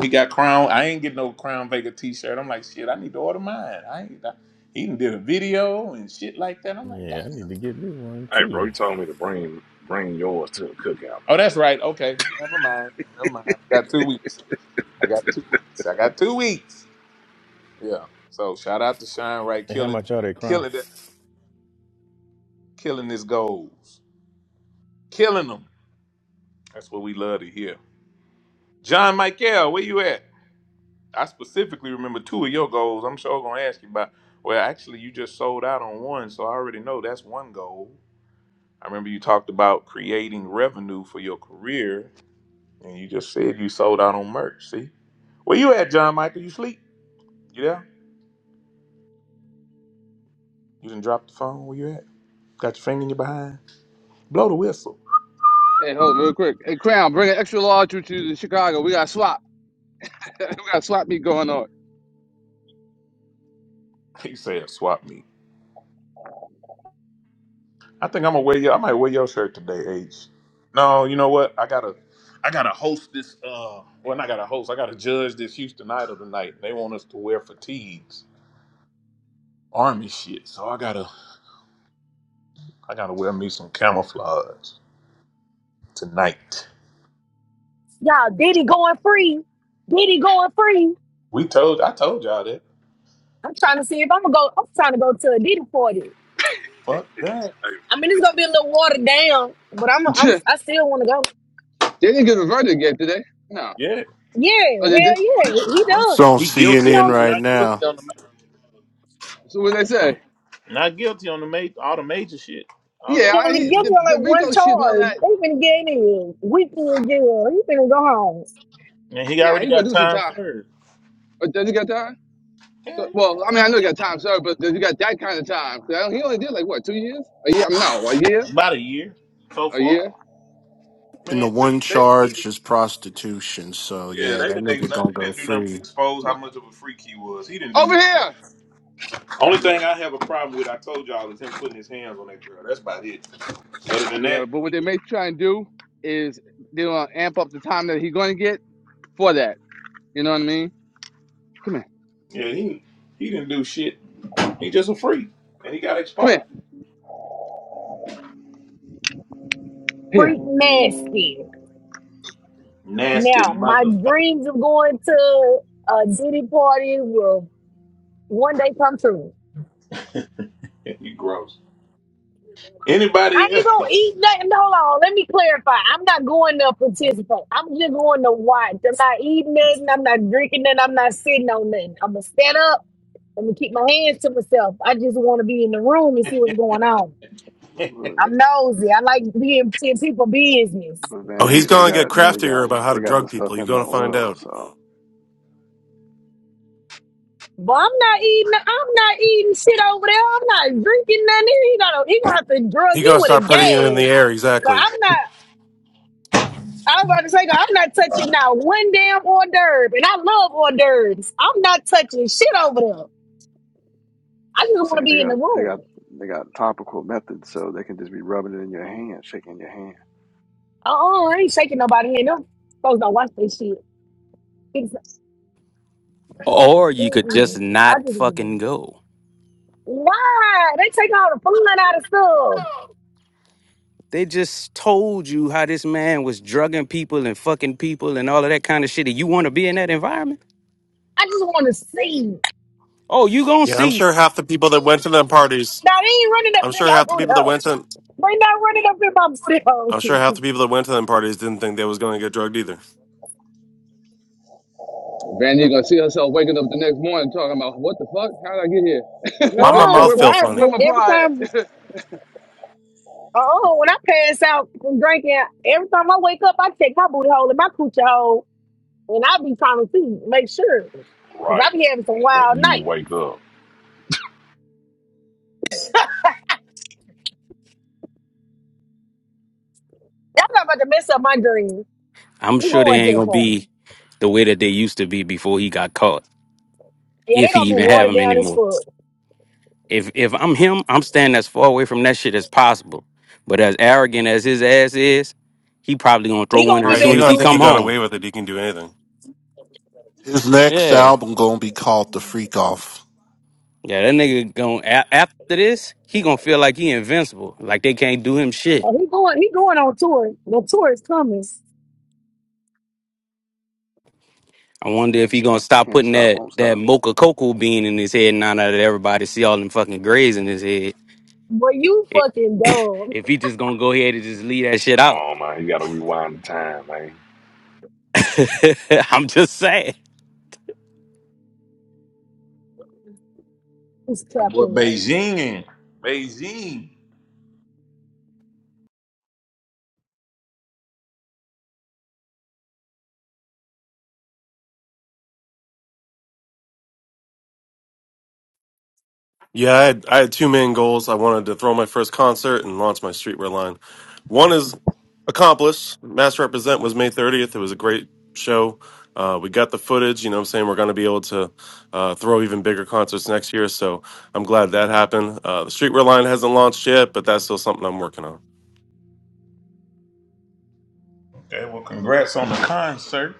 Speaker 2: He got crown. I ain't get no Crown Vega T-shirt. I'm like, shit. I need to order mine. I ain't. I, he even did a video and shit like that. I'm like, damn.
Speaker 9: yeah. I need to get me one
Speaker 1: Hey, bro,
Speaker 9: too.
Speaker 1: you told me to bring bring yours to the cookout.
Speaker 2: Oh, that's right. Okay, never mind. Never mind. I got two weeks. I got two weeks. I got two weeks. Yeah. So shout out to Sean Wright
Speaker 9: And how
Speaker 2: killing,
Speaker 9: much are they, Crown?
Speaker 2: killing that, killing his goals, killing them. That's what we love to hear. John Michael, where you at? I specifically remember two of your goals. I'm sure gonna ask you about. Well, actually, you just sold out on one, so I already know that's one goal. I remember you talked about creating revenue for your career, and you just said you sold out on merch. See, where you at, John Michael? You sleep? You there? You didn't drop the phone. Where you at? Got your finger in your behind? Blow the whistle.
Speaker 11: Hey, hold real quick. Hey, Crown, bring an extra large to to Chicago. We got swap. we got swap meet going on.
Speaker 2: He said, "Swap me." I think I'm gonna wear your. I might wear your shirt today, H. No, you know what? I gotta, I gotta host this. Uh, well, not gotta host. I gotta judge this Houston Idol tonight. They want us to wear fatigues, army shit. So I gotta, I gotta wear me some camouflage tonight.
Speaker 5: Y'all, Diddy going free. Diddy going free.
Speaker 2: We told, I told y'all that.
Speaker 5: I'm trying to see if I'm gonna go. I'm trying to go to a Diddy party.
Speaker 2: Fuck that.
Speaker 5: I mean, it's gonna be a little watered down, but I'm. I'm.
Speaker 11: they
Speaker 5: I still want to go.
Speaker 11: didn't give a verdict yet today. No.
Speaker 2: Yeah,
Speaker 5: Yeah,
Speaker 11: Oh,
Speaker 5: hell
Speaker 11: they did?
Speaker 5: yeah. He
Speaker 12: It's
Speaker 5: does.
Speaker 12: on
Speaker 2: he
Speaker 5: He
Speaker 2: guilty.
Speaker 12: CNN
Speaker 2: He's
Speaker 5: only.
Speaker 12: right
Speaker 2: not guilty
Speaker 12: now.
Speaker 2: on the, ma-
Speaker 11: So what they say?
Speaker 2: not guilty on the ma- all the major shit. All the,
Speaker 11: Yeah,
Speaker 5: He
Speaker 11: I,
Speaker 5: only
Speaker 11: he,
Speaker 5: gives
Speaker 11: the,
Speaker 5: you
Speaker 11: the
Speaker 5: like one
Speaker 11: Rico shit and all
Speaker 5: charge.
Speaker 11: that.
Speaker 5: They been getting in. We been in jail. He been go home.
Speaker 2: and he
Speaker 11: Nah,
Speaker 2: already
Speaker 11: he gonna
Speaker 2: got
Speaker 11: do some
Speaker 2: time
Speaker 11: time.
Speaker 2: served.
Speaker 11: But does he got time? So,
Speaker 2: Yeah,
Speaker 11: well, I mean, I know he got time, sir, but does he got that kind of time? 'Cause I don't- he only did like what, two years? A year? No, a year?
Speaker 2: about a year so
Speaker 11: A
Speaker 2: far.
Speaker 11: year?
Speaker 12: And the
Speaker 2: Man,
Speaker 12: one
Speaker 2: they,
Speaker 12: charge is prostitution. So
Speaker 2: Yeah,
Speaker 12: yeah,
Speaker 2: they
Speaker 12: that
Speaker 2: didn't, they,
Speaker 12: nigga gonna
Speaker 2: they
Speaker 12: go
Speaker 2: didn't do nothing but
Speaker 12: free.
Speaker 2: expose
Speaker 11: Bu-
Speaker 2: how much of a freak he was. He didn't do
Speaker 11: Over
Speaker 2: nothing.
Speaker 11: here.
Speaker 2: Only thing
Speaker 11: Yeah,
Speaker 2: I have a problem with, I told y'all, is him putting his hands on that girl. That's about it. Other than
Speaker 11: yeah.
Speaker 2: that,
Speaker 11: But what
Speaker 2: he-
Speaker 11: they may try and do is they want to amp up the time that he's going to get for that. You know what I mean? Come here.
Speaker 2: yeah, he he didn't do shit. He just a freak, and he got
Speaker 11: Come here.
Speaker 2: exposed.
Speaker 11: Here,
Speaker 5: Freak nasty.
Speaker 2: Nasty
Speaker 5: Now my
Speaker 2: motherfucker.
Speaker 5: dreams of going to a Diddy party will one day come true.
Speaker 2: You gross.
Speaker 5: I
Speaker 2: Anybody
Speaker 5: ain't gonna
Speaker 2: else?
Speaker 5: eat nothing. No, Hold on, let me clarify. I'm not going to participate. I'm just going to watch. I'm not eating nothing. I'm not drinking nothing. I'm not sitting on nothing. I'm gonna stand up. I'm gonna keep my hands to myself. I just want to be in the room and see what's going on.
Speaker 13: But,
Speaker 5: I'm nosy. I like being in people business.
Speaker 13: but
Speaker 14: Oh,
Speaker 2: Not
Speaker 14: he's
Speaker 13: Vanity, they
Speaker 14: going
Speaker 2: keeping
Speaker 14: to
Speaker 2: your
Speaker 14: get
Speaker 13: got they
Speaker 2: hands.
Speaker 14: craftier
Speaker 13: got
Speaker 14: about how
Speaker 13: they
Speaker 14: to
Speaker 13: got the
Speaker 14: drug
Speaker 13: stuff
Speaker 14: people. You're
Speaker 13: in the
Speaker 14: going to find
Speaker 13: oil,
Speaker 14: out.
Speaker 13: so
Speaker 5: But I'm not eating. no, I'm not eating shit over there. I'm not drinking nothing. He gonna he gonna have to drug
Speaker 14: He's
Speaker 5: me
Speaker 14: going to
Speaker 5: with a
Speaker 14: start putting it in the
Speaker 5: gas.
Speaker 14: air.
Speaker 5: 'Cause
Speaker 14: Exactly.
Speaker 5: I'm not. I was about to say, girl, I'm not touching now one damn hors d'oeuvre, and I love hors d'oeuvres. I'm not touching shit over there. I
Speaker 13: I'm
Speaker 5: just want to
Speaker 13: saying they
Speaker 5: be in
Speaker 13: got
Speaker 5: the
Speaker 13: they got
Speaker 5: room.
Speaker 13: they got topical methods, so they can just be rubbing it in your hand, shaking your hand.
Speaker 5: Oh, I ain't shaking nobody in them. Folks don't watch this shit. It's,
Speaker 4: or you could just
Speaker 5: mm-mm. I
Speaker 4: not
Speaker 5: just want to
Speaker 4: fucking
Speaker 5: be.
Speaker 4: go.
Speaker 5: Why? They take all the fun out of stuff.
Speaker 4: They just told you how this man was drugging people and fucking people and all of that kind of shit. And you want to be in that environment?
Speaker 5: I just want to see.
Speaker 4: Oh, you gonna
Speaker 14: Yeah, I'm
Speaker 4: see?
Speaker 14: sure half the people that went to them parties.
Speaker 5: Now they ain't running up
Speaker 14: I'm
Speaker 5: in
Speaker 14: sure
Speaker 5: my
Speaker 14: half the
Speaker 5: booty
Speaker 14: people that
Speaker 5: hole.
Speaker 14: went to.
Speaker 5: They not running up in my booty hole.
Speaker 14: I'm sure half the people that went to them parties didn't think they was going to get drugged either.
Speaker 11: Vanny gonna see herself waking up the next morning talking about what the fuck? How did
Speaker 14: Why
Speaker 11: I
Speaker 14: my
Speaker 11: get here?
Speaker 5: No,
Speaker 14: mouth
Speaker 11: where
Speaker 5: so
Speaker 11: my
Speaker 14: feel
Speaker 5: I,
Speaker 11: where
Speaker 14: funny?
Speaker 11: my
Speaker 5: every
Speaker 11: pride?
Speaker 5: time Oh, when I pass out from drinking, every time I wake up, I check my booty hole and my coochie hole, and I be trying to see, make sure, because I
Speaker 1: Right.
Speaker 5: be having some wild
Speaker 1: When you
Speaker 5: nights.
Speaker 1: wake up.
Speaker 5: Y'all not about to mess up my dream.
Speaker 4: I'm
Speaker 5: I'm
Speaker 4: sure they
Speaker 5: going to
Speaker 4: ain't
Speaker 5: the
Speaker 4: gonna
Speaker 5: party.
Speaker 4: be the way that they used to be before he got caught,
Speaker 5: Yeah,
Speaker 4: if
Speaker 5: they
Speaker 4: he
Speaker 5: gonna be
Speaker 4: even have
Speaker 5: watered
Speaker 4: them
Speaker 5: down as
Speaker 4: anymore.
Speaker 5: fuck.
Speaker 4: If if I'm him, I'm standing as far away from that shit as possible. But as arrogant as his ass is, he probably gonna throw
Speaker 5: He
Speaker 4: one
Speaker 5: gonna be
Speaker 4: as
Speaker 14: Right, he
Speaker 5: back
Speaker 4: soon as
Speaker 14: gonna
Speaker 4: he
Speaker 5: to
Speaker 14: think
Speaker 4: come
Speaker 14: he
Speaker 5: it.
Speaker 14: got
Speaker 4: home.
Speaker 14: away with it. He can do anything.
Speaker 12: His next
Speaker 4: Yeah,
Speaker 12: album gonna be called The Freak Off.
Speaker 4: yeah, that nigga going to after this, he gonna feel like he invincible, like they can't do him shit.
Speaker 5: Uh, he going, he going on tour. The tour is coming.
Speaker 4: I wonder if he gonna stop
Speaker 13: Can't
Speaker 4: putting
Speaker 13: stop,
Speaker 4: that
Speaker 13: won't
Speaker 4: that
Speaker 13: stop.
Speaker 4: mocha cocoa bean in his head now that everybody see all them fucking grays in his head.
Speaker 5: But you
Speaker 4: I-
Speaker 5: fucking dumb.
Speaker 4: If he just gonna go ahead and just leave that shit
Speaker 1: Come
Speaker 4: out.
Speaker 1: on, man. You got to rewind the time, man.
Speaker 4: I'm just saying.
Speaker 5: He's trapped
Speaker 2: Boy,
Speaker 5: in there.
Speaker 2: Beijing in. Beijing.
Speaker 14: Yeah, I had, I had two main goals. I wanted to throw my first concert and launch my streetwear line. One is accomplished. Mass Represent was May 30th. It was a great show. Uh, we got the footage. You know what I'm saying? We're going to be able to uh, throw even bigger concerts next year. So I'm glad that happened. Uh, the streetwear line hasn't launched yet, but that's still something I'm working on.
Speaker 2: Okay, well, congrats on the concert.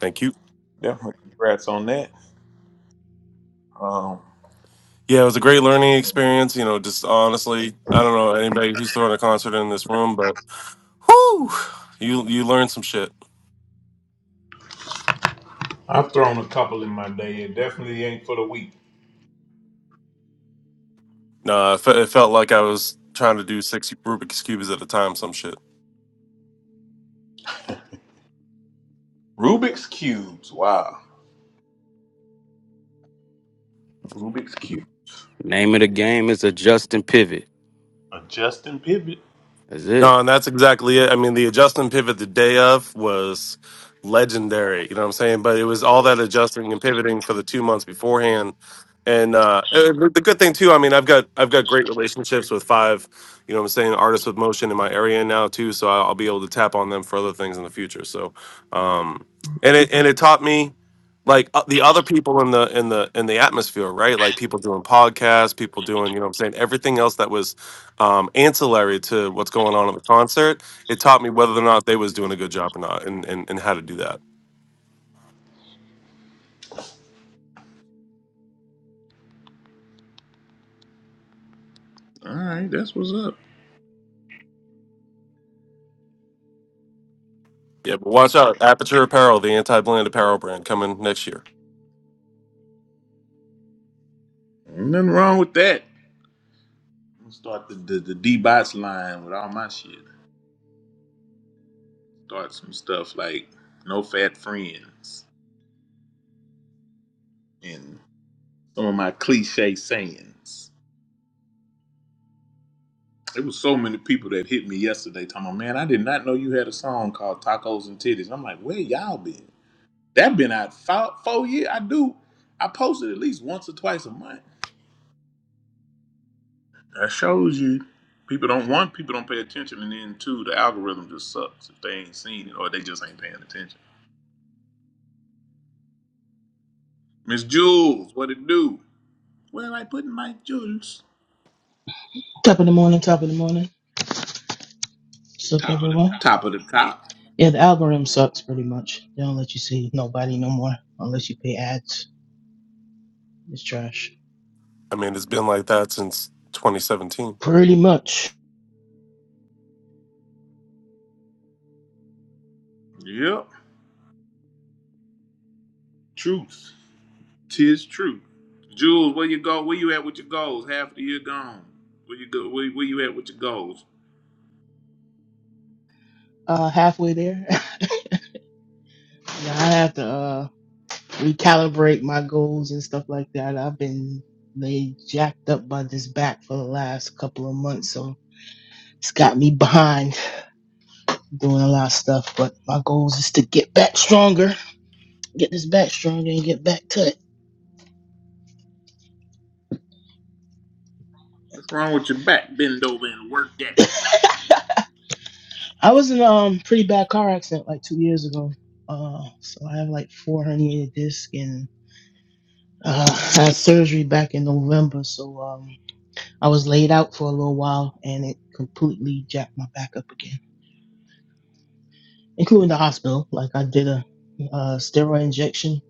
Speaker 14: Thank you.
Speaker 2: Definitely congrats on that. Um,
Speaker 14: Yeah, it was a great learning experience. You know, just honestly, I don't know anybody who's throwing a concert in this room, but whoo, you you learn some shit.
Speaker 2: I've thrown a couple in my day. It definitely ain't for the weak.
Speaker 14: No, it, fe- it felt like I was trying to do six Rubik's cubes at a time, some shit.
Speaker 2: Rubik's cubes. Wow. Rubik's cube.
Speaker 4: Name of the game is adjust and pivot.
Speaker 2: A Justin Pivot.
Speaker 4: That's it.
Speaker 14: No, and that's exactly it. I mean, the adjustment pivot the day of was legendary. You know what I'm saying? But it was all that adjusting and pivoting for the two months beforehand. And uh, uh, the good thing too, I mean, I've got I've got great relationships with five, you know, what I'm saying artists with motion in my area now too, so I'll I'll be able to tap on them for other things in the future. So, um, and it and it taught me like uh, the other people in the in the in the atmosphere right like people doing podcasts people doing you know what i'm saying everything else that was um ancillary to what's going on at the concert it taught me whether or not they was doing a good job or not and and, and how to do that
Speaker 2: All right, that's what's up.
Speaker 14: yeah but watch out aperture apparel the anti-bland apparel brand coming next year
Speaker 2: Ain't nothing wrong with that. I'm gonna start the the, the D bots line with all my shit. Start some stuff like no fat friends and some of my cliche sayings. There was so many people that hit me yesterday talking about, man, I did not know you had a song called Tacos and Titties. I'm like, where y'all been? That been out four, four years. I do. I post it at least once or twice a month. That shows you people don't want people don't pay attention, and then two, the algorithm just sucks if they ain't seen it or they just ain't paying attention. Miss Jules, what it do? Where am I putting my Jules?
Speaker 15: Top of the morning, top of the morning. What's up, everyone?
Speaker 2: Top of the top.
Speaker 15: Yeah, the algorithm sucks pretty much. They don't let you see nobody no more unless you pay ads. It's trash.
Speaker 14: i mean it's been like that since 2017
Speaker 15: Pretty much.
Speaker 2: Yep. Truth. Tis true. Jules, where you go? Where you at with your goals? Half of the year gone. Where you go? Where, where you at with your goals?
Speaker 15: Uh, halfway there. now I have to uh, recalibrate my goals and stuff like that. I've been laid jacked up by this back for the last couple of months, so it's got me behind doing a lot of stuff. But my goals is to get back stronger, get this back stronger, and get back touch.
Speaker 2: What's wrong with your back? Bend over and work that back.
Speaker 15: I was in a um, pretty bad car accident like two years ago. Uh, so I have like four herniated discs and uh, I had surgery back in November. So um, I was laid out for a little while and it completely jacked my back up again, including the hospital. Like I did a, uh steroid injection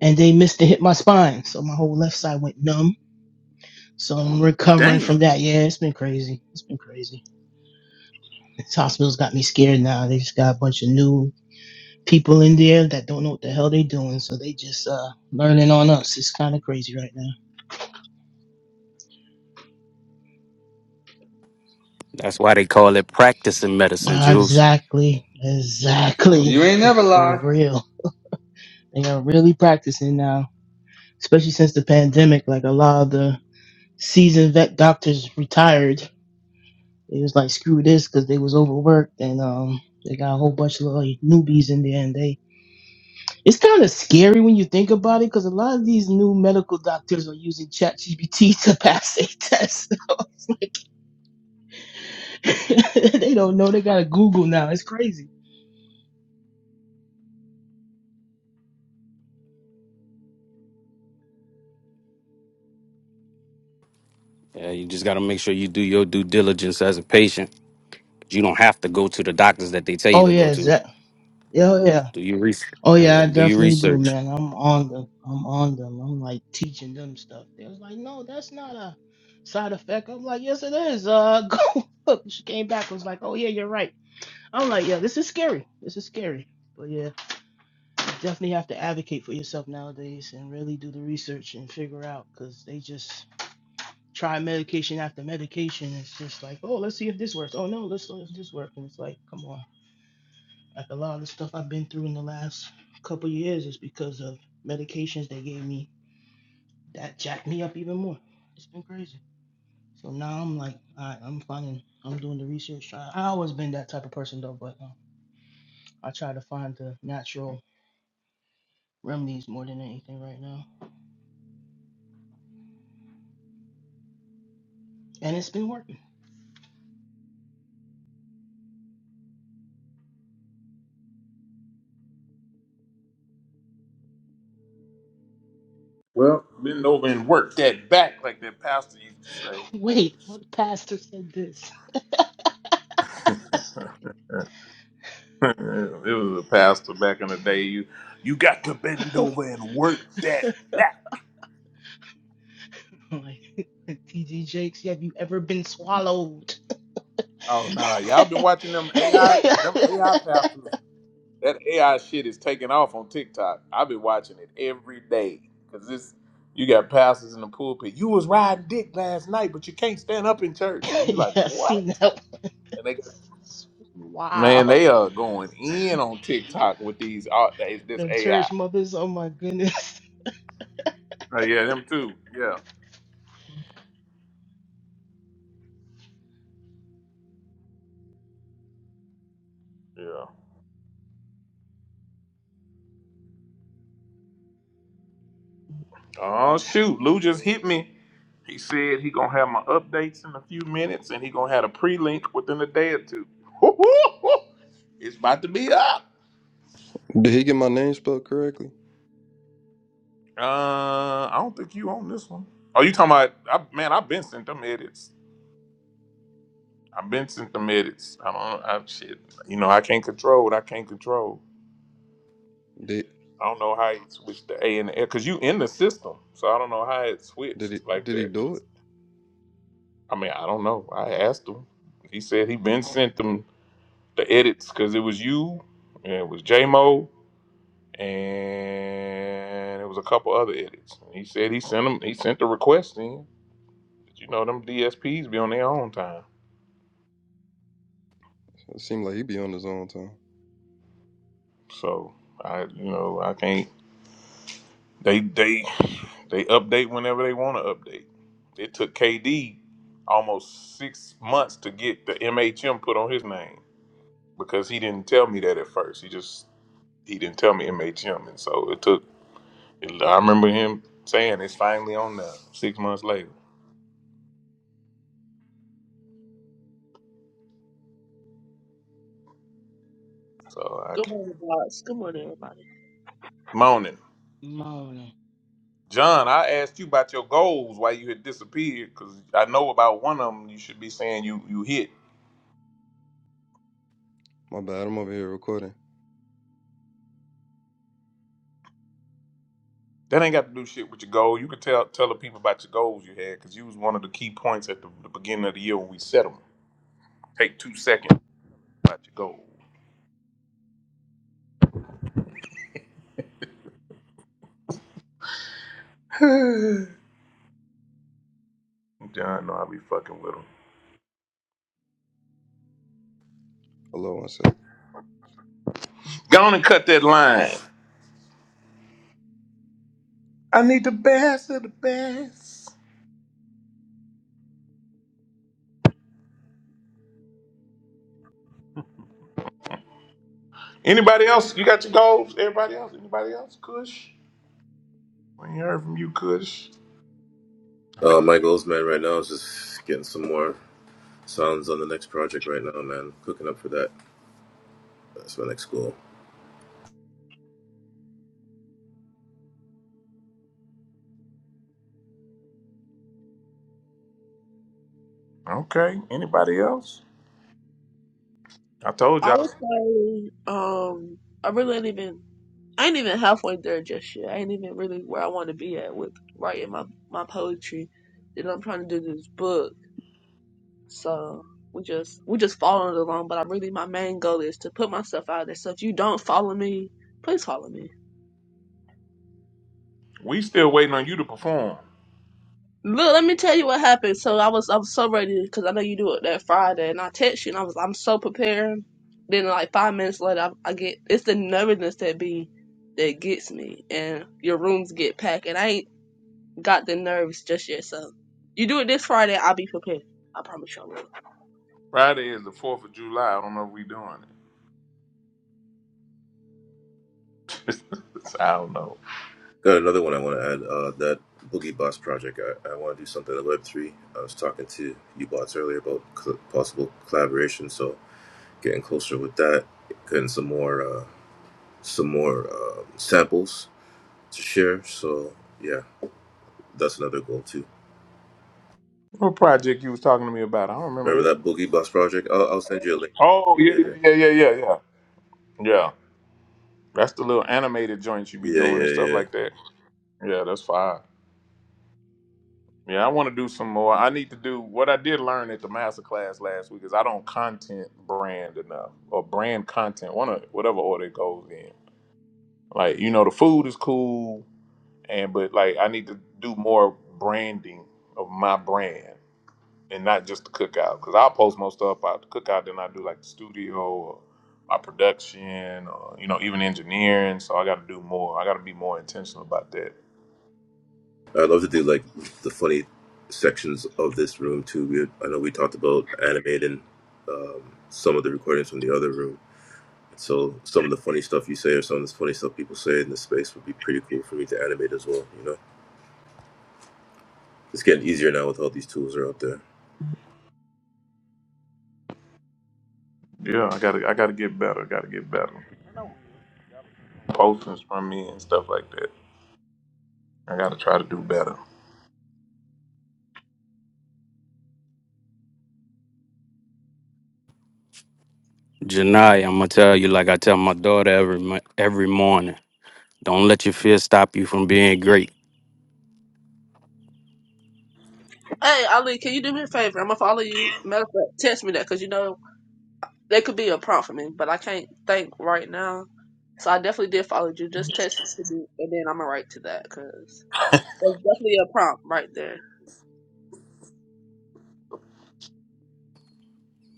Speaker 15: and they missed and hit my spine. So my whole left side went numb. So I'm recovering from
Speaker 2: Damn.
Speaker 15: that. Yeah, it's been crazy. It's been crazy. This hospital's got me scared now. They just got a bunch of new people in there that don't know what the hell they doing, so they just uh learning on us. It's kind of crazy right now.
Speaker 4: That's why they call it practicing medicine,
Speaker 15: Nah,
Speaker 4: Jules.
Speaker 15: Exactly, exactly,
Speaker 11: you ain't never
Speaker 15: for
Speaker 11: lied.
Speaker 15: real. They are really practicing now, especially since the pandemic. Like a lot of the seasoned vet doctors retired. They was like, screw this, because they was overworked, and um, they got a whole bunch of little newbies in there, and they. It's kind of scary when you think about it, because a lot of these new medical doctors are using ChatGPT to pass a test. they don't know. They gotta Google now. It's crazy.
Speaker 4: Yeah, you just got to make sure you do your due diligence as a patient. You don't have to go to the doctors that they tell you
Speaker 15: Oh
Speaker 4: to go
Speaker 15: yeah, is
Speaker 4: to.
Speaker 15: that? Yeah, oh, yeah.
Speaker 4: Do your research.
Speaker 15: Oh yeah,
Speaker 4: Yeah,
Speaker 15: I
Speaker 4: do your
Speaker 15: definitely do,
Speaker 4: research.
Speaker 15: man. I'm on them. I'm on them. I'm like teaching them stuff. They was like, no, that's not a side effect. I'm like, yes, it is. Uh, go look. She came back. Was like, oh yeah, you're right. I'm like, yeah, this is scary. This is scary. But yeah, you definitely have to advocate for yourself nowadays and really do the research and figure out because they just try medication after medication. It's just like, oh, let's see if this works. Oh no, let's see if this works. And it's like, come on. Like a lot of the stuff I've been through in the last couple years is because of medications they gave me that jacked me up even more. It's been crazy. So now I'm like, I, I'm finding, I'm doing the research. I, I always been that type of person though, but um, I try to find the natural remedies more than anything right now, and it's been working.
Speaker 2: Well, bend over and work that back, like that pastor used to
Speaker 15: Wait, what pastor said this?
Speaker 2: say. it was a pastor back in the day. You you got to bend over and work that back.
Speaker 15: Like, TG Jakes, have you ever been swallowed?
Speaker 2: Oh no, y'all been
Speaker 15: yeah,
Speaker 2: watching them AI them AI pastors. That AI shit is taking off on TikTok. I've been watching it every day because this you got pastors in the pulpit. You was riding dick last night, but you can't stand up in church, and you like
Speaker 15: I seen
Speaker 2: what?
Speaker 15: that one.
Speaker 2: Man,
Speaker 15: Wow.
Speaker 2: they are going in on TikTok with these art days, this
Speaker 15: The church
Speaker 2: AI.
Speaker 15: mothers, oh my goodness.
Speaker 2: Oh yeah, them too. Yeah. Yeah. Oh shoot, Lou just hit me. He said he gonna have my updates in a few minutes and he gonna have a pre-link within a day or two. It's about to be up.
Speaker 8: Did he get my name spelled correctly?
Speaker 2: Uh I don't think you own this one. Oh, you talking about I, man, I've been sent them edits. I've been sent them edits. I don't I shit. You know, I can't control what I can't control.
Speaker 8: Did
Speaker 2: I don't know how you switched the A and the L because you in the system, so I don't know how it
Speaker 8: did he
Speaker 2: switched like
Speaker 8: did he
Speaker 2: that.
Speaker 8: do it?
Speaker 2: I mean, I don't know. I asked him. He said he been sent them the edits because it was you, and it was J Mo, and it was a couple other edits. And he said he sent them. He sent the request in. But you know them DSPs be on their own time,
Speaker 8: It seemed like he be on his own time.
Speaker 2: so I you know I can't. They they they update whenever they want to update. It took KD almost six months to get the MHM put on his name because he didn't tell me that at first. He just he didn't tell me MHM, and so it took. I remember him saying it's finally on now. Six months later, so I
Speaker 16: Good
Speaker 2: can't.
Speaker 16: morning, guys. Good morning, everybody.
Speaker 2: moaning.
Speaker 15: Mona.
Speaker 2: John, I asked you about your goals, why you had disappeared, because I know about one of them. You should be saying you you hit.
Speaker 8: My bad. I'm over here recording.
Speaker 2: That ain't got to do shit with your goal. You can tell tell the people about your goals you had because you was one of the key points at the, the beginning of the year when we set them. Take two seconds about your goals. John, no, I be fucking with him.
Speaker 8: Hello, one second.
Speaker 2: Go on and cut that line. I need the best of the best. Anybody else? You got your goals? Everybody else? Anybody else? Kush? We ain't heard from you, Kush.
Speaker 17: Uh, my goals, man right now is just getting some more sounds on the next project right now, man. Cooking up for that. That's my next goal.
Speaker 2: Okay. Anybody else? I told
Speaker 16: I
Speaker 2: y'all
Speaker 16: would say, um, I really ain't even, I ain't even halfway there just yet. I ain't even really where I want to be at with writing my my poetry. That I'm trying to do this book, so we just we just following along. But I really, my main goal is to put myself out there. So if you don't follow me, please follow me.
Speaker 2: we still waiting on you to perform.
Speaker 16: Look, let me tell you what happened. So I was I was so ready because I know you do it that Friday, and I text you, and I was I'm so prepared. Then like five minutes later, I, I get it's the nervousness that be that gets me, and your rooms get packed, and I ain't got the nerves just yet. So you do it this Friday, I'll be prepared. I promise you. I will.
Speaker 2: Friday is the Fourth of July. I don't know if we doing it. I don't know.
Speaker 17: Got another one I want to add. Uh, that Boogie Bots project. I, I want to do something in Web three. I was talking to you bots earlier about cl- possible collaboration, so getting closer with that. Getting some more, uh, some more um, samples to share. So yeah, that's another goal too.
Speaker 2: What project you was talking to me about? I don't
Speaker 17: Remember
Speaker 2: remember that.
Speaker 17: that Boogie Bots project? I'll, I'll send you a link.
Speaker 2: Oh yeah, yeah, yeah,
Speaker 17: Yeah,
Speaker 2: yeah, yeah, yeah. Yeah, that's the little animated joints you be
Speaker 17: yeah,
Speaker 2: doing and stuff
Speaker 17: yeah, yeah.
Speaker 2: like that. Yeah, that's fine. Yeah, I want to do some more. I need to do what I did learn at the master class last week is I don't content brand enough or brand content, one of whatever order it goes in. Like you know, the food is cool, and but like I need to do more branding of my brand. and not just the cookout. Because I'll post more stuff about the cookout than I do like the studio or my production or you know even engineering. So I got to do more. I got to be more intentional about that.
Speaker 17: I'd love to do like the funny sections of this room too. We, I know we talked about animating um, some of the recordings from the other room. So some of the funny stuff you say or some of the funny stuff people say in this space would be pretty cool for me to animate as well. You know, it's getting easier now with all these tools are out there.
Speaker 2: Yeah, I gotta I gotta get better. gotta get better. Postings from me and stuff like that. I gotta try to do better.
Speaker 4: Janai, I'm gonna tell you like I tell my daughter every mo- every morning. Don't let your fear stop you from being great.
Speaker 16: Hey Ali, can you do me a favor? I'm gonna follow you. Matter of fact, text me that because you know They could be a prompt for me, but I can't think right now. So I definitely did follow you. Just text it to me, and then I'm gonna write to that because that's definitely a prompt right there.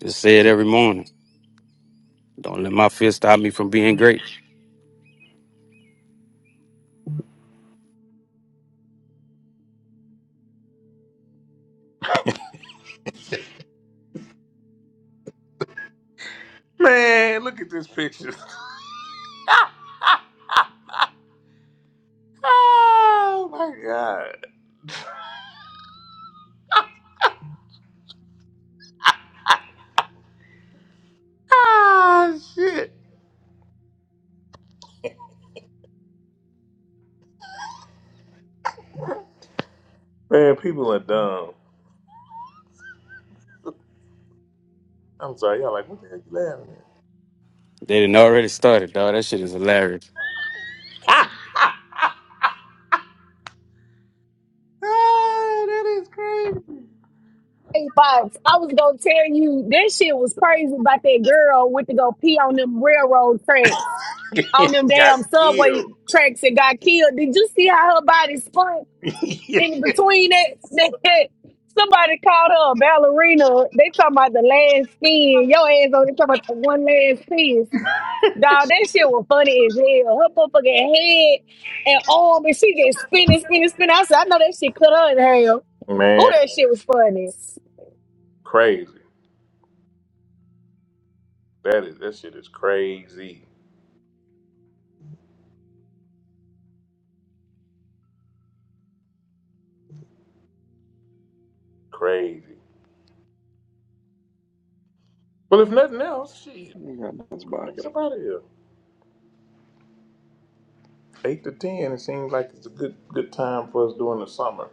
Speaker 4: Just say it every morning. Don't let my fear stop me from being great.
Speaker 2: Man, look at this picture. oh my god. Ah shit. Man, people are dumb. I'm sorry, y'all like what the heck you laughing at?
Speaker 4: They didn't already started, dog. That shit is hilarious.
Speaker 2: Ah, that is crazy.
Speaker 5: Hey, Box, I was gonna tell you this shit was crazy about that girl went to go pee on them railroad tracks, on them
Speaker 2: Got
Speaker 5: damn subway
Speaker 2: killed.
Speaker 5: tracks and got killed. Did you see how her body spun in between that? that somebody called her a ballerina. They talking about the last spin. Your ass on they talking about the one last spin. Dog, that shit was funny as hell. Her motherfucking head and arm, and she just spinning, spinning, spinning. I said, I know that shit cut her in half. Oh,
Speaker 2: Man,
Speaker 5: that shit was funny.
Speaker 2: crazy. That is that shit is crazy. Crazy. Well if nothing else, shit.
Speaker 13: You got dance
Speaker 2: We're gonna get
Speaker 13: bots.
Speaker 2: up out of here. Eight to ten, it seems like it's a good good time for us during the summer.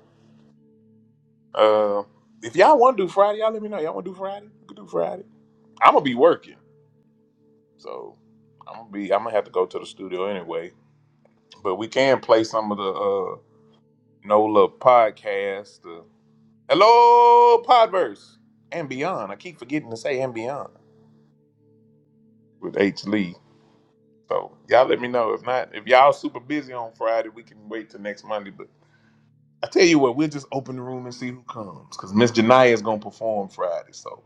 Speaker 2: Uh if y'all wanna do Friday, y'all let me know. Y'all wanna do Friday? We can do Friday. I'm gonna be working. So I'm gonna be I'm gonna have to go to the studio anyway. But we can play some of the uh NOLA podcast Hello, Podverse and beyond. I keep forgetting to say and beyond with H Lee. So y'all let me know. If not, if y'all super busy on Friday, we can wait till next Monday. But I tell you what, we'll just open the room and see who comes because Miss Janaya is gonna perform Friday. So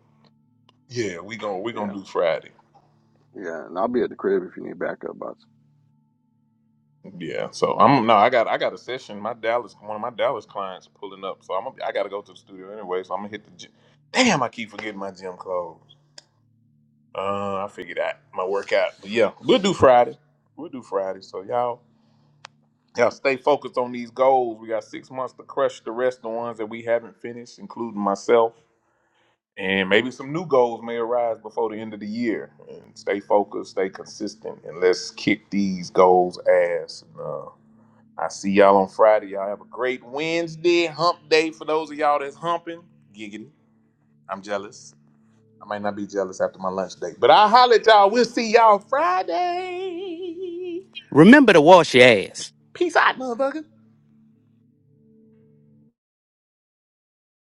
Speaker 2: yeah, we gonna we gonna
Speaker 13: Yeah,
Speaker 2: do Friday.
Speaker 13: yeah, and I'll be at the crib if you need backup bots.
Speaker 2: Yeah. So I'm no, I got I got a session. My Dallas, one of my Dallas clients pulling up. So I'm gonna, I gotta go to the studio anyway. So I'm gonna hit the. Gym. Damn, I keep forgetting my gym clothes. Uh, I figured out my workout. But yeah, we'll do Friday. We'll do Friday. So y'all, y'all stay focused on these goals. We got six months to crush the rest of the ones that we haven't finished, including myself. And maybe some new goals may arise before the end of the year. And stay focused, stay consistent, and let's kick these goals ass. And, uh, I see y'all on Friday. Y'all have a great Wednesday, hump day for those of y'all that's humping. Giggity. I'm jealous. I might not be jealous after my lunch date. But I'll holler at y'all. We'll see y'all Friday.
Speaker 4: Remember to wash your ass.
Speaker 2: Peace out, motherfucker.